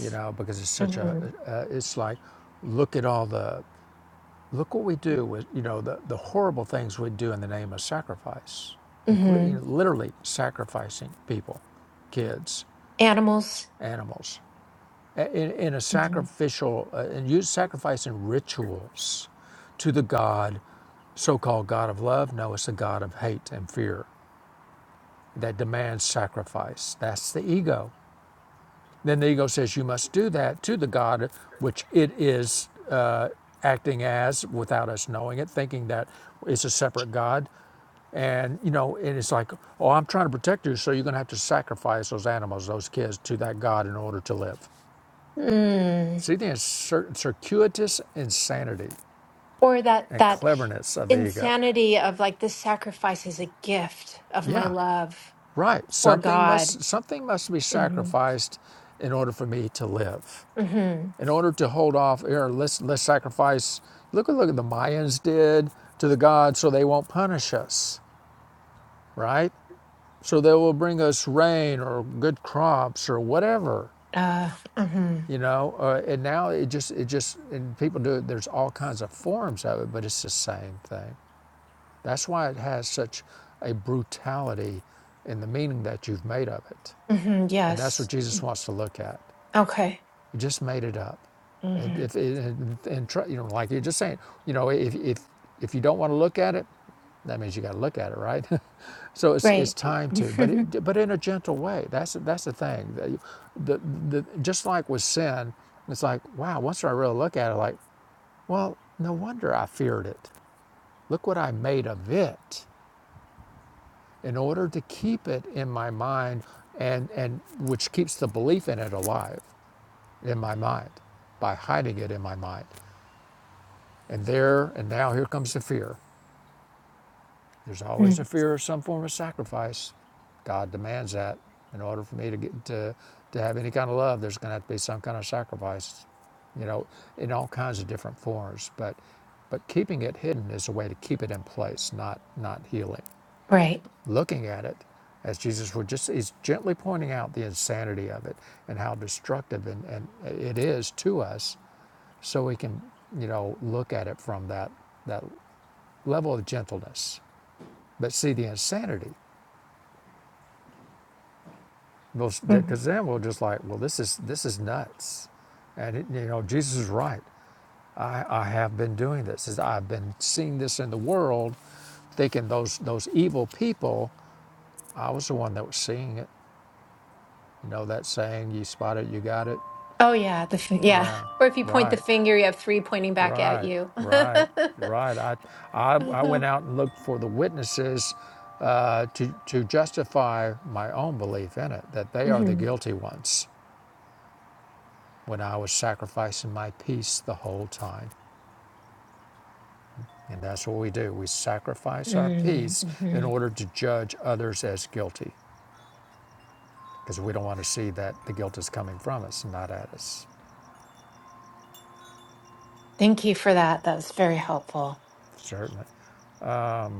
Speaker 1: You know, because it's such a.
Speaker 2: hmm
Speaker 1: Uh, it's like, look at all the. Look what we do with you know the the horrible things we do in the name of sacrifice,
Speaker 2: hmm
Speaker 1: including literally sacrificing people, kids,
Speaker 2: animals
Speaker 1: animals. in, in a
Speaker 2: Mhm.
Speaker 1: sacrificial uh, and use sacrifice in rituals to the god so-called god of love no it's the god of hate and fear that demands sacrifice that's the ego then the ego says you must do that to the god which it is uh, acting as without us knowing it thinking that it's a separate god and you know and it's like oh i'm trying to protect you so you're going to have to sacrifice those animals those kids to that god in order to live
Speaker 2: mm.
Speaker 1: See the incir- circuitous insanity
Speaker 2: or that
Speaker 1: and
Speaker 2: that
Speaker 1: cleverness of the ego.
Speaker 2: insanity of like this sacrifice is a gift of my
Speaker 1: Yeah,
Speaker 2: love
Speaker 1: right.
Speaker 2: for
Speaker 1: Something
Speaker 2: god
Speaker 1: must something must be
Speaker 2: hmm
Speaker 1: sacrificed in order for me to live.
Speaker 2: hmm
Speaker 1: In order to hold off, here, let's let's sacrifice. Look at look at the Mayans did to the gods, so they won't punish us, right? So they will bring us rain or good crops or whatever,
Speaker 2: Uh, hmm
Speaker 1: you know. Uh, and now it just it just and people do it. There's all kinds of forms of it, but it's the same thing. That's why it has such a brutality in the meaning that you've made of it.
Speaker 2: hmm
Speaker 1: And that's what
Speaker 2: yes.
Speaker 1: Jesus wants to look at.
Speaker 2: Okay.
Speaker 1: You just made it up. And
Speaker 2: hmm
Speaker 1: if and, and you know, like you're just saying, you know, if, if, if you don't want to look at it, that means you got to look at it, right? so it's, it's
Speaker 2: Right.
Speaker 1: time to, but it, but in a gentle way. That's that's the thing. the, the just like with sin, it's like wow. Once I really look at it, like well, no wonder I feared it. Look what I made of it. in order to keep it in my mind and, and which keeps the belief in it alive in my mind by hiding it in my mind. And there and now here comes the fear. There's always a
Speaker 2: Mm,
Speaker 1: fear of some form of sacrifice. God demands that. In order for me to get to, to have any kind of love, there's gonna have to be some kind of sacrifice, you know, in all kinds of different forms. But but keeping it hidden is a way to keep it in place, not not healing.
Speaker 2: right.
Speaker 1: looking at it as Jesus would just hes gently pointing out the insanity of it and how destructive and, and it is to us so we can you know look at it from that that level of gentleness but see the insanity
Speaker 2: Mhm.
Speaker 1: because then we are just like well this is this is nuts and it, you know Jesus is right I, I have been doing this I've been seeing this in the world thinking those those evil people I was the one that was seeing it you know that saying you spot it you got it
Speaker 2: Oh, yeah. The fi- yeah.
Speaker 1: Yeah,
Speaker 2: Or if you point the
Speaker 1: right,
Speaker 2: finger, you have three pointing back at
Speaker 1: right,
Speaker 2: you.
Speaker 1: right, right. I, I, I
Speaker 2: hmm
Speaker 1: went out and looked for the witnesses uh, to, to justify my own belief in it, that they are the guilty ones when I was sacrificing my peace the whole time. And that's what we do. We sacrifice our peace in
Speaker 2: Mm-hmm.
Speaker 1: order to judge others as guilty because we don't want to see that the guilt is coming from us, not at us.
Speaker 2: Thank you for that. That was very helpful.
Speaker 1: Certainly.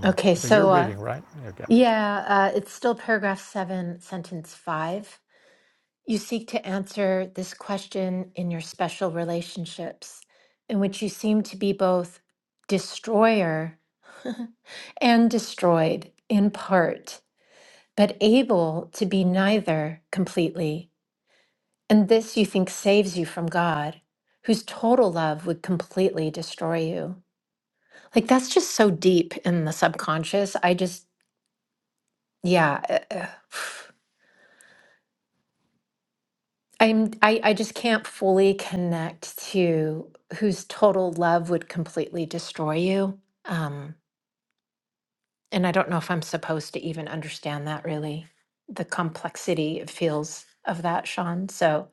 Speaker 2: Okay,
Speaker 1: So you're
Speaker 2: so uh,
Speaker 1: reading, right? Okay.
Speaker 2: yeah, uh, it's still paragraph seven, sentence five. You seek to answer this question in your special relationships, in which you seem to be both destroyer and destroyed in part, but able to be neither completely. And this you think saves you from God, whose total love would completely destroy you. Like that's just so deep in the subconscious. I just, yeah. uh, uh, I'm I, I just can't fully connect to whose total love would completely destroy you. Um, and I don't know if I'm supposed to even understand that really, the complexity it feels of that, Sean. So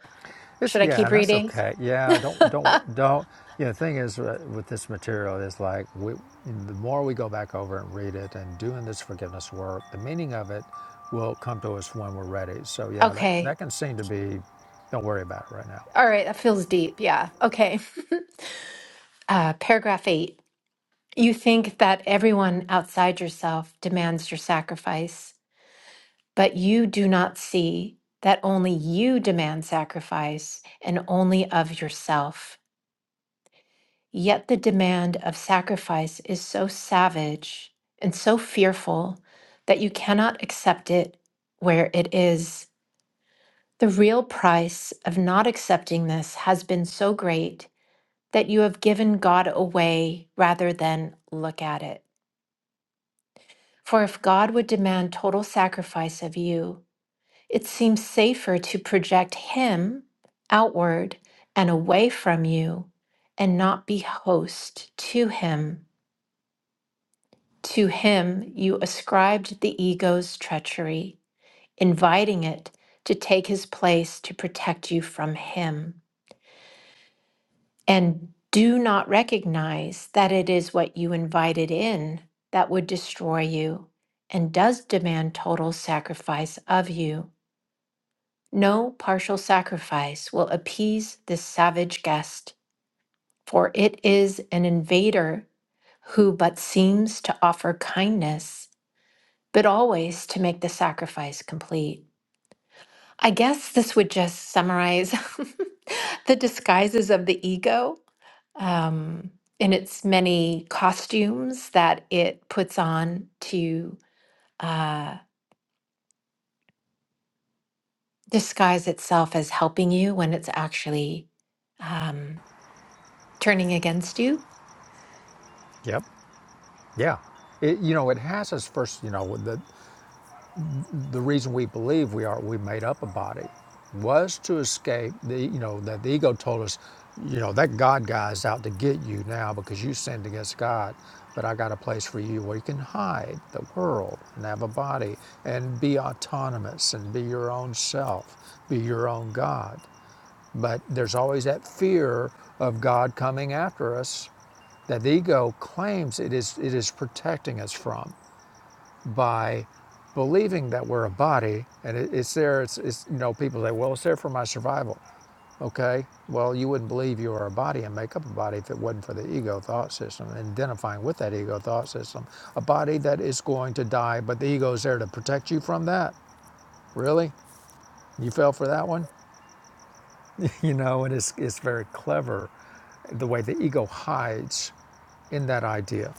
Speaker 1: It's,
Speaker 2: should I
Speaker 1: yeah,
Speaker 2: keep
Speaker 1: and that's
Speaker 2: reading?
Speaker 1: okay. Yeah, don't don't don't. You know, the thing is uh, with this material is like we, the more we go back over and read it and doing this forgiveness work, the meaning of it will come to us when we're ready. So yeah, that
Speaker 2: okay.
Speaker 1: that can seem to be. Don't worry about it right now.
Speaker 2: All right, that feels deep. Yeah. Okay. Uh, paragraph eight. You think that everyone outside yourself demands your sacrifice. But you do not see that only you demand sacrifice and only of yourself. Yet the demand of sacrifice is so savage and so fearful that you cannot accept it where it is. The real price of not accepting this has been so great that you have given God away rather than look at it. For if God would demand total sacrifice of you, It seems safer to project Him outward and away from you and not be host to Him. To Him you ascribed the ego's treachery, inviting it to take His place to protect you from Him. And do not recognize that it is what you invited in that would destroy you and does demand total sacrifice of you. No partial sacrifice will appease this savage guest, for it is an invader who but seems to offer kindness, but always to make the sacrifice complete. I guess this would just summarize the disguises of the ego um, in its many costumes that it puts on to uh, disguise itself as helping you when it's actually um, turning against you.
Speaker 1: Yep. Yeah. It, you know, it has us first. You know, the. The reason we believe we are we made up a body was to escape the you know that the ego told us, you know that God guy's out to get you now because you sinned against God. But I got a place for you where you can hide the world and have a body and be autonomous and be your own self, be your own God. But there's always that fear of God coming after us that the ego claims it is it is protecting us from by believing that we're a body and it, it's there it's, it's you know people say well it's there for my survival okay well you wouldn't believe you were a body and make up a body if it wasn't for the ego thought system and identifying with that ego thought system a body that is going to die but the ego is there to protect you from that really you fell for that one you know and it's it's very clever the way the ego hides in that idea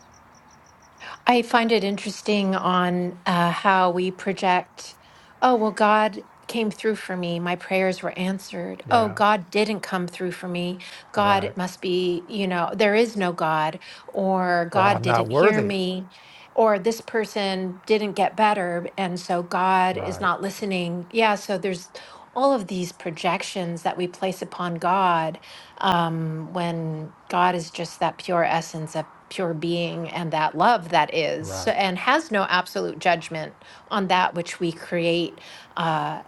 Speaker 2: I find it interesting on uh, how we project, oh, well, God came through for me. My prayers were answered. Oh,
Speaker 1: yeah
Speaker 2: God didn't come through for me. God,
Speaker 1: right
Speaker 2: it must be, you know, there is no God, or
Speaker 1: or
Speaker 2: God
Speaker 1: i'm not
Speaker 2: didn't hear
Speaker 1: worthy
Speaker 2: me, or this person didn't get better. And so God is
Speaker 1: right
Speaker 2: not listening. Yeah. So there's all of these projections that we place upon God um, when God is just that pure essence pure being and that love that is so,
Speaker 1: right
Speaker 2: and has no absolute judgment on that which we create uh,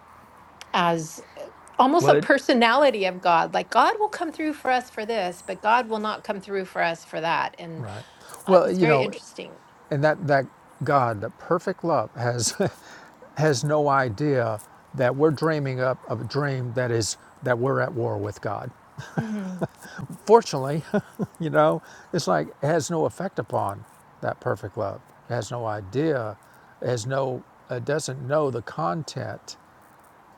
Speaker 2: as almost
Speaker 1: well
Speaker 2: a
Speaker 1: it,
Speaker 2: personality of God. Like God will come through for us for this, but God will not come through for us for that. And
Speaker 1: Right.
Speaker 2: uh,
Speaker 1: Well,
Speaker 2: it's
Speaker 1: you
Speaker 2: very
Speaker 1: know,
Speaker 2: interesting.
Speaker 1: and that that God, that perfect love, has has no idea that we're dreaming up of a dream that is that we're at war with God.
Speaker 2: Mhm.
Speaker 1: Fortunately, you know, it's like it has no effect upon that perfect love. It has no idea. It has no. It doesn't know the content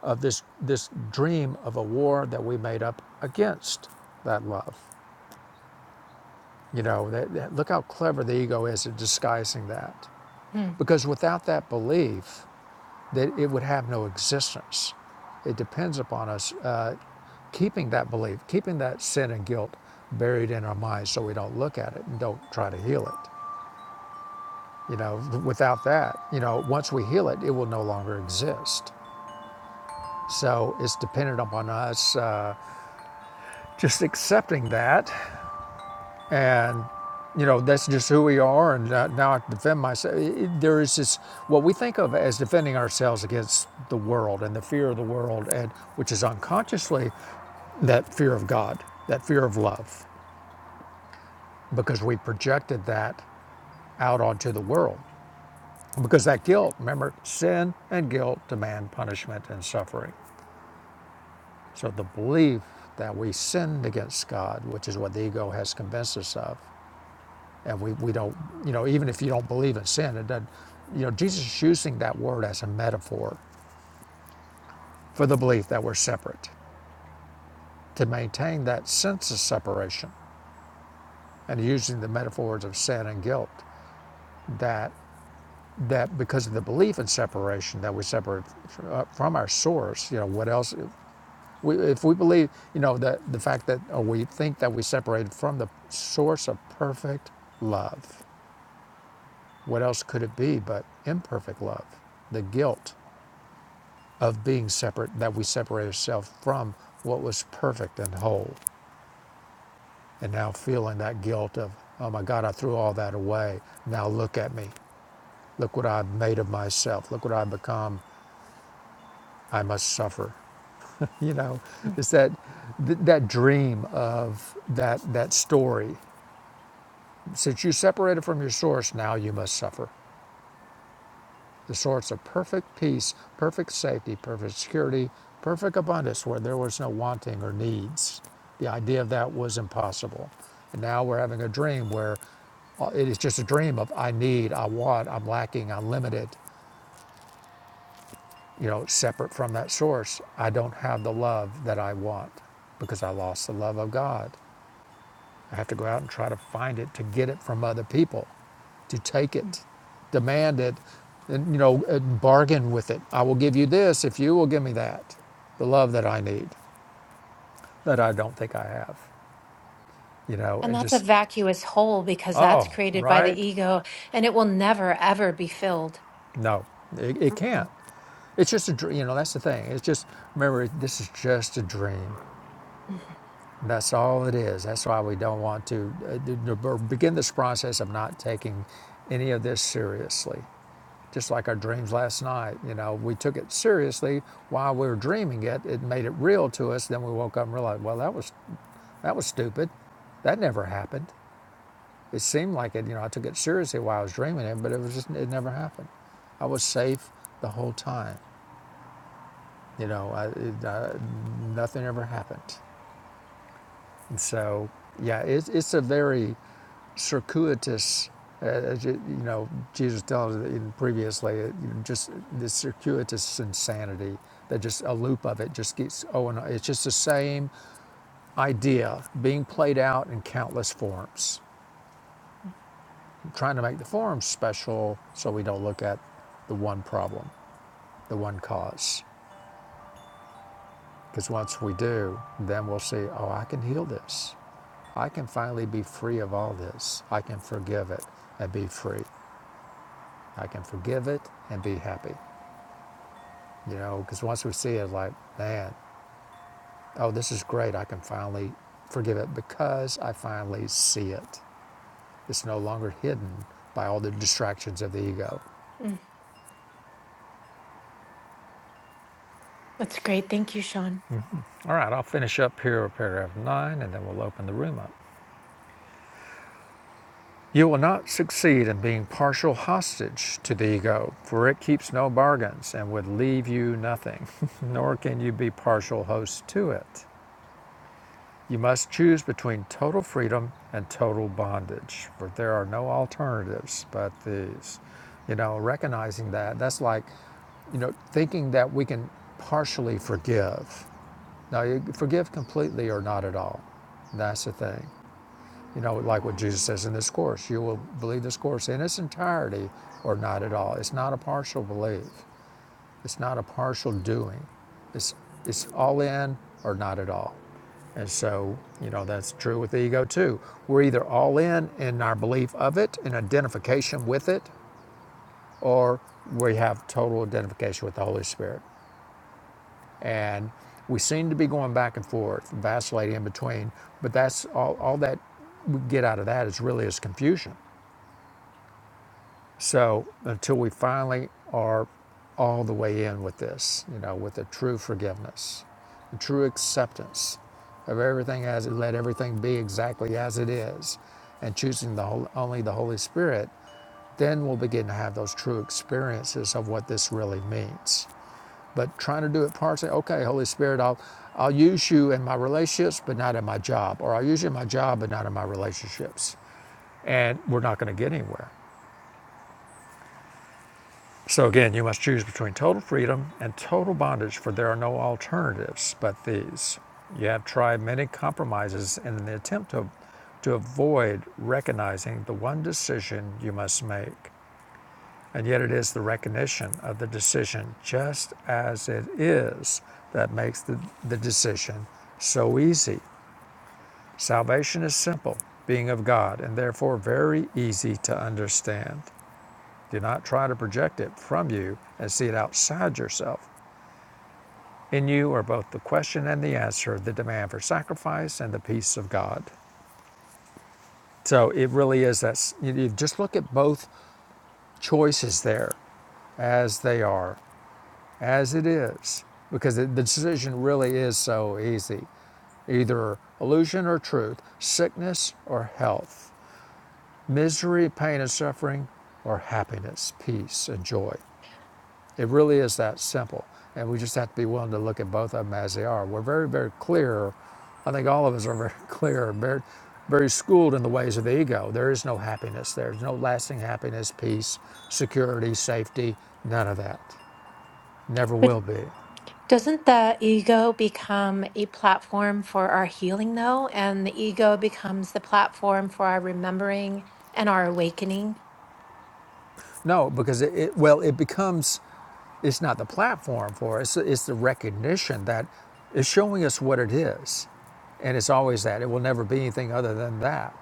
Speaker 1: of this this dream of a war that we made up against that love. You know, that, that- look how clever the ego is at disguising that.
Speaker 2: Mm,
Speaker 1: Because without that belief, that it would have no existence. It depends upon us uh, keeping that belief, keeping that sin and guilt buried in our minds, so we don't look at it and don't try to heal it. You know, without that, you know, once we heal it, it will no longer exist. So it's dependent upon us uh, just accepting that and you know that's just who we are and uh, now i defend myself It- there is this what we think of as defending ourselves against the world and the fear of the world and which is unconsciously that fear of god that fear of love because we projected that out onto the world because that guilt remember sin and guilt demand punishment and suffering so the belief that we sinned against god which is what the ego has convinced us of And we, we don't, you know, even if you don't believe in sin, it doesn't, you know, Jesus is using that word as a metaphor for the belief that we're separate, to maintain that sense of separation, and using the metaphors of sin and guilt that that because of the belief in separation that we separate uh, from our source, you know, what else? We, if we believe, you know, that the fact that or we think that we separated from the source of perfect love, what else could it be but imperfect love? The guilt of being separate, that we separate ourselves from what was perfect and whole. And now feeling that guilt of, oh my God, I threw all that away. Now look at me. Look what I've made of myself. Look what I've become. I must suffer. You know,
Speaker 2: mm,
Speaker 1: it's that th- that dream of that that story. Since you separated from your source, now you must suffer. the source of perfect peace, perfect safety, perfect security, perfect abundance where there was no wanting or needs. The idea of that was impossible. And now we're having a dream where uh, it is just a dream of I need, I want, I'm lacking, I'm limited. You know, separate from that source, I don't have the love that I want because I lost the love of God. I have to go out and try to find it to get it from other people, to take
Speaker 2: mm.
Speaker 1: it, demand it, and, you know, bargain with it. I will give you this if you will give me that, the love that I need, that I don't think I have, you know,
Speaker 2: And
Speaker 1: and
Speaker 2: that's a
Speaker 1: just,
Speaker 2: vacuous hole because that's
Speaker 1: oh,
Speaker 2: created by the
Speaker 1: right?
Speaker 2: ego and it will never, ever be filled.
Speaker 1: No, it, it can't.
Speaker 2: Mhm.
Speaker 1: It's just a dream, you know, that's the thing. It's just, remember, this is just a dream.
Speaker 2: Mm,
Speaker 1: That's all it is. That's why we don't want to uh, begin this process of not taking any of this seriously just like our dreams last night. You know, we took it seriously while we were dreaming it. It made it real to us. Then we woke up and realized, well, that was that was stupid. That never happened. It seemed like it. You know, I took it seriously while I was dreaming it, but it was just it never happened. I was safe the whole time. You know, I, it, I, nothing ever happened. And so, yeah, it's it's a very circuitous, uh, you, know, Jesus tells us previously, uh, you know, just this circuitous insanity that just a loop of it just keeps, oh, and it's just the same idea being played out in countless forms, trying to make the forms special so we don't look at the one problem, the one cause. Because once we do, then we'll see, oh, I can heal this. I can finally be free of all this. I can forgive it and be free. I can forgive it and be happy. You know, because once we see it, like, man, oh, this is great. I can finally forgive it because I finally see it. It's no longer hidden by all the distractions of the ego.
Speaker 2: mm. That's great. Thank you, Sean.
Speaker 1: All right, I'll finish up here with paragraph nine and then we'll open the room up. You will not succeed in being partial hostage to the ego, for it keeps no bargains and would leave you nothing, nor can you be partial host to it. You must choose between total freedom and total bondage, for there are no alternatives but these. You know, recognizing that, that's like, you know, thinking that we can partially forgive. Now, you forgive completely or not at all. That's the thing. You know, like what Jesus says in this course, you will believe this course in its entirety or not at all. It's not a partial belief. It's not a partial doing. It's it's all in or not at all. And so, you know, that's true with the ego too. We're either all in in our belief of it, in identification with it, or we have total identification with the Holy Spirit. And we seem to be going back and forth, vacillating in between, but that's all, all that we get out of that is really is confusion. So until we finally are all the way in with this, you know, with a true forgiveness, a true acceptance of everything as it, let everything be exactly as it is, and choosing the whole, only the Holy Spirit, then we'll begin to have those true experiences of what this really means. But trying to do it partially, okay, Holy Spirit, I'll I'll use you in my relationships, but not in my job, or I'll use you in my job, but not in my relationships, and we're not going to get anywhere So again, you must choose between total freedom and total bondage, for there are no alternatives but these. You have tried many compromises in the attempt to, to avoid recognizing the one decision you must make. And yet, it is the recognition of the decision just as it is that makes the, the decision so easy. Salvation is simple, being of God, and therefore very easy to understand. Do not try to project it from you and see it outside yourself. In you are both the question and the answer, the demand for sacrifice and the peace of God. So it really is that you just look at both choices there as they are, as it is, because the decision really is so easy either illusion or truth, sickness or health, misery, pain, and suffering, or happiness, peace, and joy. It really is that simple. And we just have to be willing to look at both of them as they are. We're very, very clear. I think all of us are very clear, very, very schooled in the ways of the ego. There is no happiness. There's no lasting happiness, peace, security, safety, none of that. Never will be.
Speaker 2: Doesn't the ego become a platform for our healing, though? And the ego becomes the platform for our remembering and our awakening.
Speaker 1: No, because it, it well, it becomes, it's not the platform for it. It's, it's the recognition that it's showing us what it is. And it's always that. It will never be anything other than that.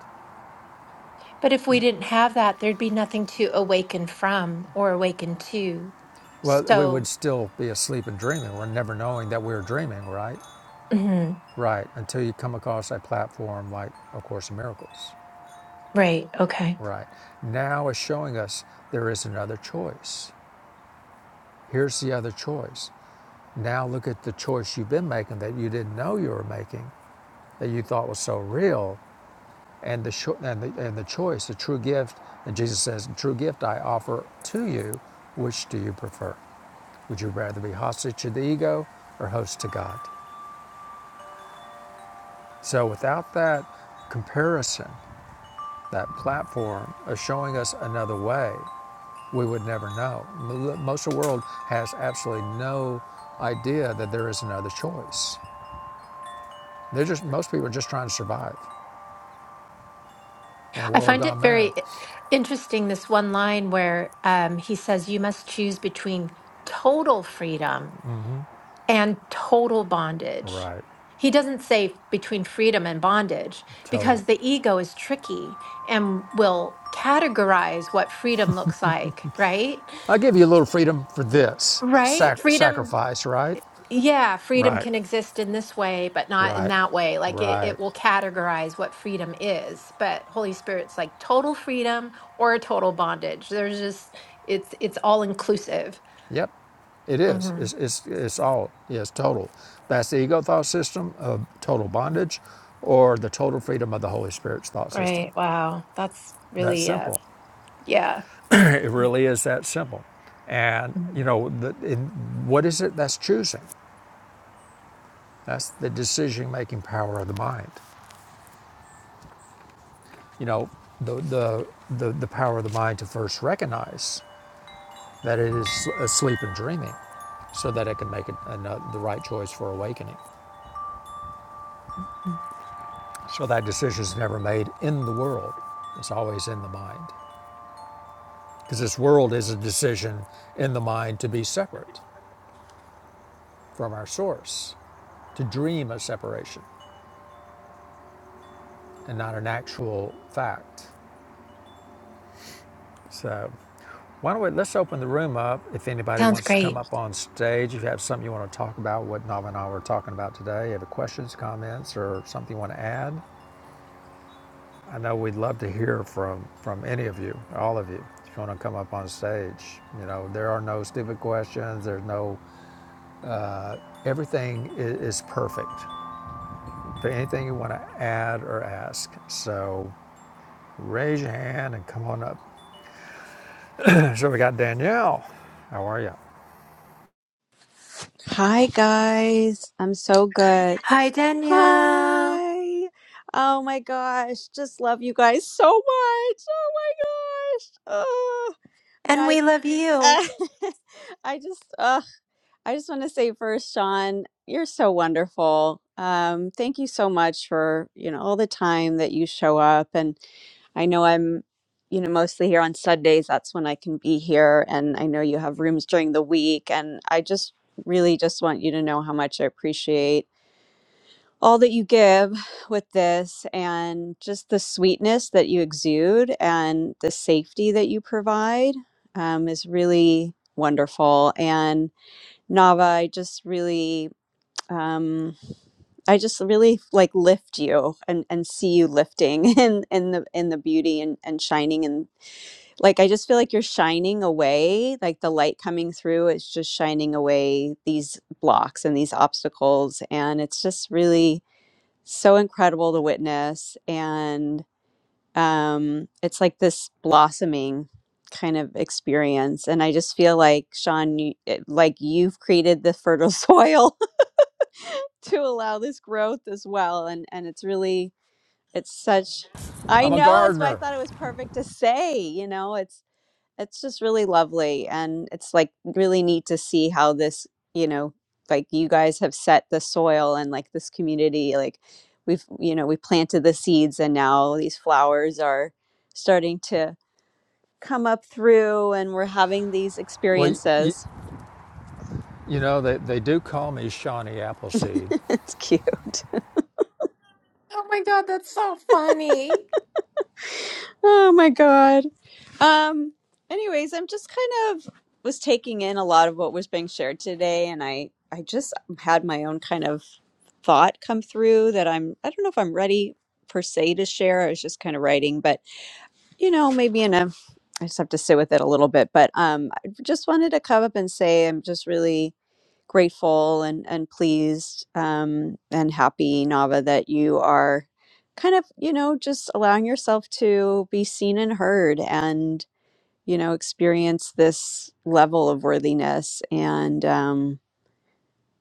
Speaker 2: But if we didn't have that, there'd be nothing to awaken from or awaken to.
Speaker 1: Well, we would
Speaker 2: So,
Speaker 1: still be asleep and dreaming. We're never knowing that we are dreaming, right?
Speaker 2: mhm,
Speaker 1: Right. Until you come across a platform like A Course in Miracles.
Speaker 2: right. Okay.
Speaker 1: Right. Now it's showing us there is another choice. Here's the other choice. Now look at the choice you've been making that you didn't know you were making, that you thought was so real, and the, cho- and the, and the choice, the true gift, and Jesus says, the true gift I offer to you, which do you prefer? Would you rather be hostage to the ego or host to God? So without that comparison, that platform of showing us another way, we would never know. Most of the world has absolutely no idea that there is another choice. They're just most people are just trying to survive in a
Speaker 2: I
Speaker 1: world
Speaker 2: find
Speaker 1: gone
Speaker 2: it
Speaker 1: mad.
Speaker 2: very interesting this one line where um, he says, You must choose between total freedom and total bondage.
Speaker 1: Right.
Speaker 2: He doesn't say between freedom and bondage
Speaker 1: Total.
Speaker 2: because the ego is tricky and will categorize what freedom looks like, right?
Speaker 1: I give you a little freedom for this
Speaker 2: Right?
Speaker 1: sac-
Speaker 2: Freedom,
Speaker 1: sacrifice, right?
Speaker 2: yeah, freedom
Speaker 1: Right.
Speaker 2: can exist in this way, but not in
Speaker 1: Right.
Speaker 2: that way. Like it,
Speaker 1: Right.
Speaker 2: it will categorize what freedom is. But Holy Spirit's like total freedom or total bondage. There's just, it's it's all inclusive.
Speaker 1: Yep, it is.
Speaker 2: hmm
Speaker 1: It's, it's, it's all, yes, total. That's the ego thought system of total bondage or the total freedom of the Holy Spirit's thought system.
Speaker 2: Right. Wow. That's
Speaker 1: That's
Speaker 2: really, uh,
Speaker 1: simple.
Speaker 2: yeah.
Speaker 1: It really is that simple. And, you know, the, in, what is it that's choosing? That's the decision making power of the mind. You know, the, the, the, the power of the mind to first recognize that it is asleep and dreaming so that it can make an, uh, the right choice for awakening. So that decision is never made in the world. It's always in the mind. Because this world is a decision in the mind to be separate from our source, to dream a separation and not an actual fact. So why don't we let's open the room up if anybody
Speaker 2: Sounds
Speaker 1: wants to come
Speaker 2: great.
Speaker 1: up on stage, if you have something you want to talk about, what Nav and I were talking about today, you have questions, comments, or something you want to add. I know we'd love to hear from, from any of you, all of you. If you want to come up on stage, you know, there are no stupid questions. There's no, everything is, perfect for anything you want to add or ask. So raise your hand and come on up. so we got Danielle. How are you?
Speaker 3: Hi guys, I'm so good.
Speaker 2: Hi, Danielle.
Speaker 3: Hi. Oh my gosh, just love you guys so much. Oh my gosh. Oh. No,
Speaker 2: And we love you.
Speaker 3: I I just uh, I just want to say first, Sean, you're so wonderful. Um, thank you so much for you know all the time that you show up, and I know I'm you know mostly here on Sundays. That's when I can be here, and I know you have rooms during the week, and I just really just want you to know how much I appreciate all that you give with this and just the sweetness that you exude and the safety that you provide um, is really wonderful. And Nava, I just really um I just really like lift you and and see you lifting in in the in the beauty and and shining and like I just feel like you're shining away like the light coming through is just shining away these blocks and these obstacles and it's just really so incredible to witness and um, it's like this blossoming kind of experience. And I just feel like, Sean, you, it- like you've created the fertile soil to allow this growth as well. And, and it's really, it's such, I
Speaker 1: I'm a
Speaker 3: know that's why I
Speaker 1: gardener.
Speaker 3: thought it was perfect to say, you know, it's, it's just really lovely, and it's, like, really neat to see how this, you know, like, you guys have set the soil and, like, this community, like, we've, you know, we planted the seeds and now these flowers are starting to come up through and we're having these
Speaker 1: Well, you,
Speaker 3: experiences.
Speaker 1: you know, they, they do call me Shawnee Appleseed
Speaker 3: It's cute.
Speaker 2: Oh my God, that's so funny.
Speaker 3: Oh my god. Um, anyways, I'm just kind of was taking in a lot of what was being shared today and I I just had my own kind of thought come through that I'm, I don't know if I'm ready per se to share. I was just kind of writing, but you know, maybe in a, I just have to sit with it a little bit. But um, I just wanted to come up and say I'm just really grateful and, and pleased um, and happy, Nava, that you are kind of, you know, just allowing yourself to be seen and heard and, you know, experience this level of worthiness. And, um,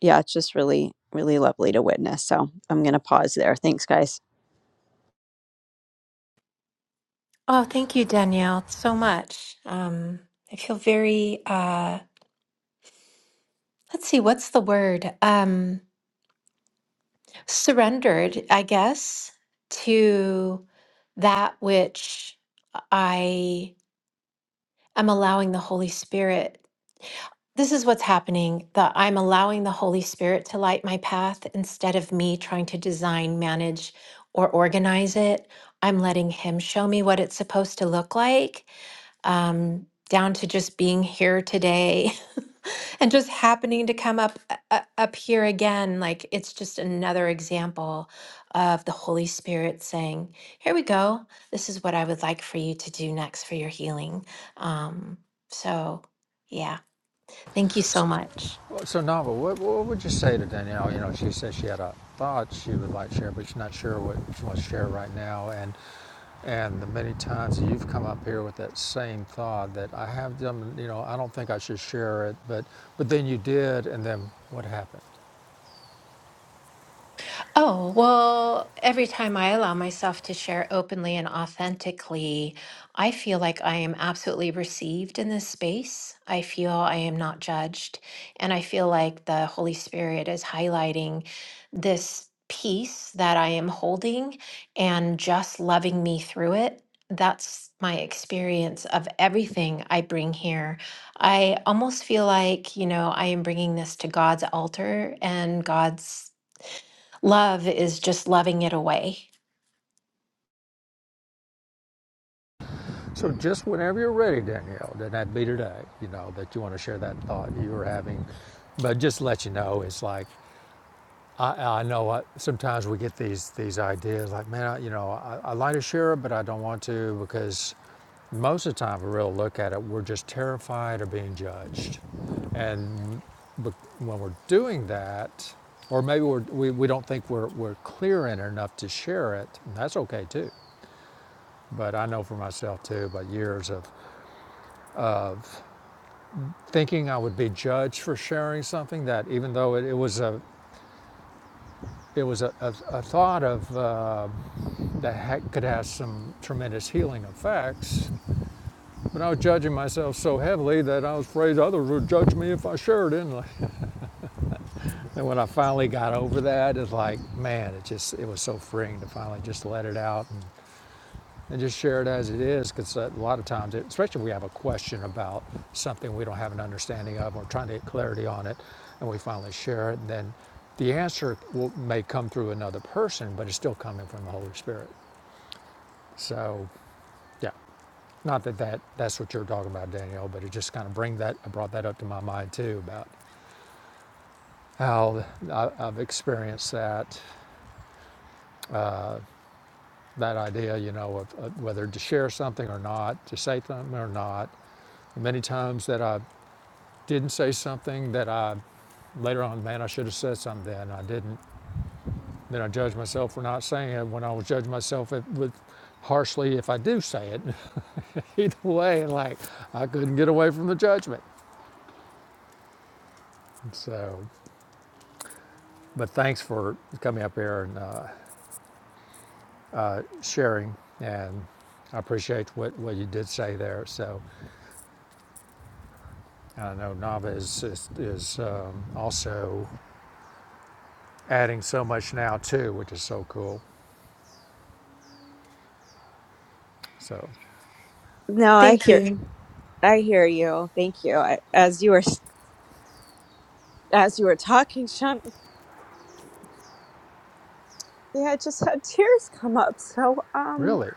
Speaker 3: yeah, it's just really, really lovely to witness. So I'm going to pause there. Thanks, guys.
Speaker 2: Oh, thank you, Danielle, so much. Um, I feel very, uh, let's see, what's the word? Um, surrendered, I guess, to that which I am allowing the Holy Spirit This is what's happening that I'm allowing the Holy Spirit to light my path instead of me trying to design, manage, or organize it. I'm letting Him show me what it's supposed to look like, um, down to just being here today and just happening to come up uh, uh, up here again. Like it's just another example of the Holy Spirit saying, "Here we go. This is what I would like for you to do next for your healing." Um, so, yeah. Thank you so much.
Speaker 1: Well, So, Nava, what, what would you say to Danielle? You know, she said she had a thought she would like to share, but she's not sure what she wants to share right now. And and the many times you've come up here with that same thought that I have done, you know, I don't think I should share it, but but then you did, and then what happened?
Speaker 2: Oh, well, every time I allow myself to share openly and authentically, I feel like I am absolutely received in this space. I feel I am not judged. And I feel like the Holy Spirit is highlighting this piece that I am holding and just loving me through it. That's my experience of everything I bring here. I almost feel like, you know, I am bringing this to God's altar and God's Love is just loving it away.
Speaker 1: So, just whenever you're ready, Danielle, then that'd be today, you know, that you want to share that thought you were having. But just to let you know, it's like I, I know I, sometimes we get these these ideas like, man, I, you know, I, I like to share it, but I don't want to because most of the time, if we really look at it, we're just terrified of being judged, and when we're doing that, or maybe we're, we we don't think we're we're clear in it enough to share it, and that's okay too. But I know for myself too, but years of of thinking I would be judged for sharing something that, even though it, it was a it was a, a, a thought of. Uh, that could have some tremendous healing effects. But I was judging myself so heavily that I was afraid others would judge me if I shared it. And like- and when I finally got over that, it's like, man, it just it was so freeing to finally just let it out and, and just share it as it is. Because a lot of times, it, especially if we have a question about something we don't have an understanding of, or trying to get clarity on it, and we finally share it, and then the answer will, may come through another person, but it's still coming from the Holy Spirit. So, yeah, Not that, that that's what you're talking about, Danielle, but it just kind of bring that I brought that up to my mind too about how I, I've experienced that uh, that idea, you know, of, of whether to share something or not, to say something or not. Many times that I didn't say something that I later on, man, I should have said something then. I didn't. Then I judged myself for not saying it. When I was judging myself if, with harshly if I do say it, either way, like I couldn't get away from the judgment. So. But thanks for coming up here and uh, uh, sharing, and I appreciate what, what you did say there. So I know Nava is is, is um, also adding so much now too, which is so cool. So
Speaker 3: No, I
Speaker 2: Thank
Speaker 3: hear
Speaker 2: you.
Speaker 3: I hear you. Thank you. I, as you were as you were talking, Sean, yeah, I just had tears come up. So, um,
Speaker 1: really,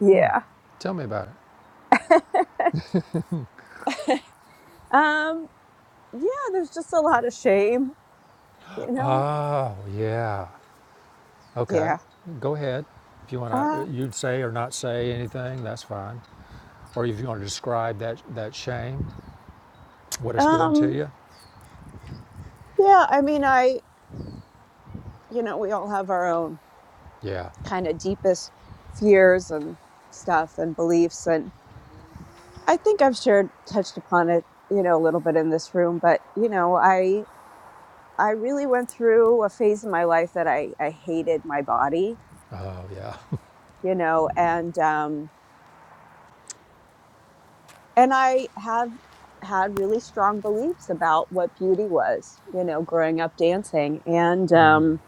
Speaker 3: yeah,
Speaker 1: tell me about it.
Speaker 3: um, yeah. There's just a lot of shame, you know.
Speaker 1: Oh yeah, okay.
Speaker 3: Yeah.
Speaker 1: Go ahead. If you want to,
Speaker 3: Uh,
Speaker 1: you'd say or not say anything, that's fine. Or if you want to describe that that shame, what it's doing to
Speaker 3: um,
Speaker 1: you.
Speaker 3: yeah. I mean, I, you know, we all have our own
Speaker 1: Yeah.
Speaker 3: kind of deepest fears and stuff and beliefs, and. I think I've shared touched upon it, you know, a little bit in this room, but you know, I I really went through a phase in my life that I I hated my body,
Speaker 1: Oh yeah.
Speaker 3: you know, and um and I have had really strong beliefs about what beauty was, you know, growing up dancing and um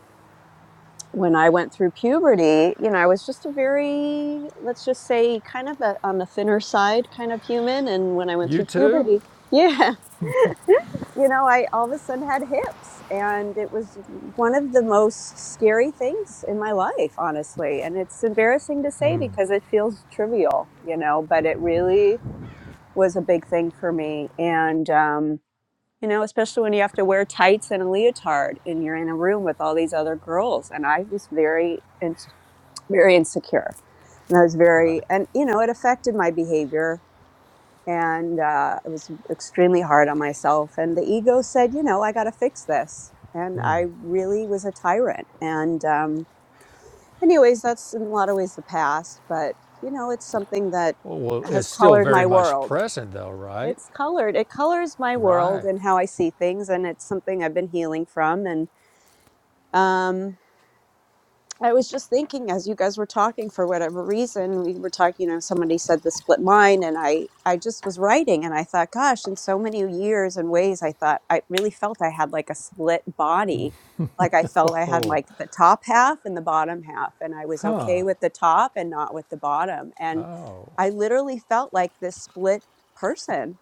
Speaker 3: when I went through puberty, you know, I was just a very, let's just say, kind of a, on the thinner side kind of human. And when I went
Speaker 1: you
Speaker 3: through
Speaker 1: too.
Speaker 3: puberty, yeah. you know, I all of a sudden had hips, and it was one of the most scary things in my life, honestly. And it's embarrassing to say because it feels trivial, you know, but it really was a big thing for me. And, um, you know, especially when you have to wear tights and a leotard and you're in a room with all these other girls. And I was very, ins- very insecure. And I was very,
Speaker 1: Right.
Speaker 3: and, you know, it affected my behavior and uh, it was extremely hard on myself. And the ego said, you know, I got to fix this, and I really was a tyrant. And um, anyways, that's in a lot of ways the past, but you know, it's something that
Speaker 1: Oh, Well, it's
Speaker 3: has
Speaker 1: still
Speaker 3: colored
Speaker 1: very
Speaker 3: my
Speaker 1: much
Speaker 3: world.
Speaker 1: present, though, right?
Speaker 3: It's colored. It colors my world
Speaker 1: Right.
Speaker 3: and how I see things, and it's something I've been healing from. And um, I was just thinking as you guys were talking for whatever reason we were talking you know somebody said the split mind and I I just was writing and I thought gosh in so many years and ways I thought I really felt I had like a split body like I felt I had
Speaker 1: Oh,
Speaker 3: like the top half and the bottom half and I was okay
Speaker 1: huh.
Speaker 3: with the top and not with the bottom and
Speaker 1: Oh,
Speaker 3: I literally felt like this split person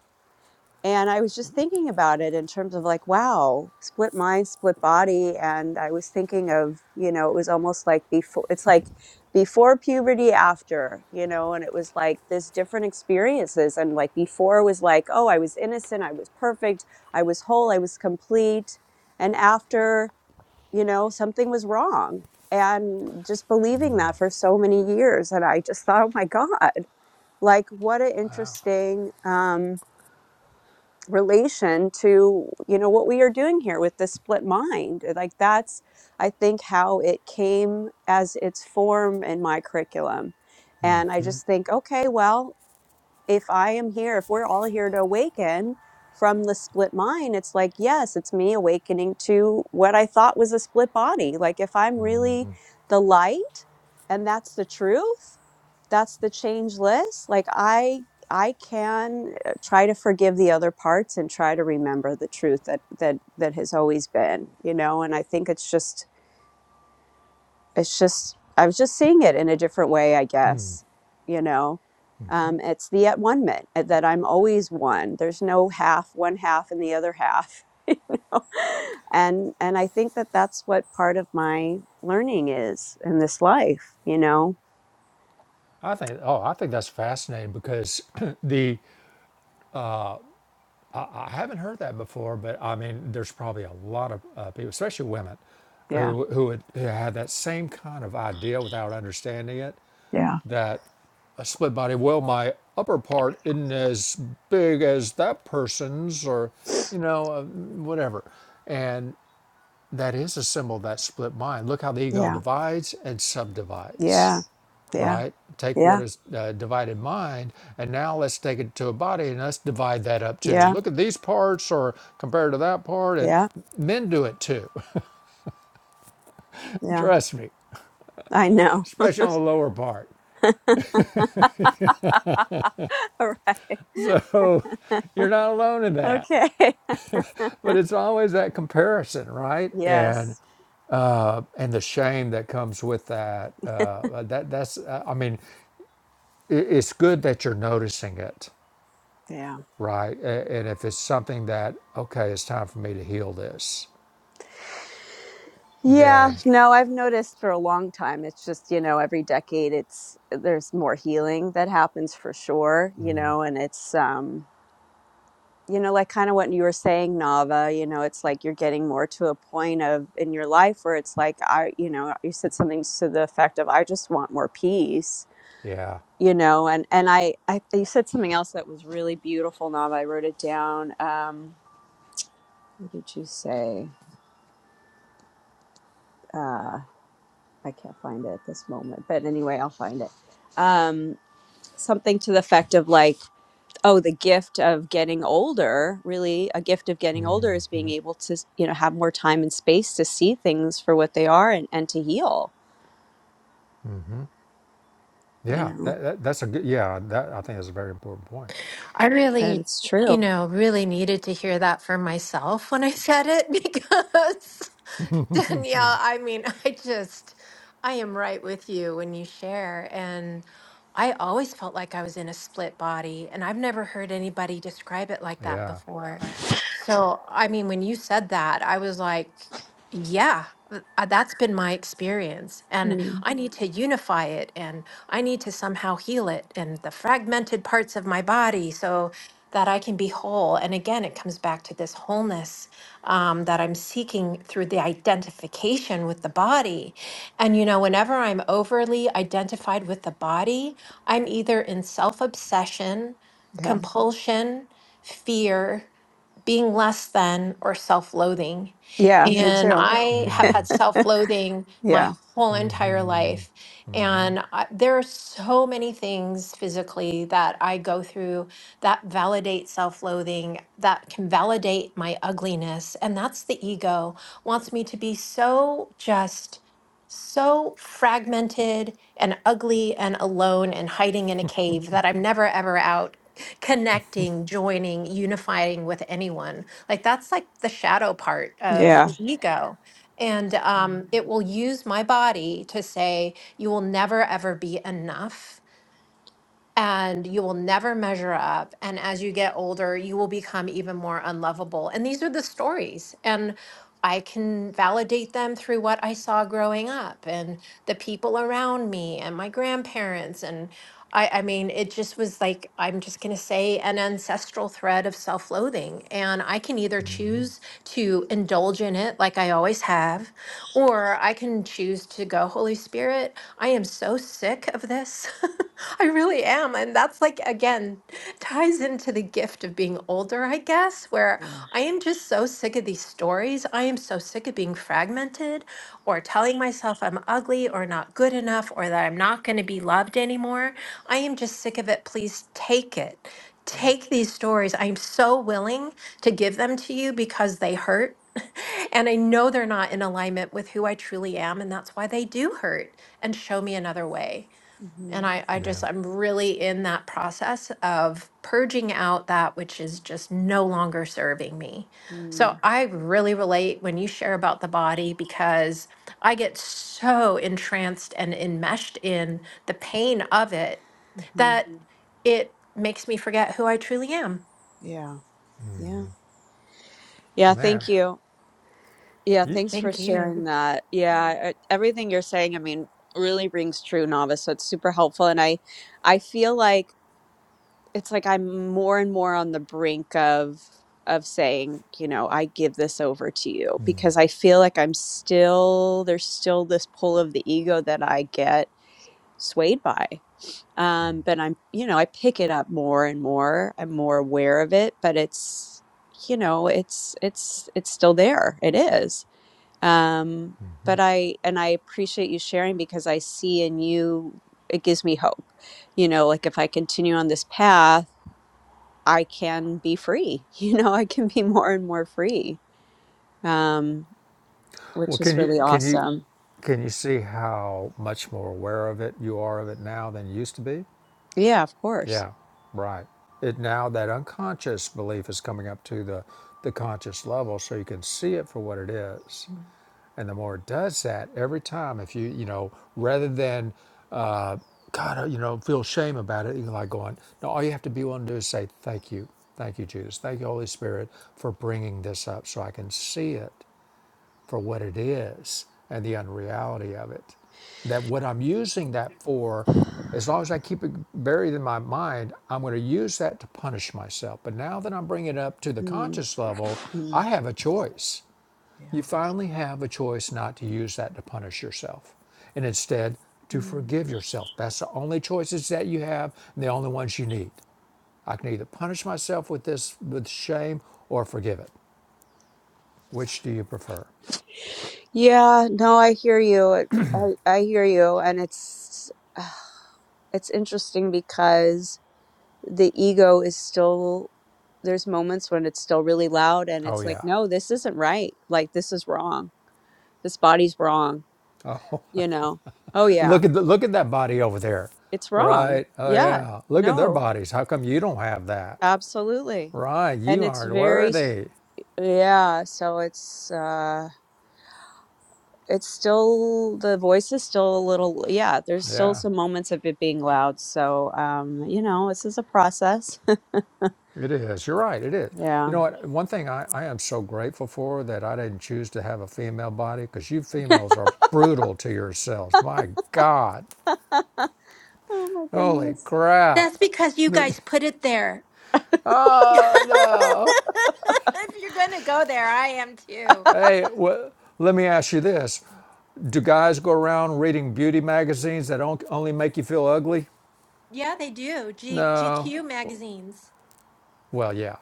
Speaker 3: and I was just thinking about it in terms of like, wow, split mind, split body. And I was thinking of, you know, it was almost like before, it's like before puberty, after, you know, and it was like this different experiences. And like before was like, oh, I was innocent, I was perfect, I was whole, I was complete. And after, you know, something was wrong. And just believing that for so many years. And I just thought, oh my God, like what an
Speaker 1: wow.
Speaker 3: interesting, um, relation to you know what we are doing here with the split mind uh, like that's i think how it came as its form in my curriculum and i just think okay well if I am here, if we're all here to awaken from the split mind, it's like, yes, it's me awakening to what I thought was a split body. Like, if I'm really the light and that's the truth, that's the changeless, like, I. I can uh, try to forgive the other parts and try to remember the truth that that that has always been, you know, and I think it's just it's just I was just seeing it in a different way, I guess. You know, um, it's the at one minute uh, that I'm always one. There's no half, one half, and the other half. and and I think that that's what part of my learning is in this life. You know,
Speaker 1: I think. Oh, I think that's fascinating because the I, I haven't heard that before, but I mean, there's probably a lot of uh, people, especially women,
Speaker 3: yeah,
Speaker 1: who who had, who had that same kind of idea without understanding it.
Speaker 3: yeah,
Speaker 1: That a split body. Well, my upper part isn't as big as that person's, or you know, uh, whatever. That is a symbol of that split mind. Look how the ego
Speaker 3: yeah,
Speaker 1: divides and subdivides,
Speaker 3: yeah, yeah,
Speaker 1: right? Take what
Speaker 3: yeah,
Speaker 1: is uh, divided mind, and now let's take it to a body and let's divide that up too.
Speaker 3: yeah,
Speaker 1: Look at these parts or compared to that part, and
Speaker 3: yeah,
Speaker 1: men do it too.
Speaker 3: yeah.
Speaker 1: Trust me,
Speaker 3: I know.
Speaker 1: especially on the lower part.
Speaker 3: All right.
Speaker 1: So you're not alone in that.
Speaker 3: Okay.
Speaker 1: But it's always that comparison, right? And
Speaker 3: yes.
Speaker 1: and the shame that comes with that. Uh, that that's. Uh, I mean, it, it's good that you're noticing it
Speaker 3: Yeah.
Speaker 1: right? And if it's something that, okay, it's time for me to heal this,
Speaker 3: Yeah,
Speaker 1: then
Speaker 3: no, I've noticed for a long time. It's just, you know, every decade it's uh, there's more healing that happens for sure, you know, and it's um, you know, like kind of what you were saying, Nava, you know, it's like you're getting more to a point of in your life where it's like I, you know, uh, you said something to the effect of I just want more peace,
Speaker 1: yeah,
Speaker 3: you know, and and I I you said something else that was really beautiful, Nava. I wrote it down. Um, what did you say? Uh, I can't find it at this moment, but anyway, I'll find it. Um, something to the effect of like, oh, the gift of getting older, really, a gift of getting older is being able to, you know, have more time and space to see things for what they are and, and to heal, you
Speaker 1: yeah,
Speaker 3: know,
Speaker 1: that, that, that's a good, yeah, that, I think that's a very important point.
Speaker 2: I
Speaker 3: and
Speaker 2: really,
Speaker 3: it's true.
Speaker 2: you know, really needed to hear that for myself when I said it because Danielle, I mean, I just, I am right with you when you share. And I always felt like I was in a split body, and I've never heard anybody describe it like that
Speaker 1: Yeah,
Speaker 2: before. So, I mean, when you said that, I was like, yeah, th- uh, that's been my experience. And
Speaker 3: Mm,
Speaker 2: I need to unify it and I need to somehow heal it and the fragmented parts of my body so that I can be whole. And again, it comes back to this wholeness um, that I'm seeking through the identification with the body. And, you know, whenever I'm overly identified with the body, I'm either in self obsession,
Speaker 3: yeah.
Speaker 2: compulsion, fear being less than or self-loathing
Speaker 3: Yeah.
Speaker 2: Yeah.
Speaker 3: Me
Speaker 2: and Yeah.
Speaker 3: too.
Speaker 2: i have had self-loathing my
Speaker 3: Yeah.
Speaker 2: whole entire life and I, there are so many things physically that i go through that validate self-loathing that can validate my ugliness and that's the ego wants me to be so just so fragmented and ugly and alone and hiding in a cave that i'm never ever out connecting, joining, unifying with anyone. Like that's like the shadow part of
Speaker 3: Yeah.
Speaker 2: the ego. And
Speaker 3: Yeah,
Speaker 2: um, it will use my body to say, you will never ever be enough and you will never measure up. And as you get older, you will become even more unlovable. And these are the stories. And I can validate them through what I saw growing up and the people around me and my grandparents. And I, I mean, it just was like, I'm just going to say an ancestral thread of self loathing. And I can either choose to indulge in it like I always have, or I can choose to go, Holy Spirit, I am so sick of this. I really am. And that's like, again, ties into the gift of being older, I guess, where
Speaker 3: yeah,
Speaker 2: I am just so sick of these stories. I am so sick of being fragmented or telling myself I'm ugly or not good enough or that I'm not going to be loved anymore. I am just sick of it. Please take it.
Speaker 3: yeah,
Speaker 2: Take these stories. I'm so willing to give them to you because they hurt. And I know they're not in alignment with who I truly am. And that's why they do hurt and show me another way. And I, I
Speaker 1: yeah,
Speaker 2: just, I'm really in that process of purging out that which is just no longer serving me.
Speaker 3: Mm-hmm.
Speaker 2: So I really relate when you share about the body because I get so entranced and enmeshed in the pain of it
Speaker 3: Mm-hmm.
Speaker 2: that it makes me forget who I truly am.
Speaker 3: yeah. Yeah. Yeah. Thank
Speaker 1: man.
Speaker 3: you. Yeah,
Speaker 1: You,
Speaker 3: thanks for sharing that. Yeah, e- everything you're saying, I mean, really rings true, novice. So it's super helpful. And I I feel like it's like I'm more and more on the brink of of saying, you know, I give this over to you because I feel like I'm still there's still this pull of the ego that I get swayed by. Um, but I'm, you know, I pick it up more and more. I'm more aware of it, but it's, you know, it's it's it's still there. It is um but i and i appreciate you sharing because i see in you it gives me hope you know like if i continue on this path i can be free you know i can be more and more free um
Speaker 1: well,
Speaker 3: which is
Speaker 1: can you,
Speaker 3: really
Speaker 1: can you,
Speaker 3: awesome
Speaker 1: can you see how much more aware of it you are of it now than you used to be?
Speaker 3: yeah of course
Speaker 1: Yeah, right. It now that unconscious belief is coming up to the, the conscious level so you can see it for what it is
Speaker 2: Mm.
Speaker 1: And the more it does that, every time, if you, you know, rather than, uh, God, uh, you know, feel shame about it, you're like going, no, all you have to be willing to do is say, thank you. Thank you, Jesus. Thank you, Holy Spirit, for bringing this up so I can see it for what it is and the unreality of it. That what I'm using that for, as long as I keep it buried in my mind, I'm going to use that to punish myself. But now that I'm bringing it up to the
Speaker 3: Mm,
Speaker 1: conscious level, I
Speaker 3: mm,
Speaker 1: have a choice. You
Speaker 3: yeah
Speaker 1: finally have a choice not to use that to punish yourself and instead to
Speaker 3: Mm.
Speaker 1: forgive yourself. That's the only choices that you have and the only ones you need. I can either punish myself with this with shame or forgive it. Which do you prefer?
Speaker 3: yeah no i hear you It- i i hear you and it's it's interesting because the ego is still there's moments when it's still really loud and
Speaker 1: Oh
Speaker 3: it's like
Speaker 1: yeah.
Speaker 3: no this isn't right like this is wrong this body's wrong you know oh yeah
Speaker 1: Look at the, look at that body over there.
Speaker 3: it's wrong
Speaker 1: Right. Oh
Speaker 3: yeah
Speaker 1: yeah. Look at their
Speaker 3: no
Speaker 1: bodies. How come you don't have that?
Speaker 3: absolutely
Speaker 1: Right.
Speaker 3: and
Speaker 1: You
Speaker 3: it's
Speaker 1: aren't
Speaker 3: very s-
Speaker 1: worthy.
Speaker 3: yeah so it's uh it's still the voice is still a little yeah there's still
Speaker 1: Yeah.
Speaker 3: some moments of it being loud so um you know this is a process
Speaker 1: It is. You're right. It is. You
Speaker 3: yeah
Speaker 1: know what? One thing I, I am so grateful for that I didn't choose to have a female body because you females are brutal to yourselves. My God.
Speaker 3: oh my
Speaker 1: Holy
Speaker 3: goodness
Speaker 2: That's
Speaker 1: crap.
Speaker 2: because you
Speaker 1: They're,
Speaker 2: guys put it there. if
Speaker 1: oh, no.
Speaker 2: you're going to go there, I am too.
Speaker 1: Hey, well, let me ask you this. Do guys go around reading beauty magazines that don't only make you feel ugly?
Speaker 2: Yeah, they do. G-
Speaker 1: No.
Speaker 2: GQ magazines.
Speaker 1: Well, yeah.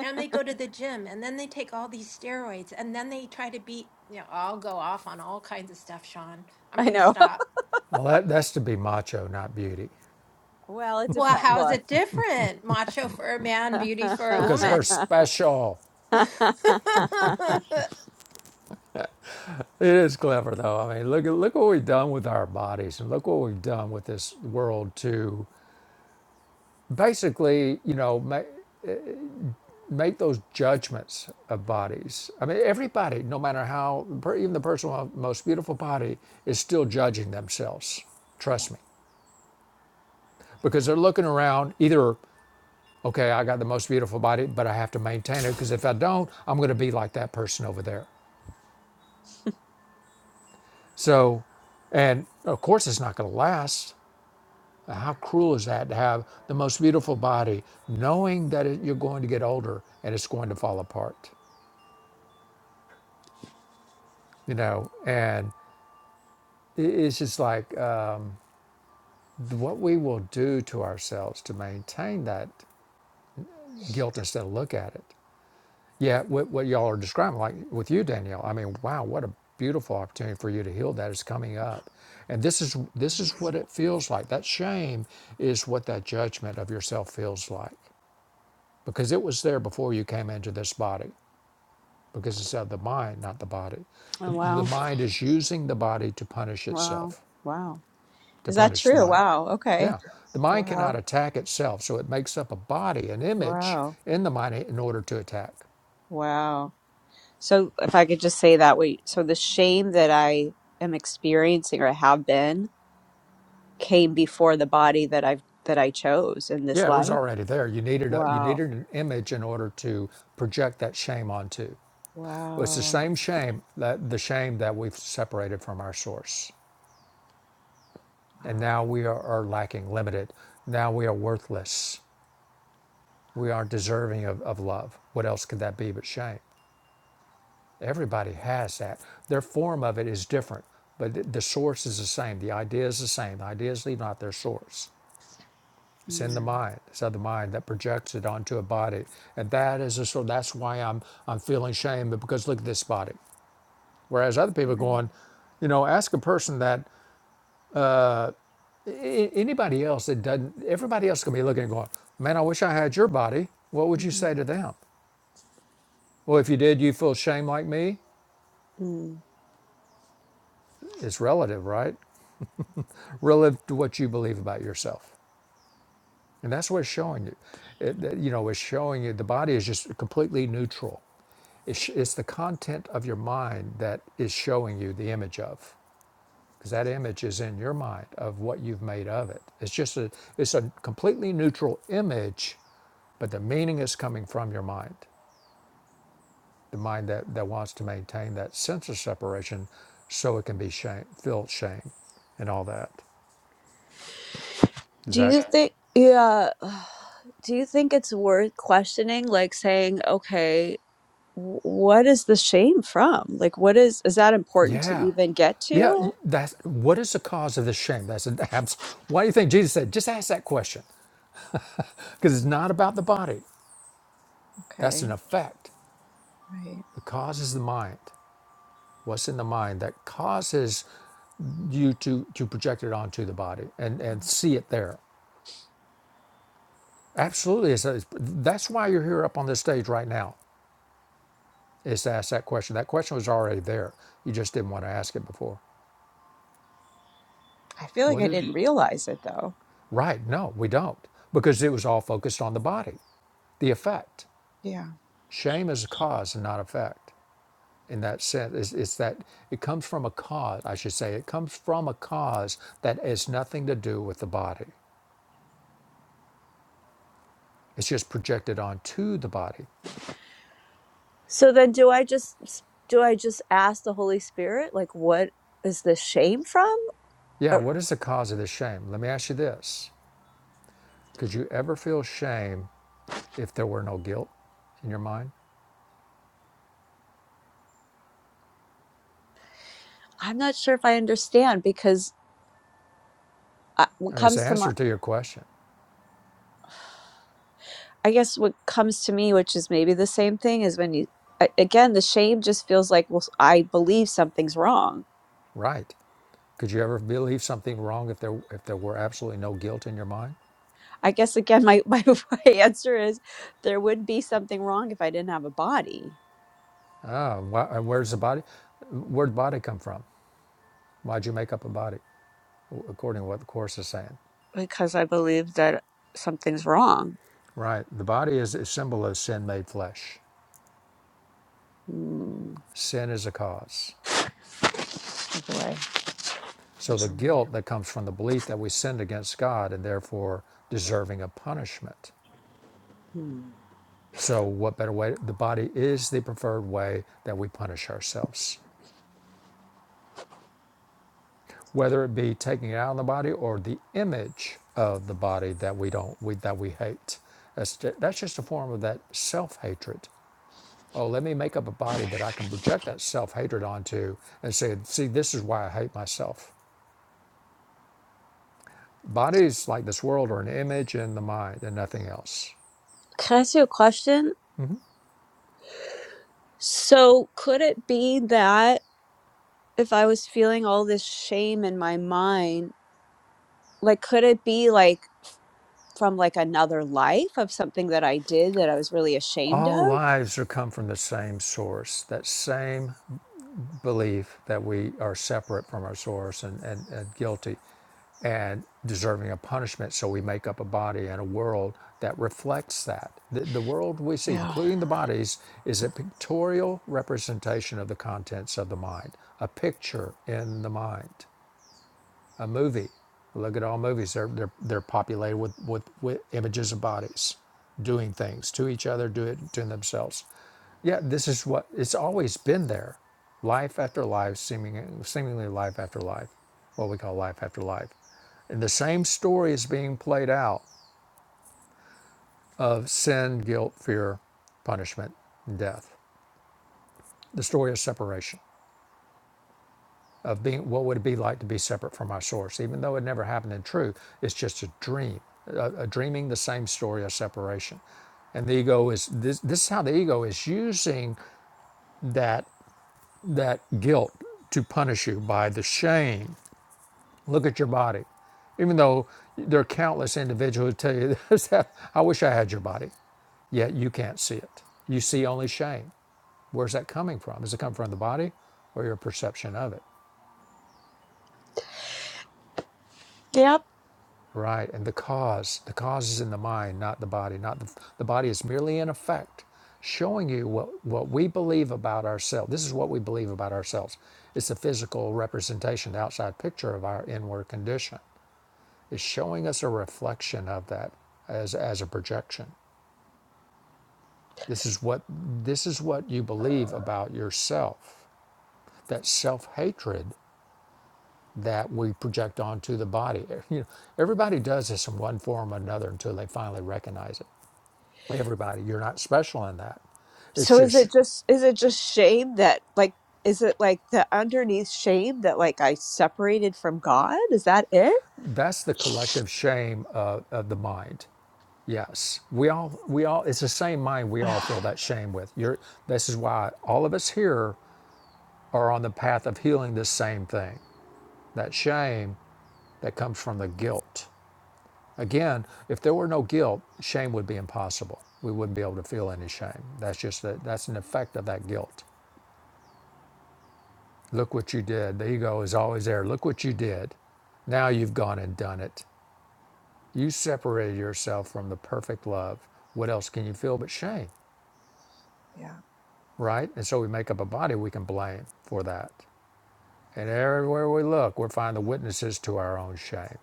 Speaker 2: And they go to the gym and then they take all these steroids and then they try to beat, you know, I'll go off on all kinds of stuff, Sean. I'm
Speaker 3: i
Speaker 2: going to
Speaker 3: know
Speaker 2: stop.
Speaker 1: Well, that, that's to be macho, not beauty,
Speaker 3: well it
Speaker 2: Well,
Speaker 3: depends
Speaker 2: how is
Speaker 3: look
Speaker 2: it different? Macho for a man, beauty for a
Speaker 3: yeah.
Speaker 1: because we're
Speaker 2: woman.
Speaker 1: special. It is clever, though. I mean, look at look what we've done with our bodies, and look what we've done with this world to basically, you know, make make those judgments of bodies. I mean, everybody, no matter how per- even the person with the most beautiful body is still judging themselves. Trust me, because
Speaker 3: Yeah.
Speaker 1: they're looking around. Either okay, I got the most beautiful body, but I have to maintain it because if I don't, I'm going to be like that person over there. So, and of course, it's not going to last How cruel is that to have the most beautiful body, knowing that it, you're going to get older and it's going to fall apart? You know, and i- it's just like uh, what we will do to ourselves to maintain that guilt instead of look at it. Yeah, what, what y'all are describing, like with you, Danielle. I mean, wow, what a beautiful opportunity for you to heal that is coming up, and this is this is what it feels like. That shame is what that judgment of yourself feels like because it was there before you came into this body. because it's of the mind, not the body.
Speaker 3: Oh,
Speaker 1: The, the
Speaker 3: wow.
Speaker 1: mind is using the body to punish
Speaker 3: Wow.
Speaker 1: itself,
Speaker 3: Wow.
Speaker 1: to
Speaker 3: Is that
Speaker 1: punish the
Speaker 3: true?
Speaker 1: mind.
Speaker 3: Wow. Okay.
Speaker 1: Yeah, the mind cannot
Speaker 3: Wow.
Speaker 1: attack itself, so it makes up a body, an image
Speaker 3: Wow.
Speaker 1: in the mind in order to attack.
Speaker 3: Wow. So if I could just say that wait, so the shame that I am experiencing or have been came before the body that I've that I chose in this
Speaker 1: Yeah, it was
Speaker 3: life.
Speaker 1: already there. You needed a, you
Speaker 3: Wow.
Speaker 1: needed an image in order to project that shame onto. Well, it's the
Speaker 3: Wow.
Speaker 1: same shame that the shame that we've separated from our source, and now we are, are lacking, limited. Now we are worthless. We aren't deserving of, of love. What else could that be but shame? Everybody has that. Their form of it is different, but the source is the same. The idea is the same. The idea is leaving their source. It's in the
Speaker 3: Mm.
Speaker 1: mind. It's of the mind that projects it onto a body, and that is a sort. That's why I'm I'm feeling shame because look at this body. Whereas other people are going, you know, ask a person that a- anybody else that doesn't. Everybody else can be looking and going, man, I wish I had your body. What would you say to them? Well, if you did, you feel shame like me.
Speaker 3: Mm.
Speaker 1: It's relative, right? Relative to what you believe about yourself. And that's what it's showing you. It, that, you know, it's showing you the body is just completely neutral. It's, it's the content of your mind that is showing you the image of, because that image is in your mind of what you've made of it. It's just a, it's a completely neutral image, but the meaning is coming from your mind, the mind that, that wants to maintain that sense of separation so it can be shame, feel shame and all that. Is
Speaker 3: Do
Speaker 1: that?
Speaker 3: you think, yeah, do you think it's worth questioning? Like saying, okay. what is the shame from? Like, what is, is that important to
Speaker 1: Yeah.
Speaker 3: even get
Speaker 1: Yeah.
Speaker 3: to?
Speaker 1: That's what is the cause of this shame? That's an abs- why do you think Jesus said, just ask that question? Because it's not about the body. That's
Speaker 3: Okay,
Speaker 1: an effect.
Speaker 3: right.
Speaker 1: The cause is the mind. What's in the mind that causes you to to project it onto the body and, and see it there. Absolutely. It's, it's, that's why you're here up on this stage right now, is to ask that question. That question was already there. You just didn't want to ask it before.
Speaker 3: I feel like
Speaker 1: What
Speaker 3: I
Speaker 1: did
Speaker 3: didn't realize it though.
Speaker 1: right? No, we don't. Because it was all focused on the body, the effect.
Speaker 3: Yeah.
Speaker 1: Shame is a cause and not effect. In that sense, it's, it's that it comes from a cause. I should say it comes from a cause that has nothing to do with the body. It's just projected onto the body.
Speaker 3: So then do I just, do I just ask the Holy Spirit, like, what is the shame from?
Speaker 1: Yeah.
Speaker 3: Or,
Speaker 1: What is the cause of this shame? Let me ask you this: Could you ever feel shame if there were no guilt in your mind?
Speaker 3: I'm not sure if I understand because I,
Speaker 1: I
Speaker 3: what
Speaker 1: mean, it's the
Speaker 3: comes to my,
Speaker 1: answer to your question,
Speaker 3: I guess what comes to me, which is maybe the same thing, is when you, a- again, the shame just feels like, well, I believe something's wrong.
Speaker 1: right? Could you ever believe something wrong if there if there were absolutely no guilt in your mind?
Speaker 3: I guess again, my, my answer is there would be something wrong if I didn't have a body
Speaker 1: Ah, wh- and where's the body? Where'd body come from? Why'd you make up a body? according to what the Course is saying.
Speaker 3: because I believe that something's wrong.
Speaker 1: Right. The body is a symbol of sin made flesh.
Speaker 3: Hmm.
Speaker 1: Sin is a cause.
Speaker 3: boy.
Speaker 1: So the guilt that comes from the belief that we sinned against God and therefore deserving of punishment.
Speaker 3: Hmm.
Speaker 1: So, what better way? The body is the preferred way that we punish ourselves, whether it be taking it out of the body or the image of the body that we don't we, that we hate. That's, that's just a form of that self hatred Oh, let me make up a body that I can project that self hatred onto and say, see, this is why I hate myself. Bodies like this world are an image in the mind and nothing else.
Speaker 3: Can I ask you a question? So, could it be that if I was feeling all this shame in my mind, like, could it be like from like another life of something that I did that I was really ashamed
Speaker 1: All
Speaker 3: of?
Speaker 1: lives are come from the same source, that same belief that we are separate from our source and, and, and guilty and deserving of punishment. So we make up a body and a world that reflects that. The, the world we see,
Speaker 3: Yeah.
Speaker 1: including the bodies, is a pictorial representation of the contents of the mind, a picture in the mind, a movie. Look at all movies, they're, they're, they're populated with, with, with images of bodies doing things to each other, do it to themselves. Yeah, this is what it's always been there. Life after life, seeming, seemingly life after life, what we call life after life. And the same story is being played out of sin, guilt, fear, punishment, and death. The story of separation, of being what would it be like to be separate from our source, even though it never happened in truth, it's just a dream, a, a dreaming the same story of separation. And the ego is this this is how the ego is using that that guilt to punish you by the shame Look at your body. Even though there are countless individuals who tell you this, I wish I had your body. Yet you can't see it. You see only shame. Where's that coming from? Does it come from the body or your perception of it?
Speaker 3: Yep.
Speaker 1: Right. And the cause, the cause is in the mind, not the body. Not the, the body is merely an effect showing you what, what we believe about ourselves. This is what we believe about ourselves. It's the physical representation, the outside picture of our inward condition. is showing us a reflection of that as, as a projection. This is what this is what you believe about yourself. That self-hatred that we project onto the body. You know, everybody does this in one form or another until they finally recognize it. Everybody, you're not special in that. It's
Speaker 3: So is
Speaker 1: just
Speaker 3: it just is it just shame that like is it like the underneath shame that like I separated from God? Is that it?
Speaker 1: that's the collective shame of, of the mind. Yes, we all we all it's the same mind we all feel that shame with. You're this is why all of us here are on the path of healing this same thing that shame that comes from the guilt. Again, if there were no guilt, shame would be impossible. We wouldn't be able to feel any shame. That's just that. that's an effect of that guilt. Look what you did. The ego is always there. Look what you did. Now you've gone and done it. You separated yourself from the perfect love. What else can you feel but shame,
Speaker 3: yeah.
Speaker 1: right? And so we make up a body we can blame for that. And everywhere we look, we're finding the witnesses to our own shame.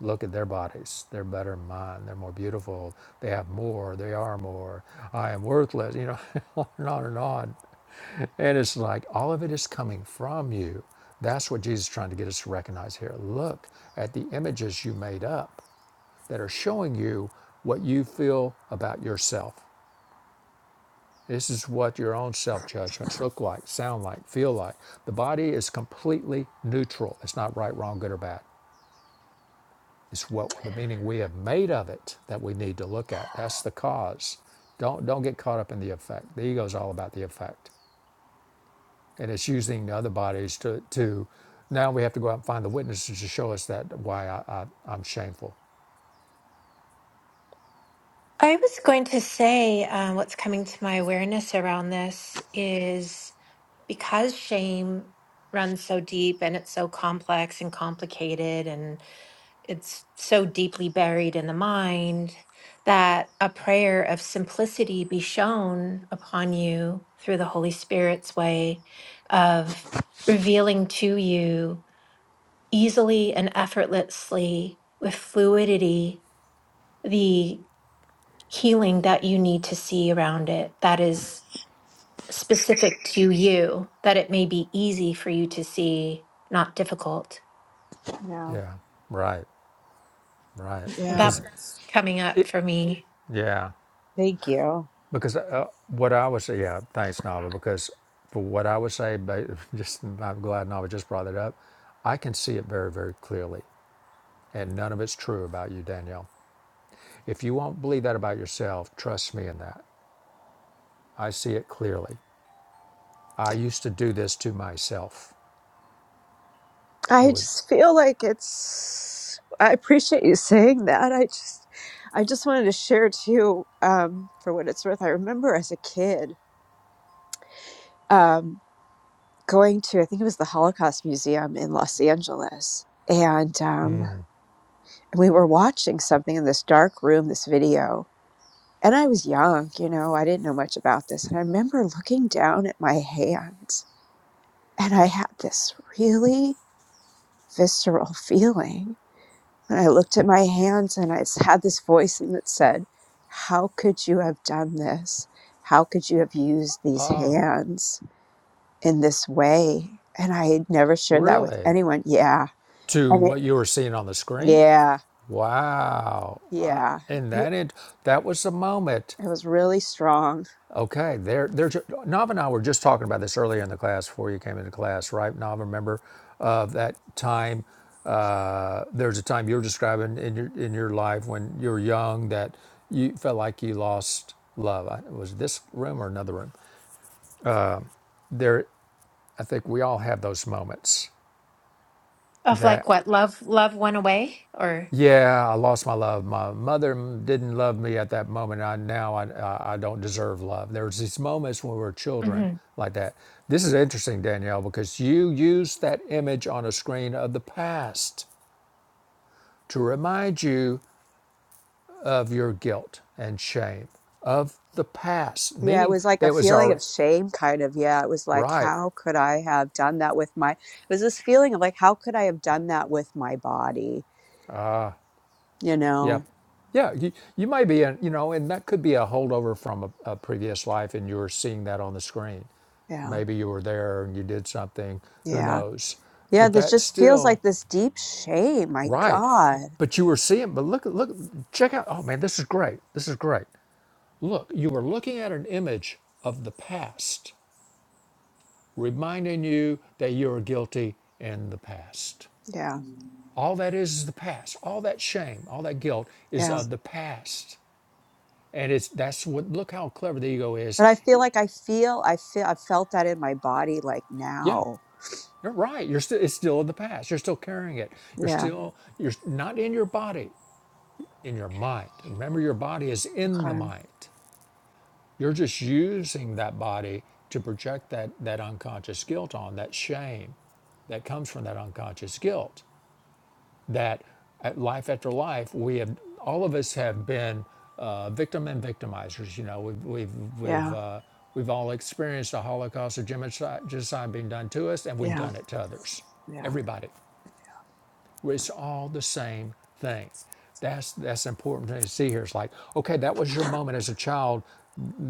Speaker 1: Look at their bodies. They're better than mine. They're more beautiful. They have more. They are more. I am worthless, you know, on and on and on. And it's like all of it is coming from you. That's what Jesus is trying to get us to recognize here. Look at the images you made up that are showing you what you feel about yourself. This is what your own self judgments look like, sound like, feel like. The body is completely neutral. It's not right, wrong, good, or bad. It's what the meaning we have made of it that we need to look at. That's the cause. Don't don't get caught up in the effect. The ego is all about the effect, and it's using the other bodies to to. Now we have to go out and find the witnesses to show us that why I, I I'm shameful.
Speaker 2: I was going to say um, what's coming to my awareness around this is. because shame runs so deep and it's so complex and complicated and it's so deeply buried in the mind that a prayer of simplicity be shown upon you through the Holy Spirit's way of revealing to you easily and effortlessly with fluidity the healing that you need to see around it that is specific to you that it may be easy for you to see, not difficult.
Speaker 3: yeah.
Speaker 1: Yeah, right, right.
Speaker 3: Yeah.
Speaker 1: Because
Speaker 2: That's coming up
Speaker 1: it.
Speaker 2: for me
Speaker 1: Yeah,
Speaker 3: Thank you.
Speaker 1: because uh, what I would say. Yeah, thanks, Nava. Because for what I would say, ba- just I'm glad Nava just brought it up. I can see it very very clearly, and none of it's true about you, Danielle. If you won't believe that about yourself, trust me in that. I see it clearly. I used to do this to myself. It
Speaker 3: I
Speaker 1: was
Speaker 3: just feel like it's I appreciate you saying that. I just I just wanted to share too, um, for what it's worth. I remember as a kid, um, going to I think it was the Holocaust Museum in Los Angeles. And um we were watching something in this dark room, this video, And I was young, you know, I didn't know much about this. And I remember looking down at my hands and I had this really visceral feeling when I looked at my hands and I had this voice and that said, How could you have done this? How could you have used these hands in this way? And I had never shared that with
Speaker 1: really
Speaker 3: anyone. Yeah.
Speaker 1: to
Speaker 3: And it,
Speaker 1: what you were seeing on the screen.
Speaker 3: yeah,
Speaker 1: Wow!
Speaker 3: yeah.
Speaker 1: And
Speaker 3: It,
Speaker 1: that it, that was the moment.
Speaker 3: it was really strong
Speaker 1: Okay, there, there. Nav and I were just talking about this earlier in the class before you came into class, right? Nav, remember uh, that time uh, there's a time you're describing in your in your life when you were young that you felt like you lost love. I, was this room or another room? there i think we all have those moments
Speaker 2: of
Speaker 1: that
Speaker 2: like what love love went away or
Speaker 1: yeah i lost my love my mother didn't love me at that moment i now i, I I don't deserve love there's these moments when we were children
Speaker 2: Mhm.
Speaker 1: like that this is interesting danielle because you used that image on a screen of the past to remind you of your guilt and shame of the past
Speaker 3: Yeah, it
Speaker 1: meaning
Speaker 3: was like a
Speaker 1: that was
Speaker 3: feeling
Speaker 1: our
Speaker 3: of shame, kind of. Yeah, it was like,
Speaker 1: right
Speaker 3: how could I have done that with my, it was this feeling of like, how could I have done that with my body? You
Speaker 1: Yep.
Speaker 3: know?
Speaker 1: Yeah, you, you might be in, you know, and that could be a holdover from a, a previous life and you're seeing that on the screen.
Speaker 3: Yeah.
Speaker 1: Maybe you were there and you did something, who
Speaker 3: Yeah.
Speaker 1: knows?
Speaker 3: Yeah.
Speaker 1: But
Speaker 3: This
Speaker 1: that's
Speaker 3: just feels
Speaker 1: still
Speaker 3: like this deep shame. My
Speaker 1: right.
Speaker 3: God.
Speaker 1: But you were seeing, but look, look, check out, oh man, this is great. This is great. Look, you were looking at an image of the past, reminding you that you are guilty in the past.
Speaker 3: Yeah.
Speaker 1: All that is is the past. All that shame, all that guilt is
Speaker 3: Yeah.
Speaker 1: of the past And it's that's what look how clever the ego is.
Speaker 3: But I feel like I feel, I feel, I've felt that in my body like
Speaker 1: Yeah,
Speaker 3: now.
Speaker 1: you're right. You're still it's still in the past. You're still carrying it. You're
Speaker 3: Yeah.
Speaker 1: still you're not in your body, in your mind. Remember your body is in the
Speaker 3: Okay.
Speaker 1: mind. You're just using that body to project that that unconscious guilt on, that shame that comes from that unconscious guilt. that at life after life, we have all of us have been uh, victim and victimizers. You know, we've we've we've
Speaker 3: Yeah.
Speaker 1: uh, we've all experienced a Holocaust or genocide genocide being done to us, and we've
Speaker 3: Yeah.
Speaker 1: done it to others.
Speaker 3: Yeah.
Speaker 1: Everybody. It's all the same thing. That's that's important to see here. It's like, okay, that was your moment as a child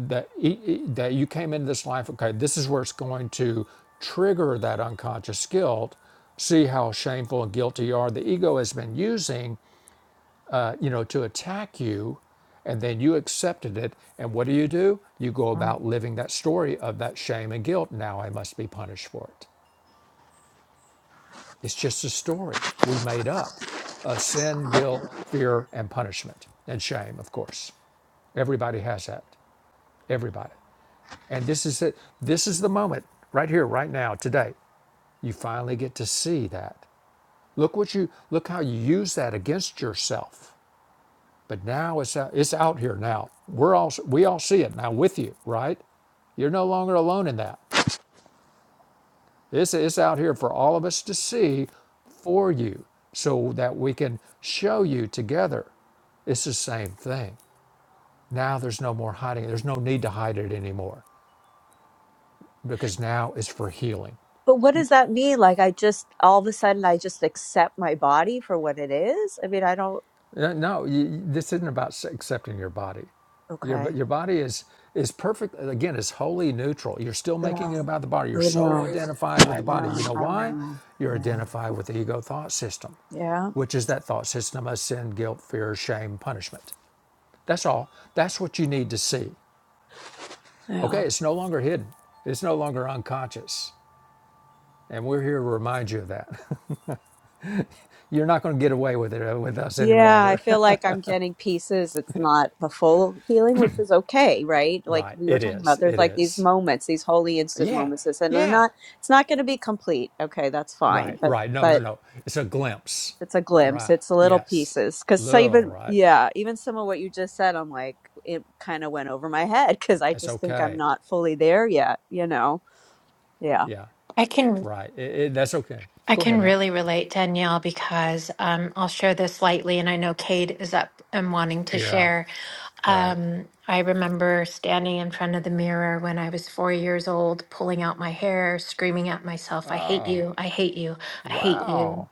Speaker 1: that e- e- that you came into this life. Okay, this is where it's going to trigger that unconscious guilt. See how shameful and guilty you are. The ego has been using, uh, you know, to attack you, and then you accepted it. And what do you do? You go about living that story of that shame and guilt. Now I must be punished for it. It's just a story we made up of sin, guilt, fear, and punishment, and shame, of course. Everybody has that. Everybody. And this is it. This is the moment, right here, right now, today. You finally get to see that. Look what you look how you use that against yourself. But now it's out, it's out here now. We're all we all see it now with you, right? You're no longer alone in that. This is out here for all of us to see for you so that we can show you together. It's the same thing. Now there's no more hiding. There's no need to hide it anymore because now it's for healing.
Speaker 3: But what does that mean? Like, I just, all of a sudden, I just accept my body for what it is? I mean, I don't,
Speaker 1: No, no, you- this isn't about accepting your body. Your,
Speaker 3: okay.
Speaker 1: your body is is perfect. Again, it's wholly neutral. You're still making it
Speaker 3: Yeah.
Speaker 1: about the body.
Speaker 3: I
Speaker 1: You're so
Speaker 3: know.
Speaker 1: identified with
Speaker 3: I
Speaker 1: the body.
Speaker 3: know.
Speaker 1: You know
Speaker 3: I
Speaker 1: why?
Speaker 3: know.
Speaker 1: You're
Speaker 3: Yeah.
Speaker 1: identified with the ego thought system,
Speaker 3: Yeah.
Speaker 1: which is that thought system of sin, guilt, fear, shame, punishment That's all. That's what you need to see. Okay,
Speaker 3: Yeah.
Speaker 1: it's no longer hidden. It's no longer unconscious. And we're here to remind you of that. You're not going to get away with it uh, with us any
Speaker 3: Yeah, I
Speaker 1: longer.
Speaker 3: feel like I'm getting pieces. It's not the full healing, which is okay, right? Like
Speaker 1: right.
Speaker 3: we were
Speaker 1: It
Speaker 3: talking
Speaker 1: is.
Speaker 3: about, there's
Speaker 1: It
Speaker 3: like these
Speaker 1: is.
Speaker 3: moments, these holy instant
Speaker 1: Yeah.
Speaker 3: moments, this- and they're
Speaker 1: Yeah.
Speaker 3: not, it's not going to be complete. Okay, that's
Speaker 1: Right.
Speaker 3: fine. But,
Speaker 1: Right. No, no,
Speaker 3: but
Speaker 1: no. It's a glimpse.
Speaker 3: it's a glimpse,
Speaker 1: Right.
Speaker 3: it's little
Speaker 1: Yes.
Speaker 3: pieces. Cause so
Speaker 1: Little,
Speaker 3: even,
Speaker 1: right?
Speaker 3: yeah, even some of what you just said, I'm like, it kind of went over my head because I
Speaker 1: That's
Speaker 3: just think I'm
Speaker 1: okay.
Speaker 3: not fully there yet, you know? Yeah.
Speaker 1: Yeah.
Speaker 2: I can
Speaker 1: Right. It, it, that's okay.
Speaker 2: I
Speaker 1: Go ahead,
Speaker 2: can
Speaker 1: no.
Speaker 2: really relate Danielle because um, I'll share this lightly and I know Cade is up and wanting to
Speaker 1: Yeah.
Speaker 2: share.
Speaker 1: Right.
Speaker 2: Um, I remember standing in front of the mirror when I was four years old, pulling out my hair, screaming at myself, I hate you, I hate you, I hate
Speaker 1: Wow.
Speaker 2: you.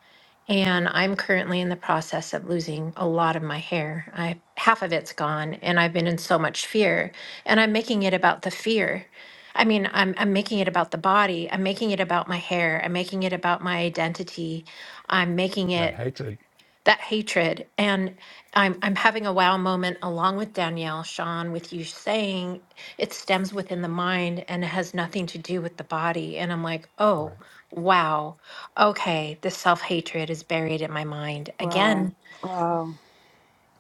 Speaker 2: And I'm currently in the process of losing a lot of my hair. I, half of it's gone, and I've been in so much fear. And I'm making it about the fear. I mean, I'm, I'm making it about the body. I'm making it about my hair. I'm making it about my identity. I'm making
Speaker 1: That
Speaker 2: it
Speaker 1: hatred.
Speaker 2: that hatred. And I'm I'm having a wow moment along with Danielle, Sean, with you saying it stems within the mind and it has nothing to do with the body. And I'm like,
Speaker 1: Right.
Speaker 2: oh wow, okay, this self hatred is buried in my mind again
Speaker 3: Wow. Wow.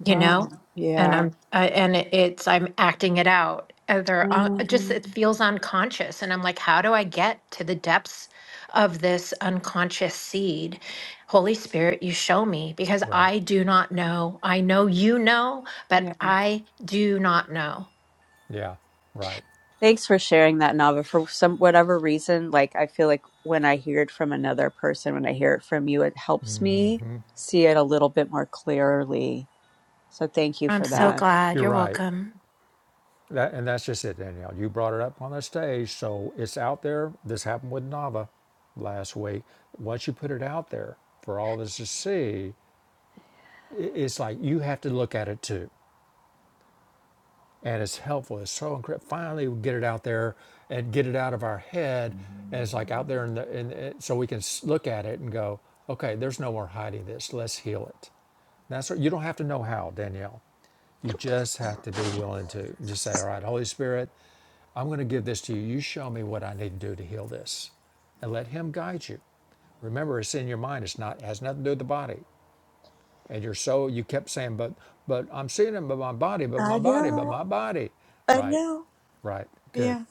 Speaker 2: you know
Speaker 3: Wow.
Speaker 2: and
Speaker 3: Yeah.
Speaker 2: i'm I, and it- it's i'm acting it out either uh, just
Speaker 3: Mm,
Speaker 2: it feels unconscious and i'm like how do i get to the depths of this unconscious seed holy spirit you show me because
Speaker 1: Right.
Speaker 2: i do not know i know you know but
Speaker 3: yeah.
Speaker 2: i do not know
Speaker 1: Yeah. Right.
Speaker 3: Thanks for sharing that, Nava. For some whatever reason, like I feel like when I hear it from another person, when I hear it from you, it helps me see it a little bit more clearly. So thank you
Speaker 2: i'm
Speaker 3: for
Speaker 1: You're
Speaker 2: so
Speaker 3: that.
Speaker 2: glad
Speaker 1: you're
Speaker 2: you're
Speaker 1: right.
Speaker 2: welcome
Speaker 1: That and that's just it, Danielle. You brought it up on the stage, so it's out there. This happened with Nava last week. Once you put it out there for all of us to see, i- it's like you have to look at it too, and it's helpful. It's so incredible. Finally, we get it out there and get it out of our head, and it's like out there in the in, in so we can s- look at it and go, okay, there's no more hiding this. Let's heal it. That's what, you don't have to know how, Danielle. You just have to be willing to just say, all right, Holy Spirit. I'm going to give this to you. You show me what I need to do to heal this. And let him guide you. Remember, it's in your mind. It's not it has nothing to do with the body. And your soul, you kept saying, but but I'm seeing him, but my body, but my
Speaker 3: I
Speaker 1: body, but
Speaker 3: know.
Speaker 1: my body.
Speaker 3: I
Speaker 1: Right,
Speaker 3: know.
Speaker 1: right, good.
Speaker 3: Yeah.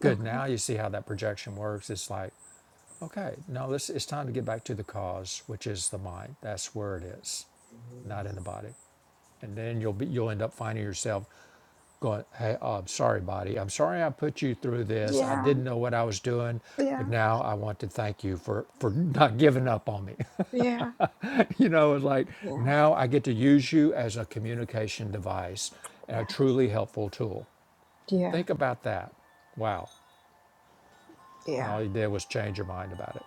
Speaker 1: Good.
Speaker 3: Okay.
Speaker 1: Now you see how that projection works. It's like, okay, no, this it's time to get back to the cause, which is the mind. That's where it is, not in the body and then you'll be you'll end up finding yourself going hey oh, i'm sorry body i'm sorry i put you through this i
Speaker 3: Yeah.
Speaker 1: didn't know what i was doing but
Speaker 3: Yeah.
Speaker 1: now i want to thank you for for not giving up on me
Speaker 3: Yeah.
Speaker 1: you know it's like
Speaker 3: Yeah.
Speaker 1: now i get to use you as a communication device and a
Speaker 3: Yeah.
Speaker 1: truly helpful tool
Speaker 3: Yeah.
Speaker 1: think about that wow and
Speaker 3: Yeah.
Speaker 1: all you did was change your mind about it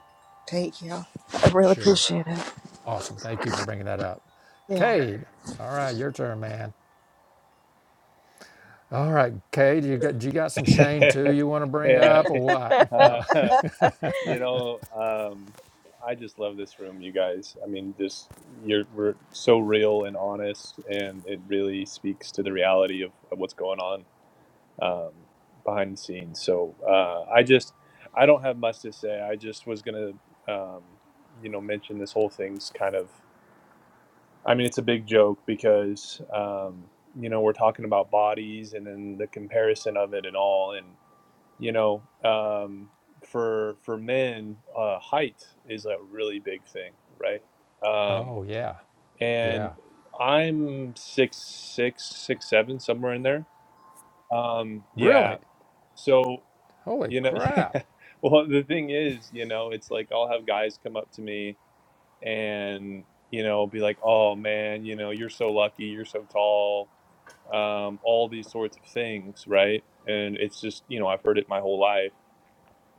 Speaker 3: Thank you. I really
Speaker 1: sure
Speaker 3: appreciate it.
Speaker 1: awesome thank you for bringing that up
Speaker 3: Yeah.
Speaker 1: cade all right your turn man All right, Cade, you got you got some shame too you want to bring
Speaker 4: Yeah.
Speaker 1: up or what? No.
Speaker 4: Uh, you know, um, I just love this room, you guys. I mean, just you're we're so real and honest, and it really speaks to the reality of, of what's going on um, behind the scenes. So uh, I just I don't have much to say. I just was gonna, um, you know, mention this whole thing's kind of. I mean, it's a big joke because um, you know we're talking about bodies and then the comparison of it and all, you know um, for for men uh, height is a really big thing right um,
Speaker 1: Oh yeah,
Speaker 4: and
Speaker 1: yeah.
Speaker 4: i'm six six six seven somewhere in there um,
Speaker 1: Really?
Speaker 4: yeah so
Speaker 1: Holy
Speaker 4: you know
Speaker 1: crap!
Speaker 4: yeah well the thing is you know it's like i'll have guys come up to me and you know be like oh man you know you're so lucky you're so tall um, all these sorts of things right and it's just you know i've heard it my whole life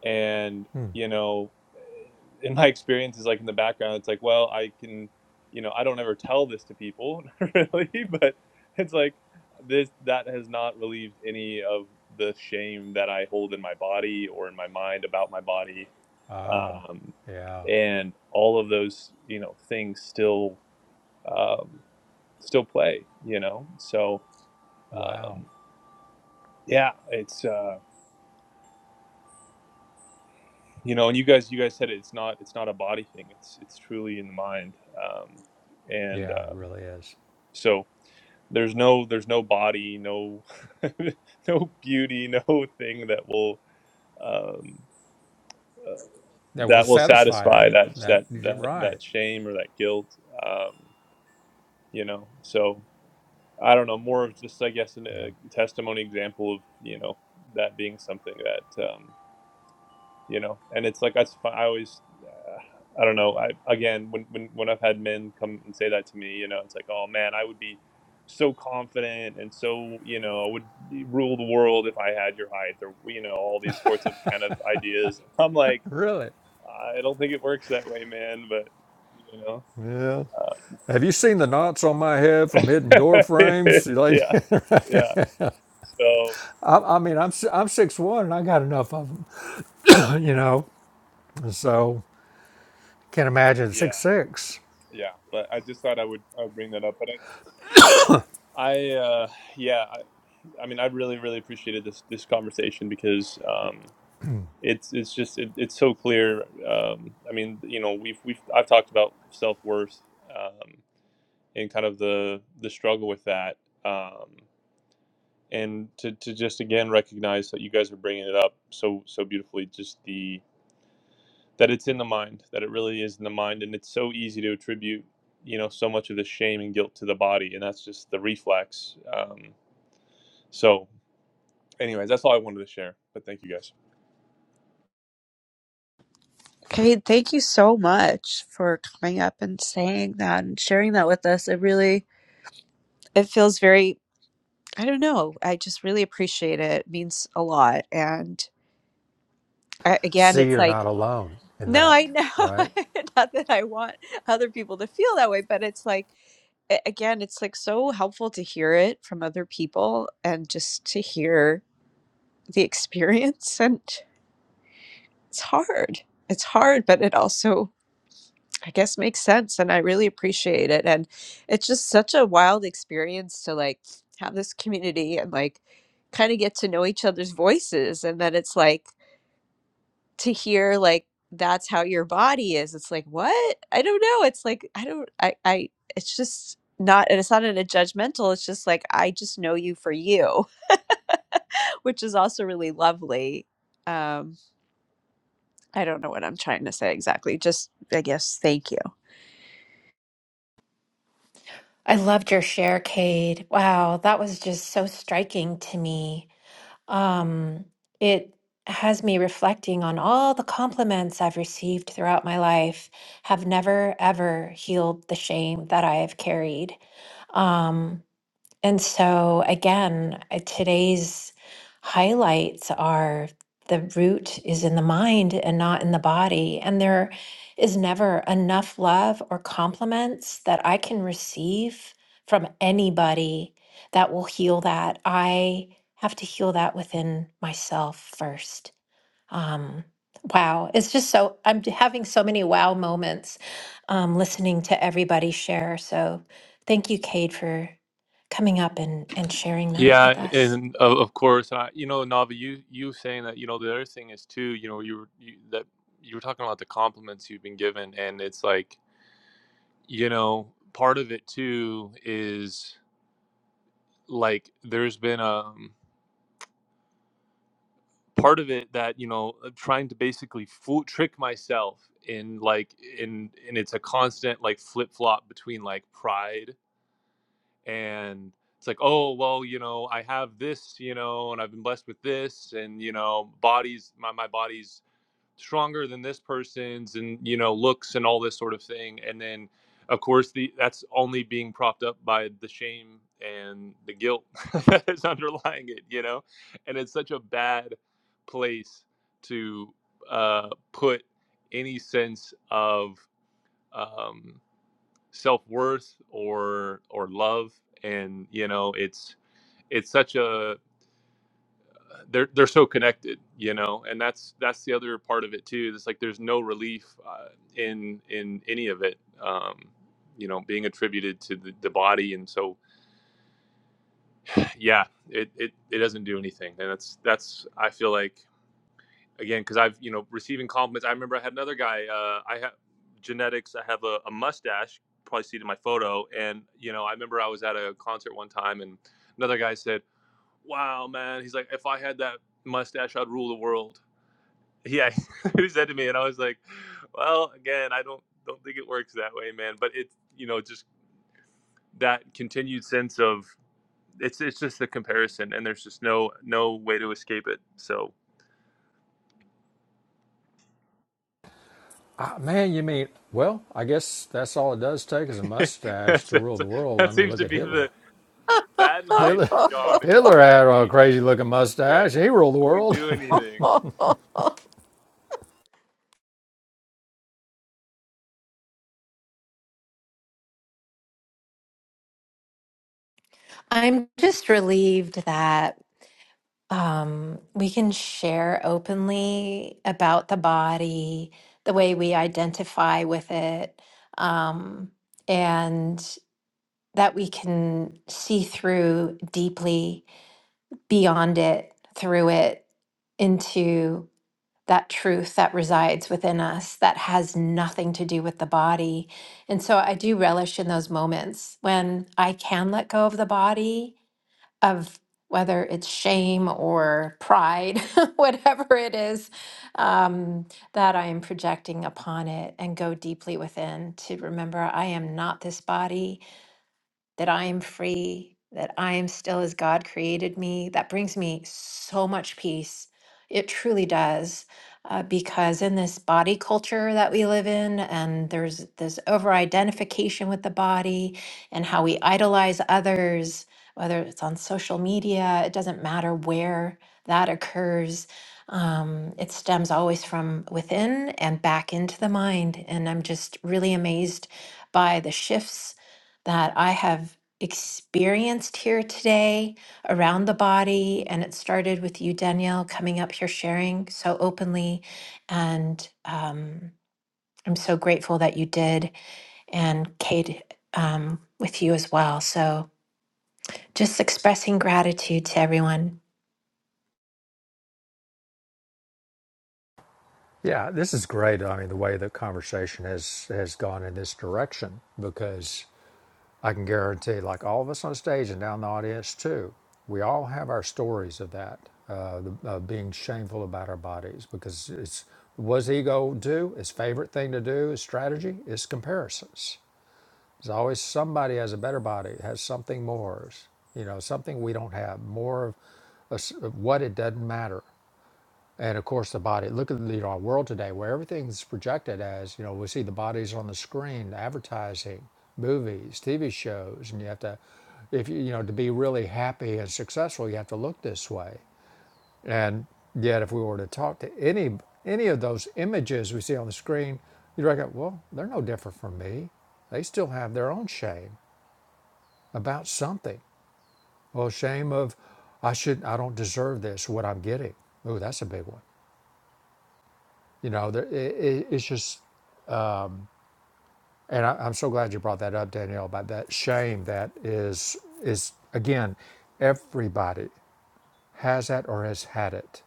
Speaker 4: and you know eh, in my experience is like in the background it's like well i can you know i don't ever tell this to people really but it's like this that has not relieved any of the shame that i hold in my body or in my mind about my body um,
Speaker 1: Yeah.
Speaker 4: and all of those you know things still um, still play you know so
Speaker 1: Wow.
Speaker 4: um, yeah it's uh you know and you guys you guys said it, it's not it's not a body thing it's it's truly in the mind um and
Speaker 1: Yeah, it
Speaker 4: um
Speaker 1: really is.
Speaker 4: so there's no there's no body no no beauty no thing that will um uh,
Speaker 1: That will
Speaker 4: that will
Speaker 1: satisfy
Speaker 4: satisfy
Speaker 1: that.
Speaker 4: that
Speaker 1: That
Speaker 4: that
Speaker 1: you're
Speaker 4: that
Speaker 1: right.
Speaker 4: that shame or that guilt um you know so i don't know more of just i guess an,
Speaker 1: Yeah.
Speaker 4: a testimony example of you know that being something that um, you know and it's like that's fi- i always uh, i don't know i again when, when when i've had men come and say that to me you know it's like oh man i would be so confident and so you know i would rule the world if i had your height or you know all these sorts of kind of ideas i'm like
Speaker 1: Really.
Speaker 4: i don't think it works that way man but you know
Speaker 1: Yeah. Have you seen the knots on my head from
Speaker 4: uh,
Speaker 1: hitting door frames? Like,
Speaker 4: yeah yeah so
Speaker 1: I, I mean, I'm si- I'm six one and I got enough of them, you know. So can't imagine six
Speaker 4: yeah
Speaker 1: six.
Speaker 4: yeah but i just thought i would uh, bring that up but i i uh yeah I mean, I really, really appreciated this this conversation because um, it's it's just it, it's so clear. Um, I mean, you know, we've we've I've talked about self worth um, and kind of the the struggle with that, um, and to to just again recognize that you guys are bringing it up so so beautifully. Just the that it's in the mind, that it really is in the mind, and it's so easy to attribute you know so much of the shame and guilt to the body, and that's just the reflex. Um, so, anyways, that's all I wanted to share. But thank you guys.
Speaker 3: Okay, thank you so much for coming up and saying that and sharing that with us. It really it feels very I don't know. I just really appreciate it. It means a lot. And I, again,
Speaker 1: See,
Speaker 3: it's
Speaker 1: you're
Speaker 3: like
Speaker 1: not alone in
Speaker 3: no,
Speaker 1: that,
Speaker 3: I know.
Speaker 1: right?
Speaker 3: Not that I want other people to feel that way, but it's like a- again, it's like so helpful to hear it from other people and just to hear the experience. And it's hard. It's hard, but it also, I guess, makes sense. And I really appreciate it. And it's just such a wild experience to like have this community and like kind of get to know each other's voices. And then it's like, to hear like that's how your body is it's like what i don't know it's like i don't i i it's just not and it's not in a judgmental it's just like i just know you for you which is also really lovely um i don't know what i'm trying to say exactly just i guess thank you
Speaker 2: i loved your share cade wow that was just so striking to me Um, it has me reflecting on all the compliments I've received throughout my life have never, ever healed the shame that I have carried. Um, and so, again, uh, today's highlights are the root is in the mind and not in the body. And there is never enough love or compliments that I can receive from anybody that will heal that. I have to heal that within myself first. Um, wow, it's just so I'm having so many wow moments um, listening to everybody share. So thank you, Cade, for coming up and and sharing that
Speaker 4: Yeah,
Speaker 2: with us.
Speaker 4: and of, of course, I, you know, Navi, you you saying that, you know, the other thing is too, you know, you were you, that you were talking about the compliments you've been given, and it's like, you know, part of it too is like there's been a part of it that you know of trying to basically fool trick myself in like in and it's a constant like flip flop between like pride and it's like oh well you know i have this you know and i've been blessed with this and you know bodies my, my body's stronger than this person's and you know looks and all this sort of thing and then of course the that's only being propped up by the shame and the guilt that is underlying it you know and it's such a bad place to uh put any sense of um self-worth or or love and you know it's it's such a they're they're so connected you know and that's that's the other part of it too it's like there's no relief uh, in in any of it um you know being attributed to the, the body and so yeah it, it it doesn't do anything and that's that's i feel like again because I've you know receiving compliments. I remember I had another guy. Uh, I have genetics. I have a, a mustache. Probably see it in my photo. And you know, I remember I was at a concert one time, and another guy said, "Wow, man!" He's like, "If I had that mustache, I'd rule the world." Yeah, he said to me, and I was like, "Well, again, I don't don't think it works that way, man." But it's you know just that continued sense of it's it's just the comparison, and there's just no no way to escape it. So
Speaker 1: Ah, man, you mean, well, I guess that's all it does take is a mustache
Speaker 4: that's,
Speaker 1: to rule
Speaker 4: that's,
Speaker 1: the world. I
Speaker 4: that
Speaker 1: mean,
Speaker 4: seems
Speaker 1: look
Speaker 4: to
Speaker 1: at
Speaker 4: be the
Speaker 1: Hitler.
Speaker 4: that and height,
Speaker 1: Hitler,
Speaker 4: John. If you
Speaker 1: Hitler
Speaker 4: do that,
Speaker 1: had a
Speaker 4: you, you,
Speaker 1: crazy looking
Speaker 4: you yeah,
Speaker 1: mustache. He ruled the
Speaker 4: you can
Speaker 1: world.
Speaker 4: do anything.
Speaker 2: I'm just relieved that um, we can share openly about the body, the way we identify with it, um, and that we can see through deeply beyond it, through it, into that truth that resides within us that has nothing to do with the body. And so I do relish in those moments when I can let go of the body, of whether it's shame or pride, whatever it is um, that I am projecting upon it, and go deeply within to remember I am not this body that I am free, that I am still as God created me. That brings me so much peace. It truly does. Uh, because in this body culture that we live in, and there's this over identification with the body and how we idolize others, whether it's on social media, it doesn't matter where that occurs. Um, it stems always from within and back into the mind. And I'm just really amazed by the shifts that I have experienced here today around the body. And it started with you, Danielle, coming up here sharing so openly. And um, I'm so grateful that you did, and Kate um, with you as well. So just expressing gratitude to everyone.
Speaker 1: yeah, this is great. I mean, the way the conversation has, has gone in this direction because I can guarantee, like all of us on stage and down in the audience too, we all have our stories of that, uh, the- of being shameful about our bodies because it's what does ego do? His favorite thing to do, his strategy, is comparisons There's always somebody has a better body, has something more, you know, something we don't have, more of, us- of what it doesn't matter. And of course, the body. Look at you know, our world today, where everything's projected as you know, we see the bodies on the screen, advertising, movies, TV shows, and you have to, if you you know, to be really happy and successful, you have to look this way. And yet, if we were to talk to any any of those images we see on the screen, you'd reckon, well, they're no different from me. They still have their own shame. About something. Well, shame of I should I don't deserve this. What I'm getting. Oh, that's a big one. You know, there, it, it, it's just. And I, I'm so glad you brought that up, Danielle, about that shame that is is again, everybody has that or has had it.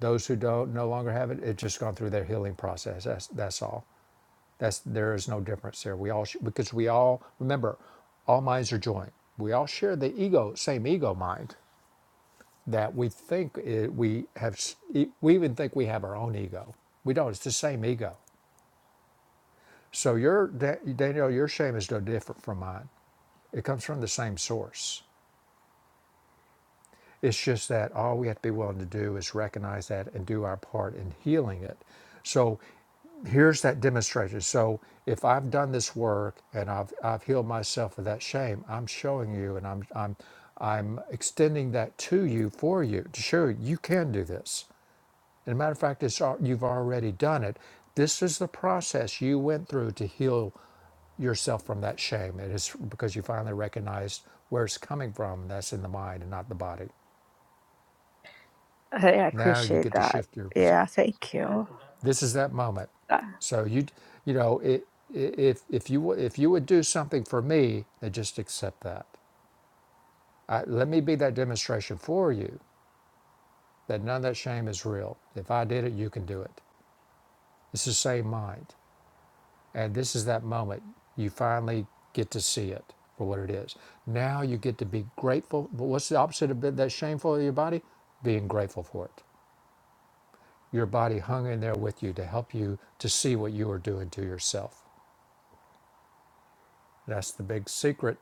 Speaker 1: Those who don't no longer have it, it's just gone through their healing process. That's that's all. That's there is no difference there. We all sh- because we all remember, all minds are joined. We all share the ego, same ego mind. that we think i we have, e- we even think we have our own ego. We don't. It's the same ego. So your Daniel, your shame is no different from mine. It comes from the same source. It's just that all we have to be willing to do is recognize that and do our part in healing it. So here's that demonstration. So if I've done this work and I've I've healed myself of that shame, I'm showing you and I'm I'm I'm extending that to you for you to show you you can do this. As a matter of fact, it's, al- you've already done it. This is the process you went through to heal yourself from that shame. It is because you finally recognized where it's coming from. and That's in the mind and not the body.
Speaker 3: I I
Speaker 1: Now you
Speaker 3: appreciate
Speaker 1: get to
Speaker 3: that.
Speaker 1: shift your. perce-
Speaker 3: Yeah, thank you.
Speaker 1: This is that moment. So you, you know, it, i- if if you w- if you would do something for me, then just accept that. I, let me be that demonstration for you that none of that shame is real. If I did it, you can do it. It's the same mind. And this is that moment you finally get to see it for what it is. Now you get to be grateful. But what's the opposite of that shameful of your body? Being grateful for it. Your body hung in there with you to help you to see what you are doing to yourself. That's the big secret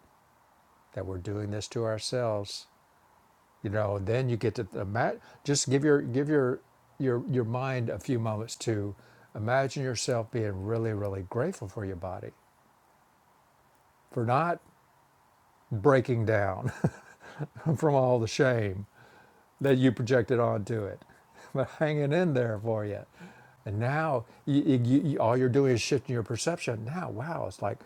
Speaker 1: that we're doing this to ourselves. You know, then you get to imagine, just give your give your your your mind a few moments to imagine yourself being really really grateful for your body for not breaking down from all the shame that you projected onto it, but hanging in there for you. And now you, you, you, all you're doing is shifting your perception. Now, wow, it's like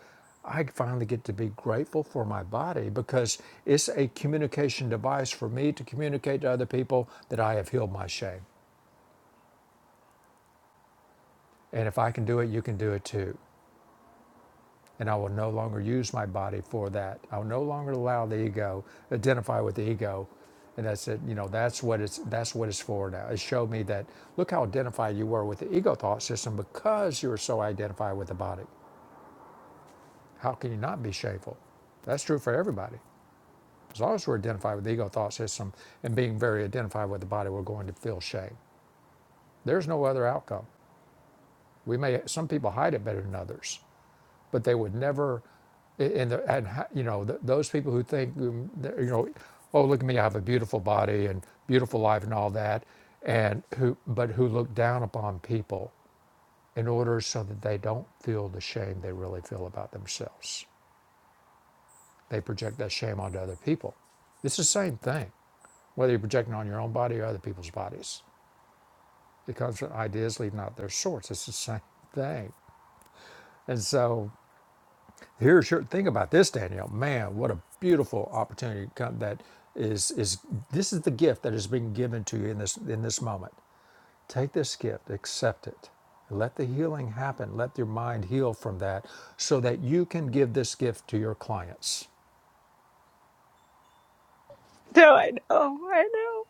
Speaker 1: I finally get to be grateful for my body because it's a communication device for me to communicate to other people that I have healed my shame. And if I can do it, you can do it too. and I will no longer use my body for that. I will no longer allow the ego identify with the ego, and that's it. You know, that's what it's that's what it's for now. It showed me that look how identified you were with the ego thought system because you were so identified with the body. How can you not be shameful? That's true for everybody. As long as we're identified with the ego thought system and being very identified with the body, we're going to feel shame. There's no other outcome. We may some people hide it better than others. but they would never, and, the, and you know, th- those people who think, um, you know, oh, look at me, I have a beautiful body and beautiful life and all that, and who, but who look down upon people in order so that they don't feel the shame they really feel about themselves. They project that shame onto other people. It's the same thing, whether you're projecting on your own body or other people's bodies. It comes from ideas leaving out their source. It's the same thing. And so Here's your thing about this, Danielle. Man, what a beautiful opportunity come- that is is this is the gift that is being given to you in this in this moment. Take this gift, accept it. Let the healing happen. Let your mind heal from that so that you can give this gift to your clients.
Speaker 3: No, I know, I know,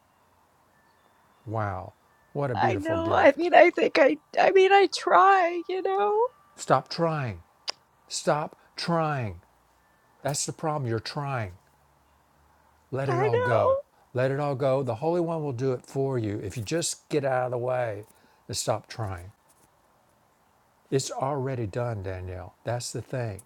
Speaker 1: Wow, what a
Speaker 3: I
Speaker 1: beautiful
Speaker 3: know. I
Speaker 1: gift.
Speaker 3: mean, I think I, I mean, I try, you know,
Speaker 1: Stop trying. Stop trying. That's the problem. You're trying. Let it
Speaker 3: I
Speaker 1: all
Speaker 3: know.
Speaker 1: go. Let it all go. The Holy One will do it for you if you just get out of the way and stop trying. It's already done, Danielle. That's the thing.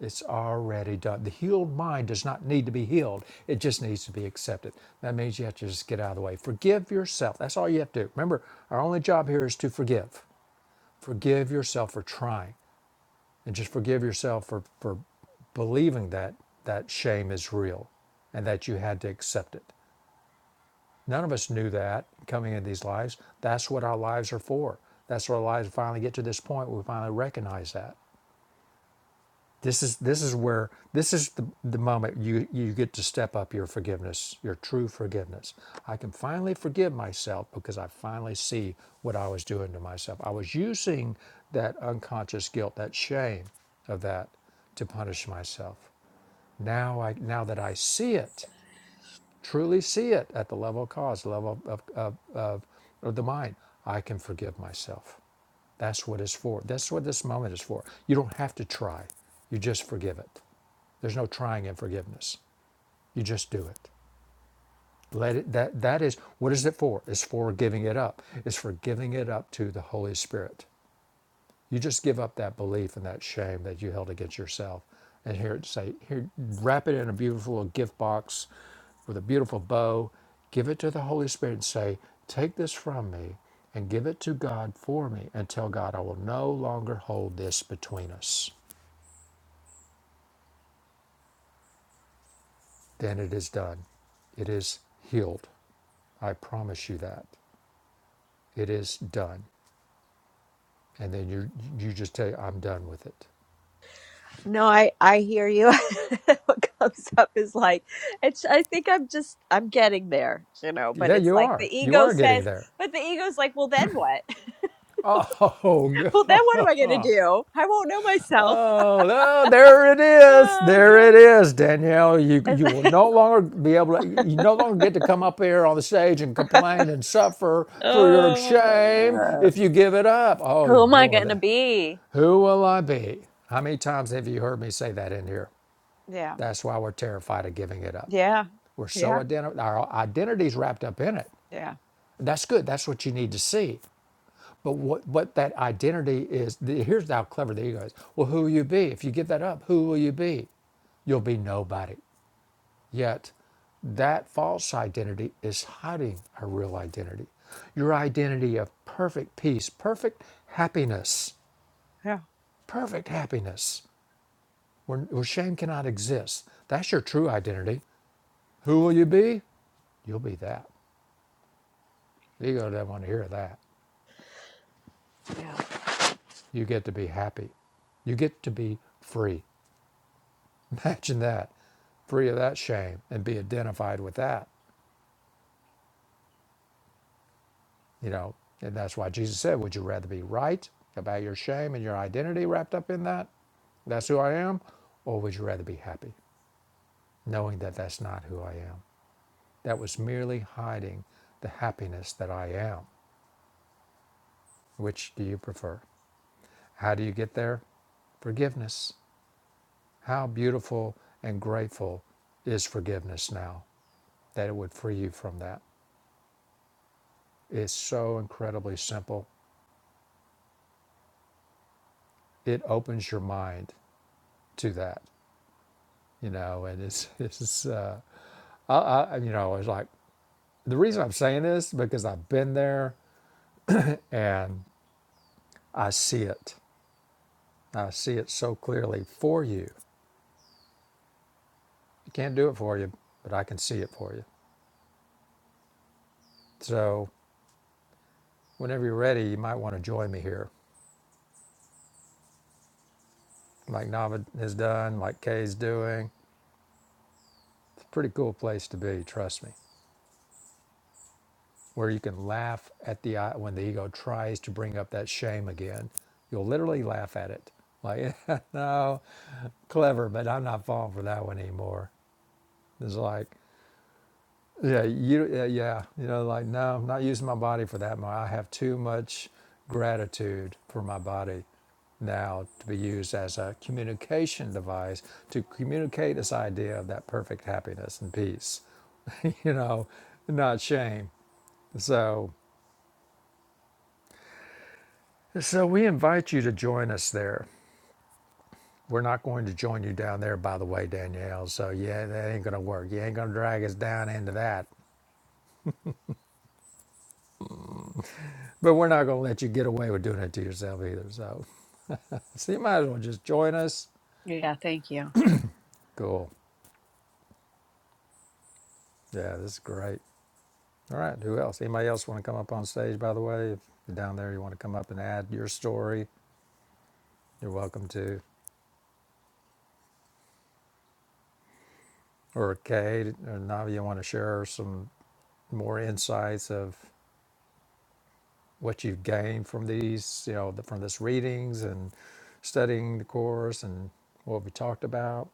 Speaker 1: It's already done. The healed mind does not need to be healed, it just needs to be accepted. That means you have to just get out of the way. Forgive yourself. That's all you have to do. Remember, our only job here is to forgive. Forgive yourself for trying and just forgive yourself for, for believing that that shame is real and that you had to accept it. None of us knew that coming into these lives. That's what our lives are for. That's what our lives finally get to this point where we finally recognize that. This is this is where this is the, the moment you, you get to step up your forgiveness, your true forgiveness. I can finally forgive myself because I finally see what I was doing to myself. I was using that unconscious guilt, that shame of that to punish myself. Now I now that I see it, truly see it at the level of cause, the level of, of, of, of the mind, I can forgive myself. That's what it's for. That's what this moment is for. You don't have to try. You just forgive it. There's no trying in forgiveness. You just do it. Let it that that is what is it for? It's for giving it up. It's for giving it up to the Holy Spirit. You just give up that belief and that shame that you held against yourself. And here it say, here, wrap it in a beautiful gift box with a beautiful bow. Give it to the Holy Spirit and say, take this from me and give it to God for me and tell God I will no longer hold this between us. Then it is done. It is healed. I promise you that. It is done. And then you you just tell I'm done with it.
Speaker 3: No, I I hear you. What comes up is like it's I think I'm just I'm getting there, you know, but
Speaker 1: Yeah,
Speaker 3: it's
Speaker 1: you
Speaker 3: like the
Speaker 1: are. You
Speaker 3: ego
Speaker 1: are getting
Speaker 3: says,
Speaker 1: there.
Speaker 3: but the ego's like, "Well, then what?
Speaker 1: Oh,
Speaker 3: Well,
Speaker 1: God.
Speaker 3: then what am I going to do? I won't know myself."
Speaker 1: Oh, oh, there it is.
Speaker 3: Oh
Speaker 1: There
Speaker 3: god.
Speaker 1: it is, Danielle. You
Speaker 3: It's
Speaker 1: you will no longer be able to you no longer get to come up here on the stage and complain and suffer for your shame
Speaker 3: uh,
Speaker 1: if you give it up. Oh you
Speaker 3: who am I
Speaker 1: boy,
Speaker 3: going to
Speaker 1: that,
Speaker 3: be?
Speaker 1: who will I be? How many times have you heard me say that in here?
Speaker 3: Yeah.
Speaker 1: That's why we're terrified of giving it up.
Speaker 3: Yeah.
Speaker 1: We're so
Speaker 3: Yeah.
Speaker 1: identi- our identity's wrapped up in it.
Speaker 3: Yeah.
Speaker 1: That's good. That's what you need to see. But what, what that identity is, the, here's how clever the ego is. Well, who will you be? If you give that up, who will you be? You'll be nobody. Yet, that false identity is hiding our real identity. Your identity of perfect peace, perfect happiness,
Speaker 3: Yeah.
Speaker 1: perfect happiness, where, where shame cannot exist. That's your true identity. Who will you be? You'll be that. The ego doesn't want to hear that.
Speaker 3: Yeah.
Speaker 1: You get to be happy. You get to be free. Imagine that, free of that shame and be identified with that, you know. And that's why Jesus said, Would you rather be right about your shame and your identity wrapped up in that? That's who I am? Or would you rather be happy knowing that that's not who I am? That was merely hiding the happiness that I am. Which do you prefer? How do you get there? Forgiveness. How beautiful and grateful is forgiveness now that it would free you from that? It's so incredibly simple it opens your mind to that, you know, and it's, it's, uh, I, I, you know, it's like the reason I'm saying this because I've been there and I see it. I see it so clearly for you. I can't do it for you, but I can see it for you. So whenever you're ready, you might want to join me here, like Navid has done, like Kay's doing. It's a pretty cool place to be, trust me. where you can laugh at the I- when the ego tries to bring up that shame again. You'll literally laugh at it, like, no, clever, but I'm not falling for that one anymore. It's like, yeah, you, yeah, yeah, you know, like, no, I'm not using my body for that. more. I have too much gratitude for my body now to be used as a communication device to communicate this idea of that perfect happiness and peace, you know, not shame. So. So we invite you to join us there. We're not going to join you down there, by the way, Danielle. So yeah, that ain't gonna work. You ain't gonna drag us down into that. But we're not gonna let you get away with doing it to yourself either. So, so you might as well just join us.
Speaker 3: Yeah, thank you.
Speaker 1: Cool. Yeah, this is great. All right. Who else? Anybody else want to come up on stage? By the way, if you're down there, you want to come up and add your story. You're welcome to. Or Kate or Navi, you want to share some more insights of what you've gained from these, you know, the, from this readings and studying the course and what we talked about.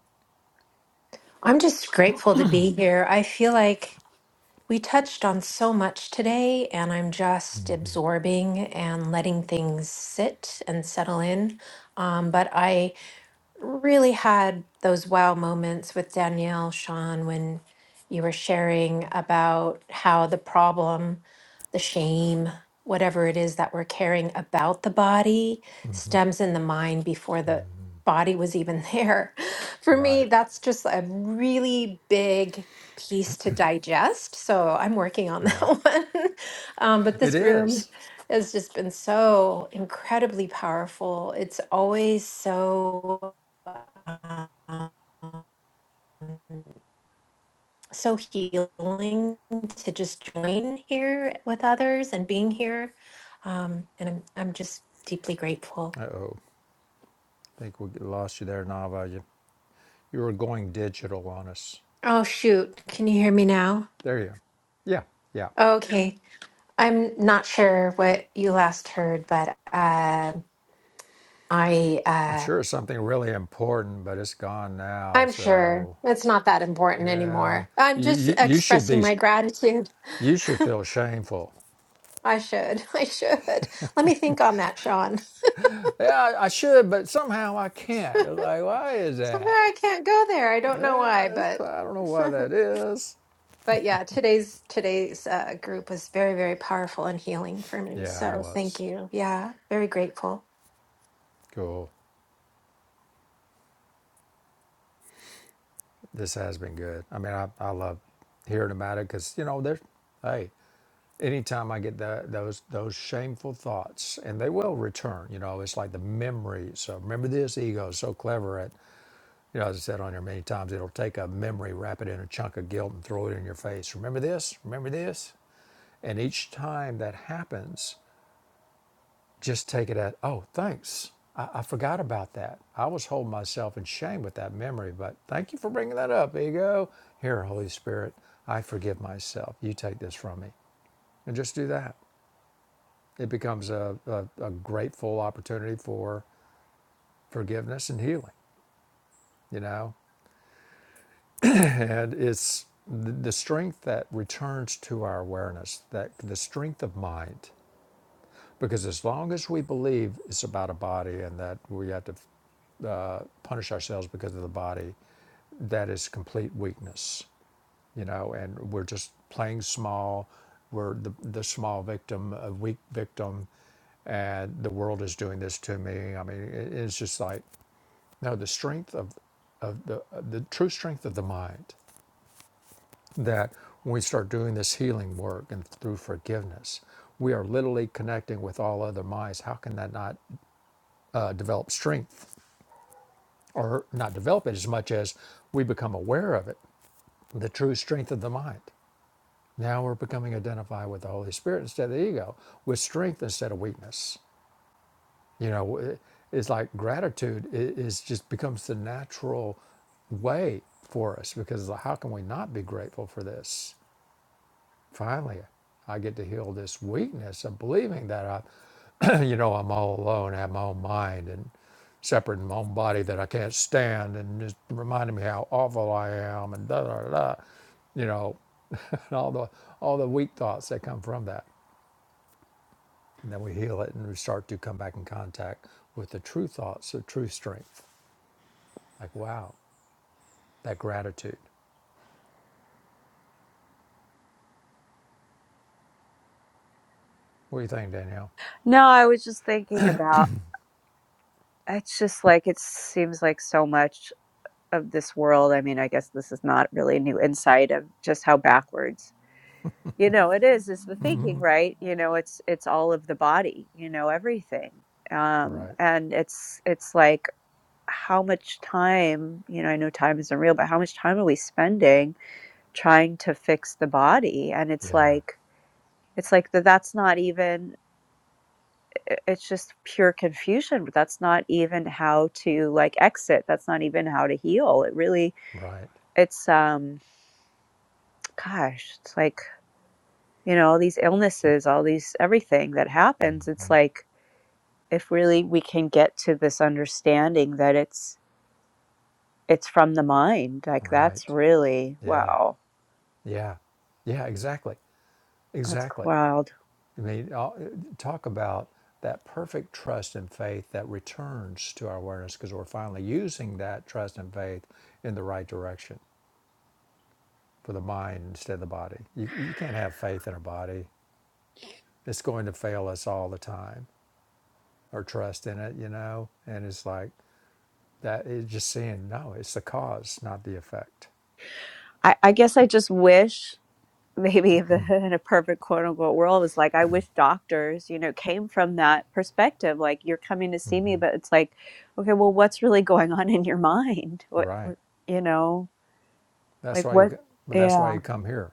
Speaker 2: I'm just grateful to be here. I feel like We touched on so much today, and I'm just absorbing and letting things sit and settle in. Um, but I really had those wow moments with Danielle, Sean, when you were sharing about how the problem, the shame, whatever it is that we're carrying about the body stems in the mind before the body was even there. For me,
Speaker 1: Right,
Speaker 2: that's just a really big piece to digest. So I'm working on that
Speaker 1: right.
Speaker 2: one. Um, but
Speaker 1: It
Speaker 2: this room
Speaker 1: is.
Speaker 2: has just been so incredibly powerful. It's always so um, so healing to just join here with others and being here. Um, and I'm I'm just deeply grateful.
Speaker 1: Uh oh. I think we lost you there, Nava. You, you were going digital on us.
Speaker 2: Oh shoot, can you hear me now?
Speaker 1: There you go. Yeah, yeah.
Speaker 2: Okay. I'm not sure what you last heard, but uh, I
Speaker 1: I'm
Speaker 2: uh,
Speaker 1: sure it's something really important, but it's gone now.
Speaker 2: I'm sure
Speaker 1: So,
Speaker 2: it's not that important
Speaker 1: yeah.
Speaker 2: anymore. I'm
Speaker 1: You,
Speaker 2: just
Speaker 1: you, you should
Speaker 2: expressing
Speaker 1: be,
Speaker 2: my gratitude.
Speaker 1: you should feel shameful.
Speaker 2: I should. I should. Let me think on that, Sean.
Speaker 1: Yeah, I I should, but somehow I can't. It's like, why is
Speaker 2: Somehow
Speaker 1: that?
Speaker 2: I can't go there. I don't know why,
Speaker 1: Yeah,
Speaker 2: but
Speaker 1: I don't know why that is.
Speaker 2: But yeah, today's today's uh, group was very, very powerful and healing for me.
Speaker 1: Yeah, it
Speaker 2: So thank
Speaker 1: was.
Speaker 2: you. Yeah, very grateful.
Speaker 1: Cool. This has been good. I mean, I, I love hearing about it because, you know, there's, hey, anytime I get that, those those shameful thoughts, and they will return, you know, it's like the memory. So remember this ego is so clever at, you know, as I said on here many times, it'll take a memory, wrap it in a chunk of guilt, and throw it in your face. Remember this? Remember this? And each time that happens, just take it at, oh, thanks. I, I forgot about that. I was holding myself in shame with that memory, but thank you for bringing that up, ego. Here, Holy Spirit, I forgive myself. You take this from me. And just do that. It becomes a, a, a grateful opportunity for forgiveness and healing, you know? and it's the, the strength that returns to our awareness, that the strength of mind. Because as long as we believe it's about a body and that we have to punish ourselves because of the body, that is complete weakness, you know, and we're just playing small. We're the, the small victim, a weak victim, and the world is doing this to me. I mean, it, it's just like, no, the strength of, of the, the true strength of the mind that when we start doing this healing work and through forgiveness, we are literally connecting with all other minds. How can that not uh, develop strength or not develop it as much as we become aware of it, the true strength of the mind? Now we're becoming identified with the Holy Spirit instead of the ego, with strength instead of weakness. You know, it's like gratitude is just becomes the natural way for us because how can we not be grateful for this? Finally, I get to heal this weakness of believing that I, you know, I'm all alone. I have my own mind and separate in my own body that I can't stand, and just reminding me how awful I am, and da da da, da, you know, and all the all the weak thoughts that come from that. And then we heal it, and we start to come back in contact with the true thoughts, the true strength. Like wow, that gratitude. What do you think, Danielle?
Speaker 3: No, I was just thinking about it's just like it seems like so much. of this world. I mean, I guess this is not really a new insight of just how backwards, you know, it is, is the thinking, right? You know, it's, it's all of the body, you know, everything. Um,
Speaker 1: Right.
Speaker 3: and it's, it's like, how much time, you know, I know time isn't real, but how much time are we spending trying to fix the body? And it's
Speaker 1: Yeah.
Speaker 3: like, it's like that that's not even i- it's just pure confusion that's not even how to like exit that's not even how to heal it really
Speaker 1: Right.
Speaker 3: it's um gosh, it's like, you know, all these illnesses, all these everything that happens, it's like if really we can get to this understanding that it's it's from the mind, like that's
Speaker 1: Right.
Speaker 3: really
Speaker 1: Yeah.
Speaker 3: wow.
Speaker 1: Yeah, yeah, exactly,
Speaker 3: That's
Speaker 1: exactly.
Speaker 3: wild.
Speaker 1: I mean, all- talk about that perfect trust and faith that returns to our awareness because we're finally using that trust and faith in the right direction for the mind instead of the body. You, you can't have faith in a body; it's going to fail us all the time, or trust in it, you know. And it's like that. It's just seeing no, it's the cause, not the effect.
Speaker 3: I, I guess I just wish maybe if the, in a perfect quote unquote world was like I wish doctors, you know, came from that perspective. Like you're coming to see me, but it's like, okay, well what's really going on in your mind? What,
Speaker 1: Right.
Speaker 3: what you know,
Speaker 1: That's
Speaker 3: like
Speaker 1: why you.
Speaker 3: what
Speaker 1: But that's why
Speaker 3: yeah.
Speaker 1: you come here.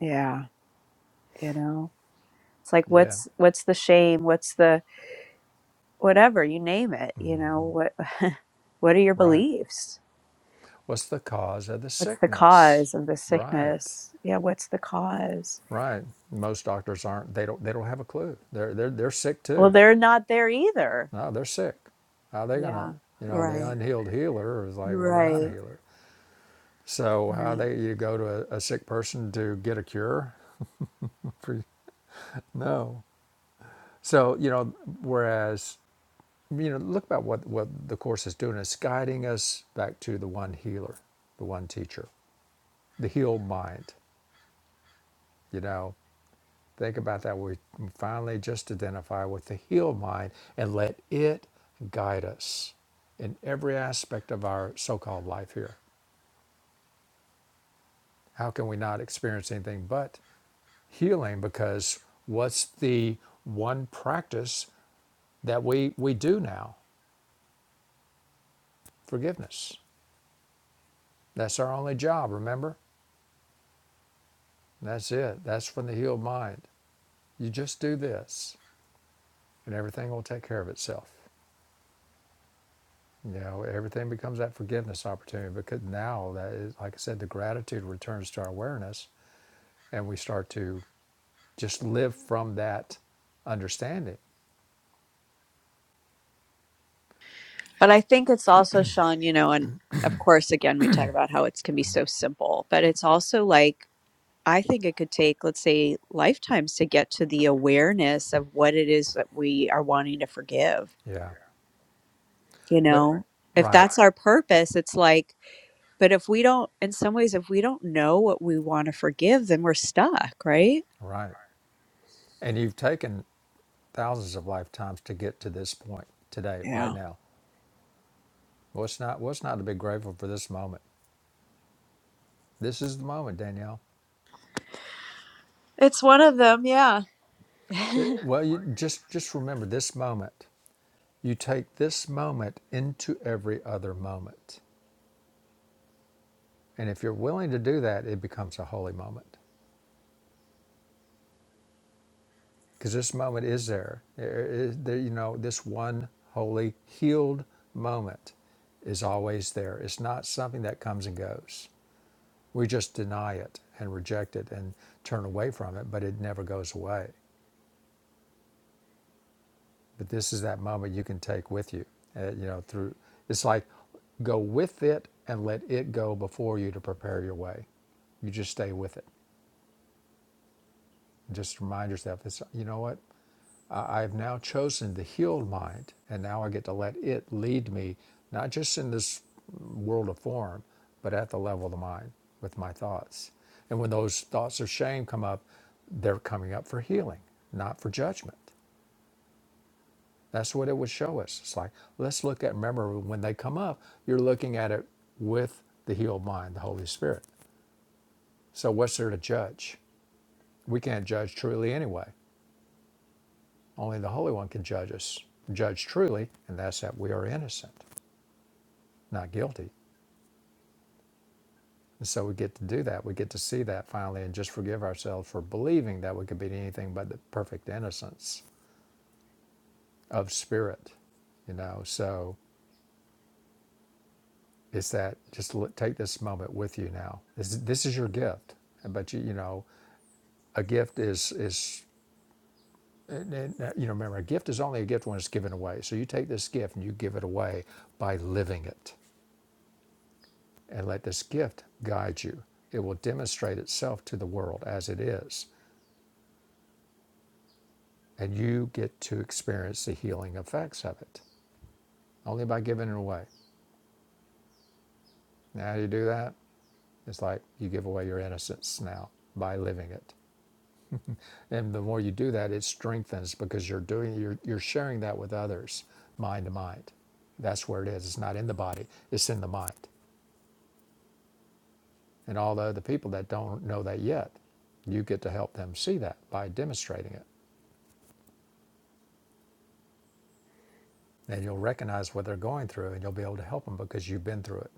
Speaker 3: Yeah. You know. It's like
Speaker 1: Yeah.
Speaker 3: what's what's the shame? What's the whatever, you name it, you know, what what are your
Speaker 1: Right.
Speaker 3: beliefs?
Speaker 1: What's the cause of the
Speaker 3: What's the
Speaker 1: sickness?
Speaker 3: cause of the
Speaker 1: Right,
Speaker 3: sickness? Yeah, what's the cause?
Speaker 1: right. Most doctors aren't. They don't. They don't have a clue. They're they're they're sick
Speaker 3: Well,
Speaker 1: too.
Speaker 3: they're not there either.
Speaker 1: No, they're sick. How are they gonna?
Speaker 3: Yeah.
Speaker 1: You know, the
Speaker 3: Right.
Speaker 1: unhealed healer is like,
Speaker 3: You're
Speaker 1: well, they're not a
Speaker 3: right.
Speaker 1: healer. So how
Speaker 3: Right.
Speaker 1: they you go to a, a sick person to get a cure? no. So you know, whereas you know, look about what what the course is doing. It's guiding us back to the one healer, the one teacher, the healed mind. You know, Think about that. We finally just identify with the healed mind and let it guide us in every aspect of our so called life here. How can we not experience anything but healing? Because what's the one practice that we, we do now? Forgiveness. That's our only job, remember? That's it. That's from the healed mind. You just do this, and everything will take care of itself. You know, everything becomes that forgiveness opportunity because now that is, like I said, the gratitude returns to our awareness and we start to just live from that understanding.
Speaker 3: But I think it's also Sean, you know, and of course again we talk about how it can be so simple, but it's also like I think it could take, let's say, lifetimes to get to the awareness of what it is that we are wanting to forgive
Speaker 1: Yeah.
Speaker 3: you
Speaker 1: But,
Speaker 3: know if
Speaker 1: right,
Speaker 3: that's our purpose it's like but if we don't in some ways if we don't know what we want to forgive then we're stuck right
Speaker 1: right. And you've taken thousands of lifetimes to get to this point today, right
Speaker 3: Yeah.
Speaker 1: now. What's not, what's not to be grateful for this moment? This is the moment, Danielle.
Speaker 3: It's one of them, yeah.
Speaker 1: It- well, you just, just remember this moment. You take this moment into every other moment. And if you're willing to do that, it becomes a holy moment because this moment is there. There is- there- you know, this one holy, healed moment is always there. It's not something that comes and goes. We just deny it and reject it and turn away from it, but it never goes away. But this is that moment you can take with you. uh, you know, through it's like go with it and let it go before you to prepare your way you just stay with it. Just remind yourself, it's you know what? I have now chosen the healed mind, and now I get to let it lead me, not just in this world of form, but at the level of the mind with my thoughts. And when those thoughts of shame come up, they're coming up for healing, not for judgment. That's what it would show us. It's like, let's look at, remember, when they come up, you're looking at it with the healed mind, the Holy Spirit. So, what's there to judge? We can't judge truly anyway. Only the Holy One can judge us, judge truly, and that's that we are innocent. not guilty. And so we get to do that. We get to see that finally and just forgive ourselves for believing that we could be anything but the perfect innocence of spirit, you know. So it's that just l- take this moment with you now. This, this is your gift. But you, you know, a gift is is uh, you know, remember, a gift is only a gift when it's given away. So you take this gift and you give it away by living it and let this gift guide you. It will demonstrate itself to the world as it is. and you get to experience the healing effects of it only by giving it away. Now, how do you do that? It's like you give away your innocence now by living it. And the more you do that, it strengthens because you're doing you're, you're sharing that with others, mind to mind. That's where it is. It's not in the body, it's in the mind. And all the other people that don't know that yet, you get to help them see that by demonstrating it. And you'll recognize what they're going through and you'll be able to help them because you've been through it.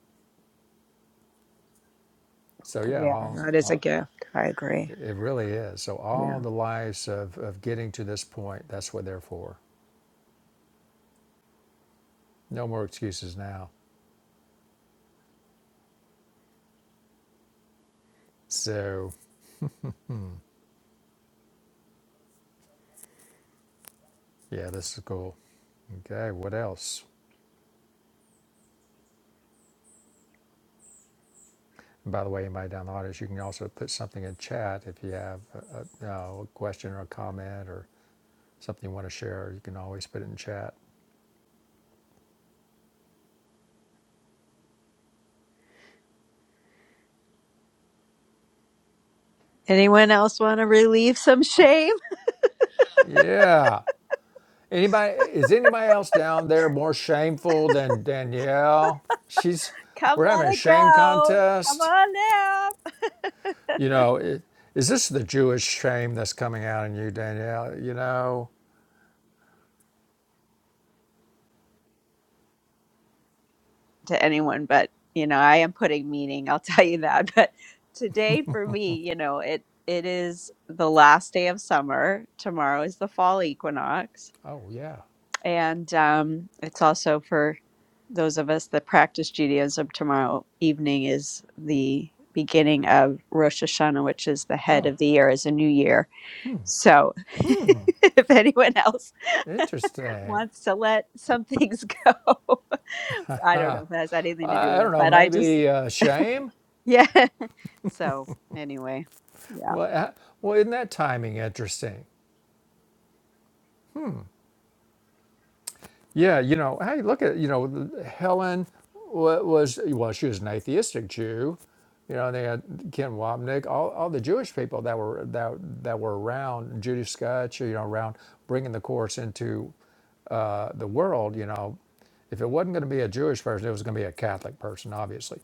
Speaker 1: So yeah,
Speaker 3: Yeah.
Speaker 1: all,
Speaker 3: That is a
Speaker 1: all
Speaker 3: gift. I agree.
Speaker 1: It really is. So,
Speaker 3: Yeah.
Speaker 1: all the lives of, of getting to this point, that's what they're for. No more excuses now. So, yeah, this is cool. Okay, what else? And by the way, anybody down the audience, you can also put something in chat if you have a, a, a question or a comment or something you want to share. You can always put it in chat.
Speaker 3: Anyone else want to relieve some shame?
Speaker 1: Yeah. Anybody is anybody else down there more shameful than Danielle? She's
Speaker 3: Come
Speaker 1: we're
Speaker 3: let
Speaker 1: having a
Speaker 3: it
Speaker 1: shame
Speaker 3: go. Come
Speaker 1: contest.
Speaker 3: on now.
Speaker 1: You know, i- is this the Jewish shame that's coming out in you, Danielle? You know,
Speaker 3: To anyone, but you know, I am putting meaning, I'll tell you that. But today for me, you know, it it is the last day of summer. Tomorrow is the fall equinox.
Speaker 1: oh, yeah.
Speaker 3: And um, it's also for those of us that practice Judaism. Tomorrow evening is the beginning of Rosh Hashanah, which is the head
Speaker 1: Oh,
Speaker 3: of the year, is a new year. So if anyone else
Speaker 1: interesting.
Speaker 3: wants to let some things go, I don't know if it has anything to do
Speaker 1: I I
Speaker 3: with
Speaker 1: don't
Speaker 3: it,
Speaker 1: know,
Speaker 3: but I just,
Speaker 1: maybe uh, shame?
Speaker 3: yeah. So anyway, yeah.
Speaker 1: Well, uh, well, isn't that timing interesting? Yeah, you know, hey, look at you know, Helen wa- was well, she was an atheistic Jew. You know, they had Ken Wapnick, all, all the Jewish people that were that that were around Judy Scotch, you know, around bringing the course into uh, the world. You know, if it wasn't going to be a Jewish person, it was going to be a Catholic person, obviously.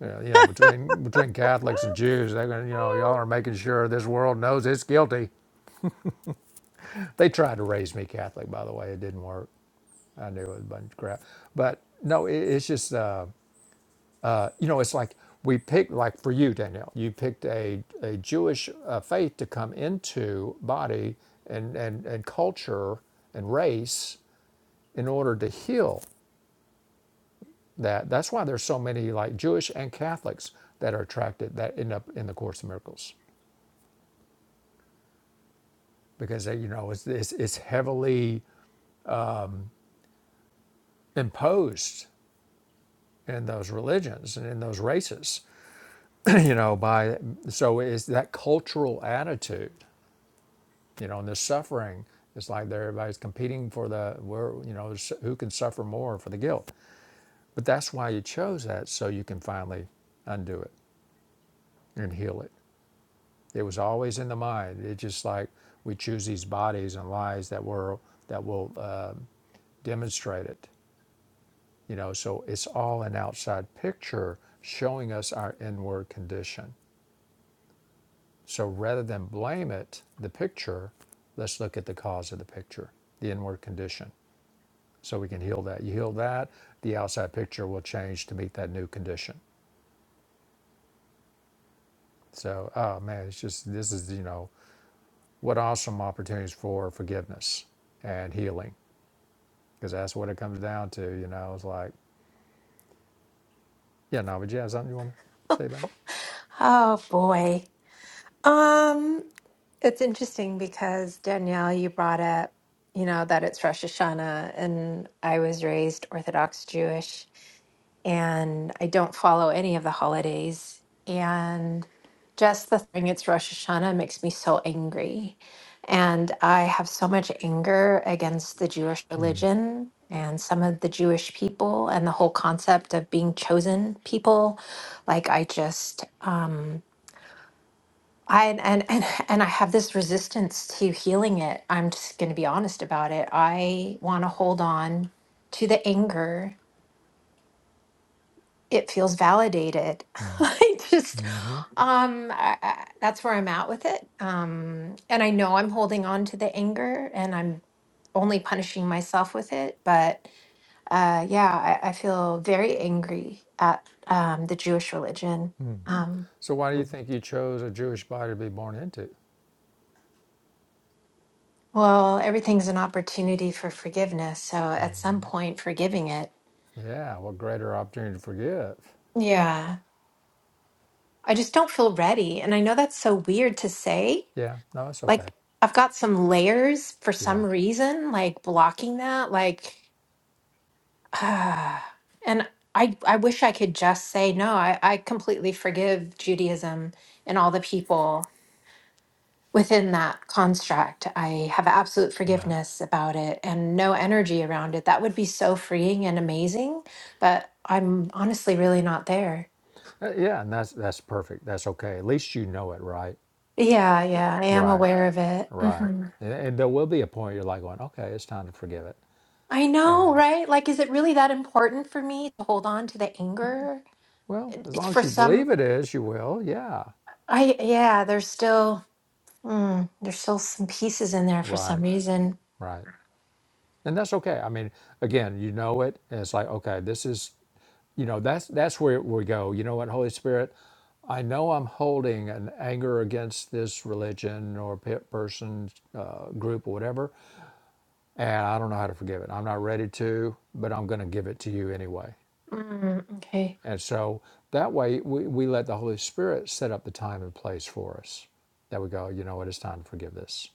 Speaker 1: You know, you know, between between Catholics and Jews, they're going, to you know, y'all are making sure this world knows it's guilty. They tried to raise me Catholic, by the way, it didn't work. I knew it was a bunch of crap. But no, it, it's just uh, uh, you know, it's like we picked like for you, Danielle, you picked a a Jewish uh, faith to come into body and and and culture and race in order to heal that. That's why there's so many like Jewish and Catholics that are attracted that end up in the Course of Miracles because they, you know it's, it's it's heavily imposed in those religions and in those races you know, by so it's that cultural attitude, you know, and the suffering. It's like there everybody's competing for the where you know s- who can suffer more for the guilt. But that's why you chose that, so you can finally undo it and heal it. It was always in the mind. It's just like we choose these bodies and lies that were that will uh, demonstrate it. You know, so it's all an outside picture showing us our inward condition So rather than blame it, the picture, let's look at the cause of the picture, the inward condition, so we can heal that. You heal that, the outside picture will change to meet that new condition. So, oh man, it's just this is you know what awesome opportunities for forgiveness and healing because that's what it comes down to. You know, it's like yeah, no, but you have something you want to say about it.
Speaker 2: Oh boy. Um, It's interesting because Danielle, you brought up, you know, that it's Rosh Hashanah, and I was raised Orthodox Jewish, and I don't follow any of the holidays. And just the thing it's Rosh Hashanah makes me so angry. And I have so much anger against the Jewish religion and some of the Jewish people and the whole concept of being chosen people. Like, I just, um, I and and and I have this resistance to healing it. I'm just going to be honest about it. I want to hold on to the anger. It feels validated. I just
Speaker 1: Mm-hmm.
Speaker 2: um I, I, that's where I'm at with it. Um and I know I'm holding on to the anger and I'm only punishing myself with it, but uh yeah, I, I feel very angry at um the Jewish religion. Um
Speaker 1: So why do you think you chose a Jewish body to be born into?
Speaker 2: Well, everything's an opportunity for forgiveness. So at some point, forgiving it.
Speaker 1: Yeah, what greater opportunity to forgive?
Speaker 2: Yeah. I just don't feel ready. And I know that's so weird to say.
Speaker 1: Yeah, no, it's okay.
Speaker 2: Like, I've got some layers for
Speaker 1: Yeah.
Speaker 2: some reason, like blocking that. Like, ah, and I, I wish I could just say, no, I, I completely forgive Judaism and all the people within that construct. I have absolute
Speaker 1: Right.
Speaker 2: forgiveness about it and no energy around it. That would be so freeing and amazing, but I'm honestly really not there.
Speaker 1: Uh, Yeah, and that's that's perfect. That's okay. At least you know it, right?
Speaker 2: Yeah, yeah, I am
Speaker 1: Right.
Speaker 2: aware of it.
Speaker 1: Right.
Speaker 2: hmm
Speaker 1: And, and there will be a point you're like going, okay, it's time to forgive it.
Speaker 2: I know,
Speaker 1: And
Speaker 2: right? Like, is it really that important for me to hold on to the anger?
Speaker 1: well,
Speaker 2: It-
Speaker 1: as
Speaker 2: It's
Speaker 1: long as
Speaker 2: for
Speaker 1: you believe
Speaker 2: some,
Speaker 1: it is, you will. Yeah.
Speaker 2: I, yeah, there's still, mm, there's still some pieces in there for some
Speaker 1: Right.
Speaker 2: reason.
Speaker 1: Right. And that's okay. I mean, again, you know it, and it's like, okay, this is, you know, that's that's where we go. You know what, Holy Spirit, I know I'm holding an anger against this religion or pe- person, uh, group, or whatever, and I don't know how to forgive it. I'm not ready to, but I'm going to give it to you anyway.
Speaker 2: Mm, okay.
Speaker 1: And so that way, we, we let the Holy Spirit set up the time and place for us. That we go, you know what, it's time to forgive this.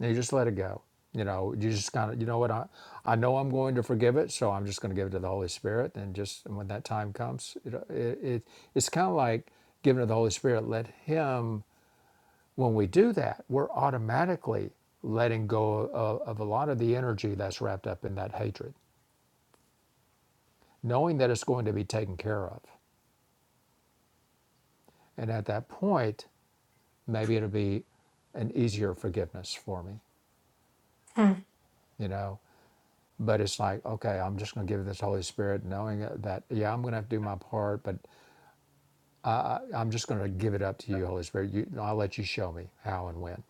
Speaker 1: And you just let it go. You know, you just kind of, you know what, I, I know I'm going to forgive it, so I'm just going to give it to the Holy Spirit. And just when that time comes, it, it, it it's kind of like giving it to the Holy Spirit. Let Him, when we do that, we're automatically letting go of, of a lot of the energy that's wrapped up in that hatred knowing that it's going to be taken care of. And at that point, maybe it'll be an easier forgiveness for me,
Speaker 2: Hmm.
Speaker 1: you know. But it's like, okay, I'm just going to give this Holy Spirit, knowing that, yeah, I'm going to have to do my part, but I'm just going to give it up to you, Holy Spirit. You, I'll let you show me how and when.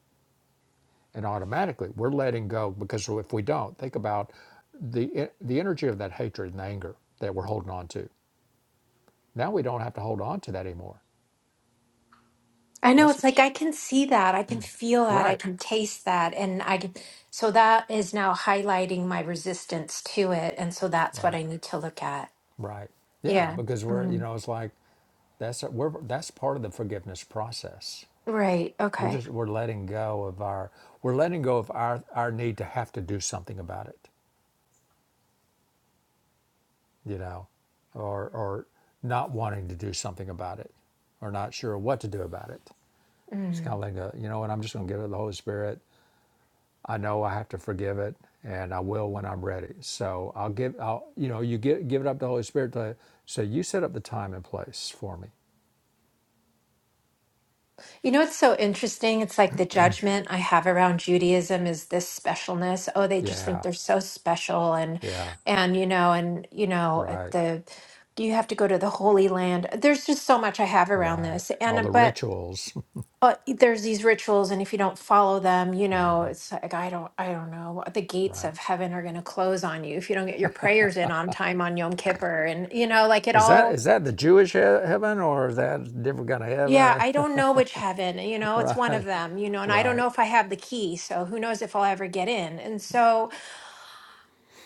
Speaker 1: And automatically, we're letting go because if we don't, think about the the energy of that hatred and anger that we're holding on to. Now we don't have to hold on to that anymore.
Speaker 2: I know
Speaker 1: That's
Speaker 2: it's like I can see that, I can feel that, I
Speaker 1: right,
Speaker 2: can taste that, and I can, so that is now highlighting my resistance to it, and so that's what
Speaker 1: right.
Speaker 2: I need to look at.
Speaker 1: Right. Yeah,
Speaker 2: Yeah.
Speaker 1: because we're, you
Speaker 2: Mm.
Speaker 1: know, it's like that's we're that's part of the forgiveness process.
Speaker 2: Right.
Speaker 1: We're
Speaker 2: Okay.
Speaker 1: just we're letting go of our we're letting go of our our need to have to do something about it, you know, or or not wanting to do something about it, or not sure what to do about it. Just kind
Speaker 2: Mm.
Speaker 1: of letting go, you know, and I'm just going to give it to the Holy Spirit. I know I have to forgive it, and I will when I'm ready. So I'll give I'll you know you give give it up to the Holy Spirit to say you set up the time and place for me.
Speaker 2: You know what's so interesting? It's like the judgment I have around Judaism is this specialness. Oh, they just think
Speaker 1: Yeah,
Speaker 2: they're so special, and
Speaker 1: yeah.
Speaker 2: and you know, and you know, at
Speaker 1: Right,
Speaker 2: the you have to go to the Holy Land. There's just so much I have around
Speaker 1: right.
Speaker 2: this,
Speaker 1: All
Speaker 2: and
Speaker 1: the
Speaker 2: but
Speaker 1: rituals,
Speaker 2: uh, there's these rituals and if you don't follow them you know it's like i don't i don't know the gates
Speaker 1: right?
Speaker 2: of heaven are going to close on you if you don't get your prayers in on time on yom kippur and you know like it
Speaker 1: Is that
Speaker 2: all
Speaker 1: is that the Jewish he- heaven or is that a different kind of
Speaker 2: yeah
Speaker 1: heaven?
Speaker 2: i don't know which heaven you know it's one of
Speaker 1: right,
Speaker 2: them you know and i don't
Speaker 1: right.
Speaker 2: know if i have the key so who knows if i'll ever get in and so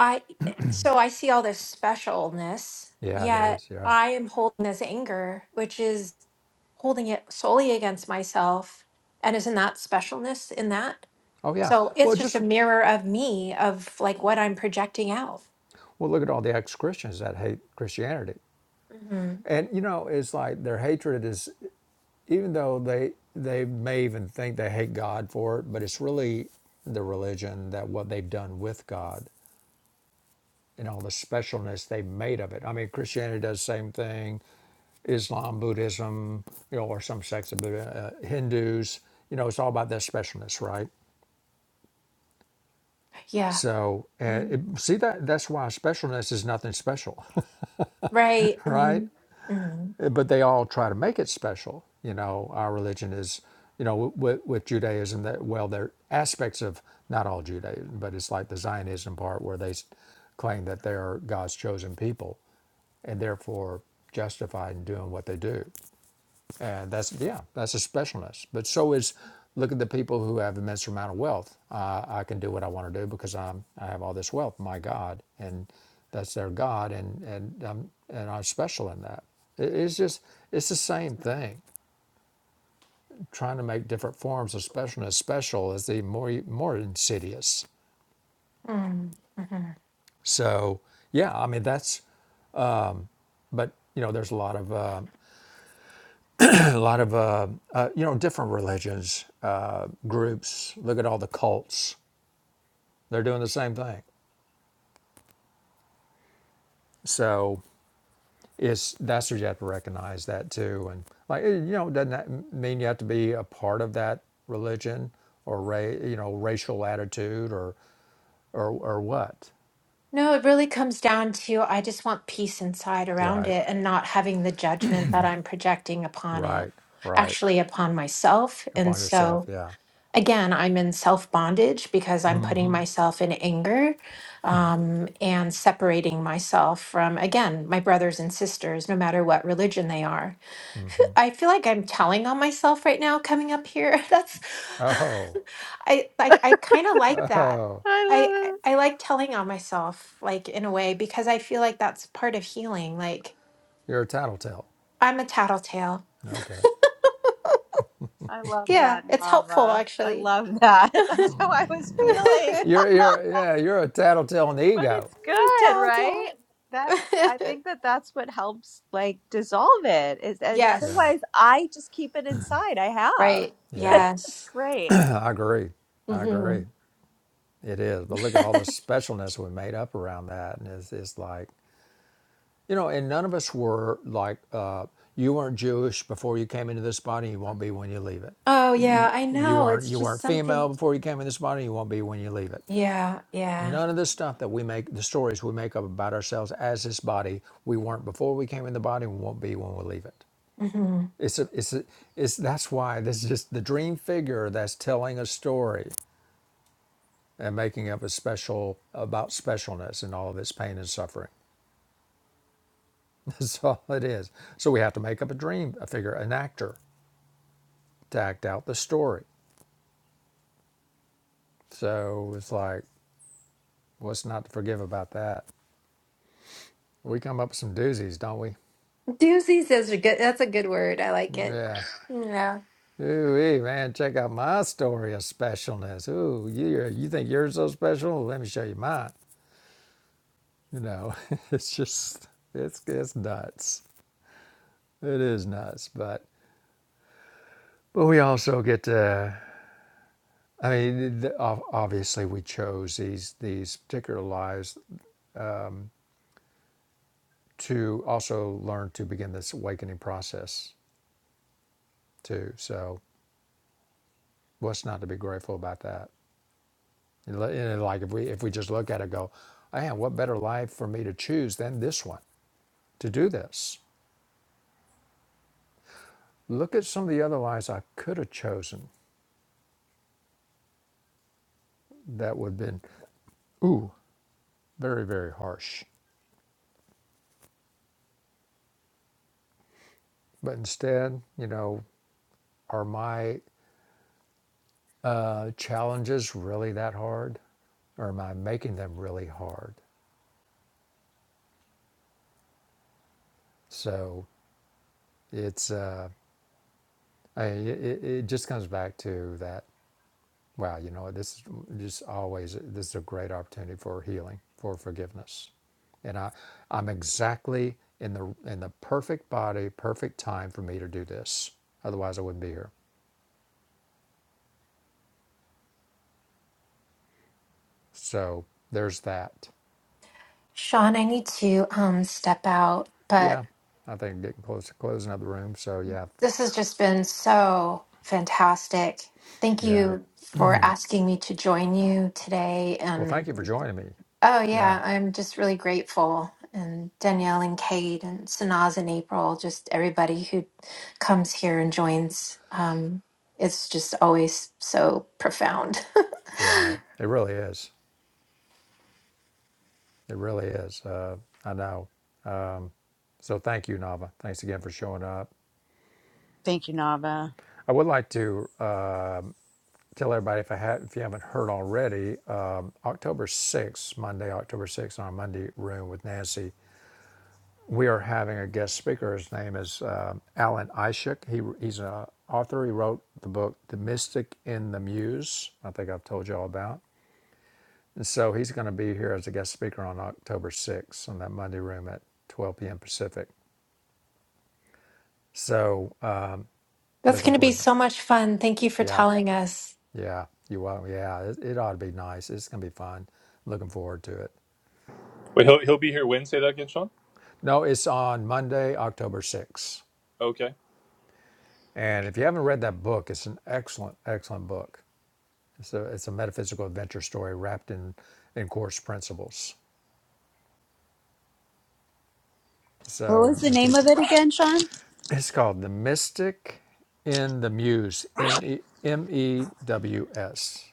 Speaker 2: i eh, so i see all this specialness
Speaker 1: Yeah, there
Speaker 2: yet
Speaker 1: is. Yeah.
Speaker 2: i am holding this anger which is holding it solely against myself and isn't that specialness in that
Speaker 1: Oh yeah.
Speaker 2: So it's
Speaker 1: Well,
Speaker 2: just a
Speaker 1: just
Speaker 2: mirror of me, of like what I'm projecting out.
Speaker 1: well, look at all the ex-Christians that hate Christianity,
Speaker 2: hmm
Speaker 1: and you know, it's like their hatred is even though they they may even think they hate God for it, but it's really the religion that what they've done with God you know, the specialness they made of it. I mean, Christianity does the same thing, Islam, Buddhism, you know, or some sects of Buddha, uh, Hindus. You know, it's all about that specialness, right?
Speaker 2: Yeah.
Speaker 1: So, uh,
Speaker 2: Mhm.
Speaker 1: it, see that that's why specialness is nothing special,
Speaker 2: Right.
Speaker 1: right?
Speaker 2: hmm hmm
Speaker 1: Uh, but they all try to make it special. You know, our religion is, you know, with, with Judaism that well, there are aspects of not all Judaism, but it's like the Zionism part where they s- claim that they are God's chosen people and therefore justified in doing what they do. And that's yeah, that's a specialness. But so is look at the people who have immense amount of wealth. Uh, I can do what I want to do because I'm I have all this wealth, my God, and that's their God, and and I'm and I'm special in that. It- it's just it's the same thing. Trying to make different forms of specialness special is the more more insidious.
Speaker 2: hmm hmm
Speaker 1: So yeah, I mean that's but you know there's a lot of uh, a lot of uh, uh, you know different religions uh, groups. Look at all the cults They're doing the same thing. So it's that's where you have to recognize that too. And like eh, you know, doesn't that mean you have to be a part of that religion or ra- you know racial attitude or or or what?
Speaker 2: No, it really comes down to I just want peace inside around
Speaker 1: Right,
Speaker 2: it and not having the judgment that I'm projecting upon it,
Speaker 1: right, right.
Speaker 2: actually upon myself. And
Speaker 1: Upon yourself,
Speaker 2: so
Speaker 1: yeah.
Speaker 2: again, I'm in self bondage because I'm putting myself in anger um, and separating myself from, again, my brothers and sisters, no matter what religion they are. I feel like I'm telling on myself right now coming up here. That's
Speaker 1: Oh,
Speaker 2: I like I kind of like that.
Speaker 1: oh,
Speaker 3: I
Speaker 2: I I
Speaker 3: love it.
Speaker 2: I like telling on myself like in a way because I feel like that's part of healing. Like
Speaker 1: you're a tattletale.
Speaker 2: I'm a tattletale.
Speaker 1: Okay,
Speaker 3: I love
Speaker 2: Yeah,
Speaker 3: that,
Speaker 2: it's helpful
Speaker 3: Nava. I
Speaker 2: actually.
Speaker 3: love that. That's how I was feeling.
Speaker 2: I'm
Speaker 1: you're you're yeah, you're a tattletale in the
Speaker 3: but
Speaker 1: ego.
Speaker 3: it's good,
Speaker 2: a
Speaker 3: right? That I
Speaker 2: tattletale.
Speaker 3: think that that's what helps like dissolve it is that
Speaker 1: Yeah,
Speaker 2: yes,
Speaker 3: otherwise I just keep it inside. I have.
Speaker 2: right.
Speaker 1: yeah.
Speaker 3: That's
Speaker 2: Yes.
Speaker 3: great.
Speaker 1: I agree. I
Speaker 2: hmm
Speaker 1: agree. It is, but look at all the specialness we made up around that, and it's, it's like, you know, and none of us were like, uh, you weren't Jewish before you came into this body, you won't be when you leave it.
Speaker 2: oh
Speaker 1: You,
Speaker 2: yeah, I
Speaker 1: you
Speaker 2: know.
Speaker 1: weren't
Speaker 2: It's
Speaker 1: you
Speaker 2: just
Speaker 1: weren't female
Speaker 2: something.
Speaker 1: before you came in this body, you won't be when you leave it.
Speaker 2: Yeah, yeah.
Speaker 1: None of the stuff that we make, the stories we make up about ourselves as this body, we weren't before we came in the body, we won't be when we leave it.
Speaker 2: Mm-hmm.
Speaker 1: It's a, it's a, it's that's why this is just the dream figure that's telling a story and making of a special about specialness and all of its pain and suffering. That's all it is. So we have to make up a dream, a figure, an actor to act out the story. So it's like, what's not to forgive about that? We come up with some doozies, don't we?
Speaker 2: Doozies is a good. That's a good word. I like it.
Speaker 1: Yeah.
Speaker 2: Yeah.
Speaker 1: Ooh, wee, man, check out my story of specialness. Ooh, you you think you're so special? Let me show you mine. You know, it's just it's it's nuts. It is nuts, but but we also get to I mean, the, ob- obviously, we chose these these particular lives to also learn to begin this awakening process too. So, what's not to be grateful about that? And li- and like if we if we just look at it, and go, man, what better life for me to choose than this one to do this? Look at some of the other lives I could have chosen that would have been, ooh, very very harsh. But instead, you know, are my uh, challenges really that hard, or am I making them really hard? So it's uh, I, it, it just comes back to that. Wow, you know this is just always this is a great opportunity for healing, for forgiveness, and I I'm exactly in the in the perfect body, perfect time for me to do this. Otherwise, I wouldn't be here. So there's that.
Speaker 2: Sean, I need to um step out, but
Speaker 1: Yeah, I think getting close to closing up the room. So yeah,
Speaker 2: this has just been so fantastic. Thank
Speaker 1: yeah.
Speaker 2: you for asking me to join you today.
Speaker 1: Well, thank
Speaker 2: And
Speaker 1: you for joining me.
Speaker 2: oh
Speaker 1: Yeah,
Speaker 2: yeah, I'm just really grateful. And Danielle and Kate and Sanaz and April, just everybody who comes here and joins. Um, it's just always so profound.
Speaker 1: right. It really is. It really is. Uh, I know. So thank you, Nava. Thanks again for showing up.
Speaker 3: Thank you, Nava.
Speaker 1: I would like to uh, tell everybody if I had, if you haven't heard already, um, October 6th, Monday, October 6th, on our Monday room with Nancy, we are having a guest speaker. His name is um, Alan Ishak. He, he's an author. He wrote the book, The Mystic in the Muse. I think I've told you all about. And so he's going to be here as a guest speaker on October 6th on that Monday room at 12 p.m. Pacific. So uh,
Speaker 2: That's
Speaker 1: looking
Speaker 2: going to be
Speaker 1: forward to that.
Speaker 2: so much fun. Thank you for
Speaker 1: Yeah,
Speaker 2: telling us.
Speaker 1: yeah, you will. Yeah, it, it ought to be nice. It's going to be fun. Looking forward to it.
Speaker 4: Wait, he'll he'll be here when? Say that again, Sean.
Speaker 1: No, it's on Monday, October 6th.
Speaker 4: Okay.
Speaker 1: And if you haven't read that book, it's an excellent, excellent book. It's a, it's a metaphysical adventure story wrapped in, in course principles.
Speaker 3: What
Speaker 1: So,
Speaker 3: was the
Speaker 1: and
Speaker 3: name of
Speaker 1: teaching.
Speaker 3: it again, Sean?
Speaker 1: It's called The Mystic in the Muse, M E M E W S.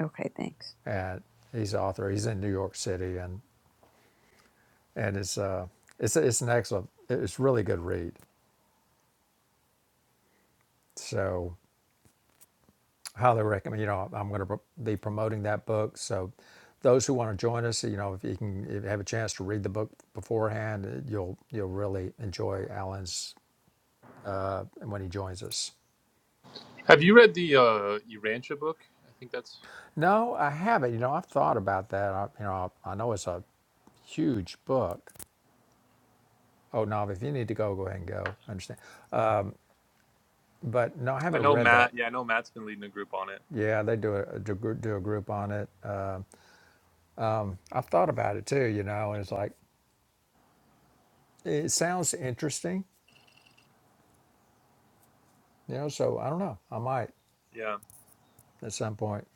Speaker 3: Okay, thanks.
Speaker 1: And he's the author. He's in New York City, and and it's uh it's it's an excellent, it's really good read. So highly recommend. You know, I'm going to be promoting that book. So those who want to join us, you know, if you can if you have a chance to read the book beforehand, you'll you'll really enjoy Alan's uh, when he joins us.
Speaker 4: Have you read the uh, Urantia book? I think that's.
Speaker 1: No, I haven't. You know, I've thought about that. I, you know, I, I know it's a huge book. Oh, no, if you need to go, go ahead and go. I understand. But no, I
Speaker 4: I
Speaker 1: haven't
Speaker 4: know
Speaker 1: read that.
Speaker 4: Matt. Yeah, I know Matt's been leading a group on it.
Speaker 1: Yeah, they do a, do a gr- do a group on it. Uh, I've thought about it too, you know, and it's like, it sounds interesting, you know, so I don't know. I might
Speaker 4: Yeah.
Speaker 1: at some point,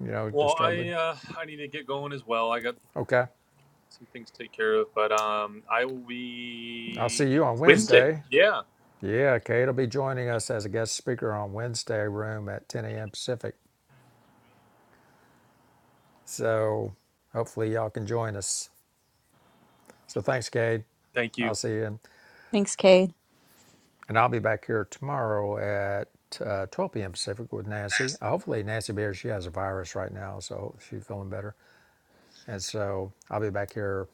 Speaker 1: you know, just
Speaker 4: Well,
Speaker 1: start
Speaker 4: I
Speaker 1: looking.
Speaker 4: uh, I need to get going as well. I got
Speaker 1: Okay.
Speaker 4: some things to take care of, but um, I will
Speaker 1: I'll
Speaker 4: be
Speaker 1: see you on
Speaker 4: Wednesday.
Speaker 1: Wednesday.
Speaker 4: Yeah.
Speaker 1: Yeah, Kate will be joining us as a guest speaker on Wednesday room at 10 a.m. Pacific. So hopefully y'all can join us. So thanks, Cade.
Speaker 4: Thank you.
Speaker 1: I'll see you.
Speaker 3: Thanks, Cade.
Speaker 1: And I'll be back here tomorrow at uh, 12 p.m. Pacific with Nancy. Uh, hopefully, Nancy Bear, she has a virus right now, so she's feeling better. And so I'll be back here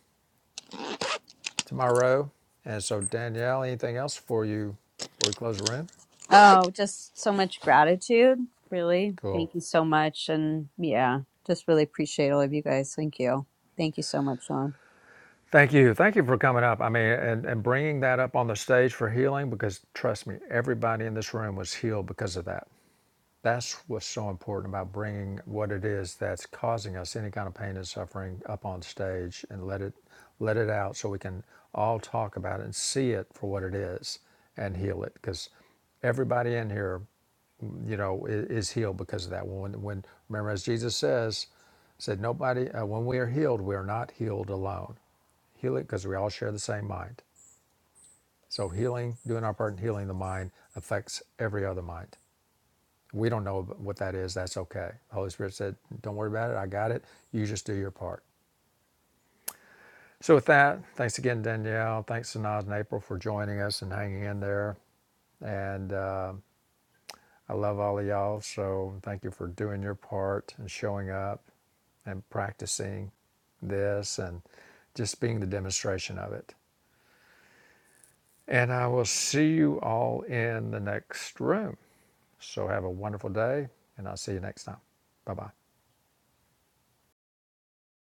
Speaker 1: tomorrow. And so, Danielle, anything else for you before we close the room?
Speaker 3: Oh, just so much gratitude. Really.
Speaker 1: Cool.
Speaker 3: Thank you so much. And yeah, just really appreciate all of you guys. Thank you. Thank you so much, Sean.
Speaker 1: Thank you. Thank you for coming up. I mean, and, and bringing that up on the stage for healing because trust me, everybody in this room was healed because of that. That's what's so important about bringing what it is that's causing us any kind of pain and suffering up on stage and let it let it out so we can all talk about it and see it for what it is and heal it because everybody in here you know i- is healed because of that when when remember as Jesus says said nobody uh, when we are healed we are not healed alone heal it because we all share the same mind so healing doing our part in healing the mind affects every other mind we don't know what that is. That's okay. The Holy Spirit said, Don't worry about it. I got it. You just do your part. So, with that, thanks again, Danielle. Thanks, Sanaz and April, for joining us and hanging in there. And uh, I love all of y'all. So, thank you for doing your part and showing up and practicing this and just being the demonstration of it. And I will see you all in the next room. So, have a wonderful day, and I'll see you next time. Bye bye.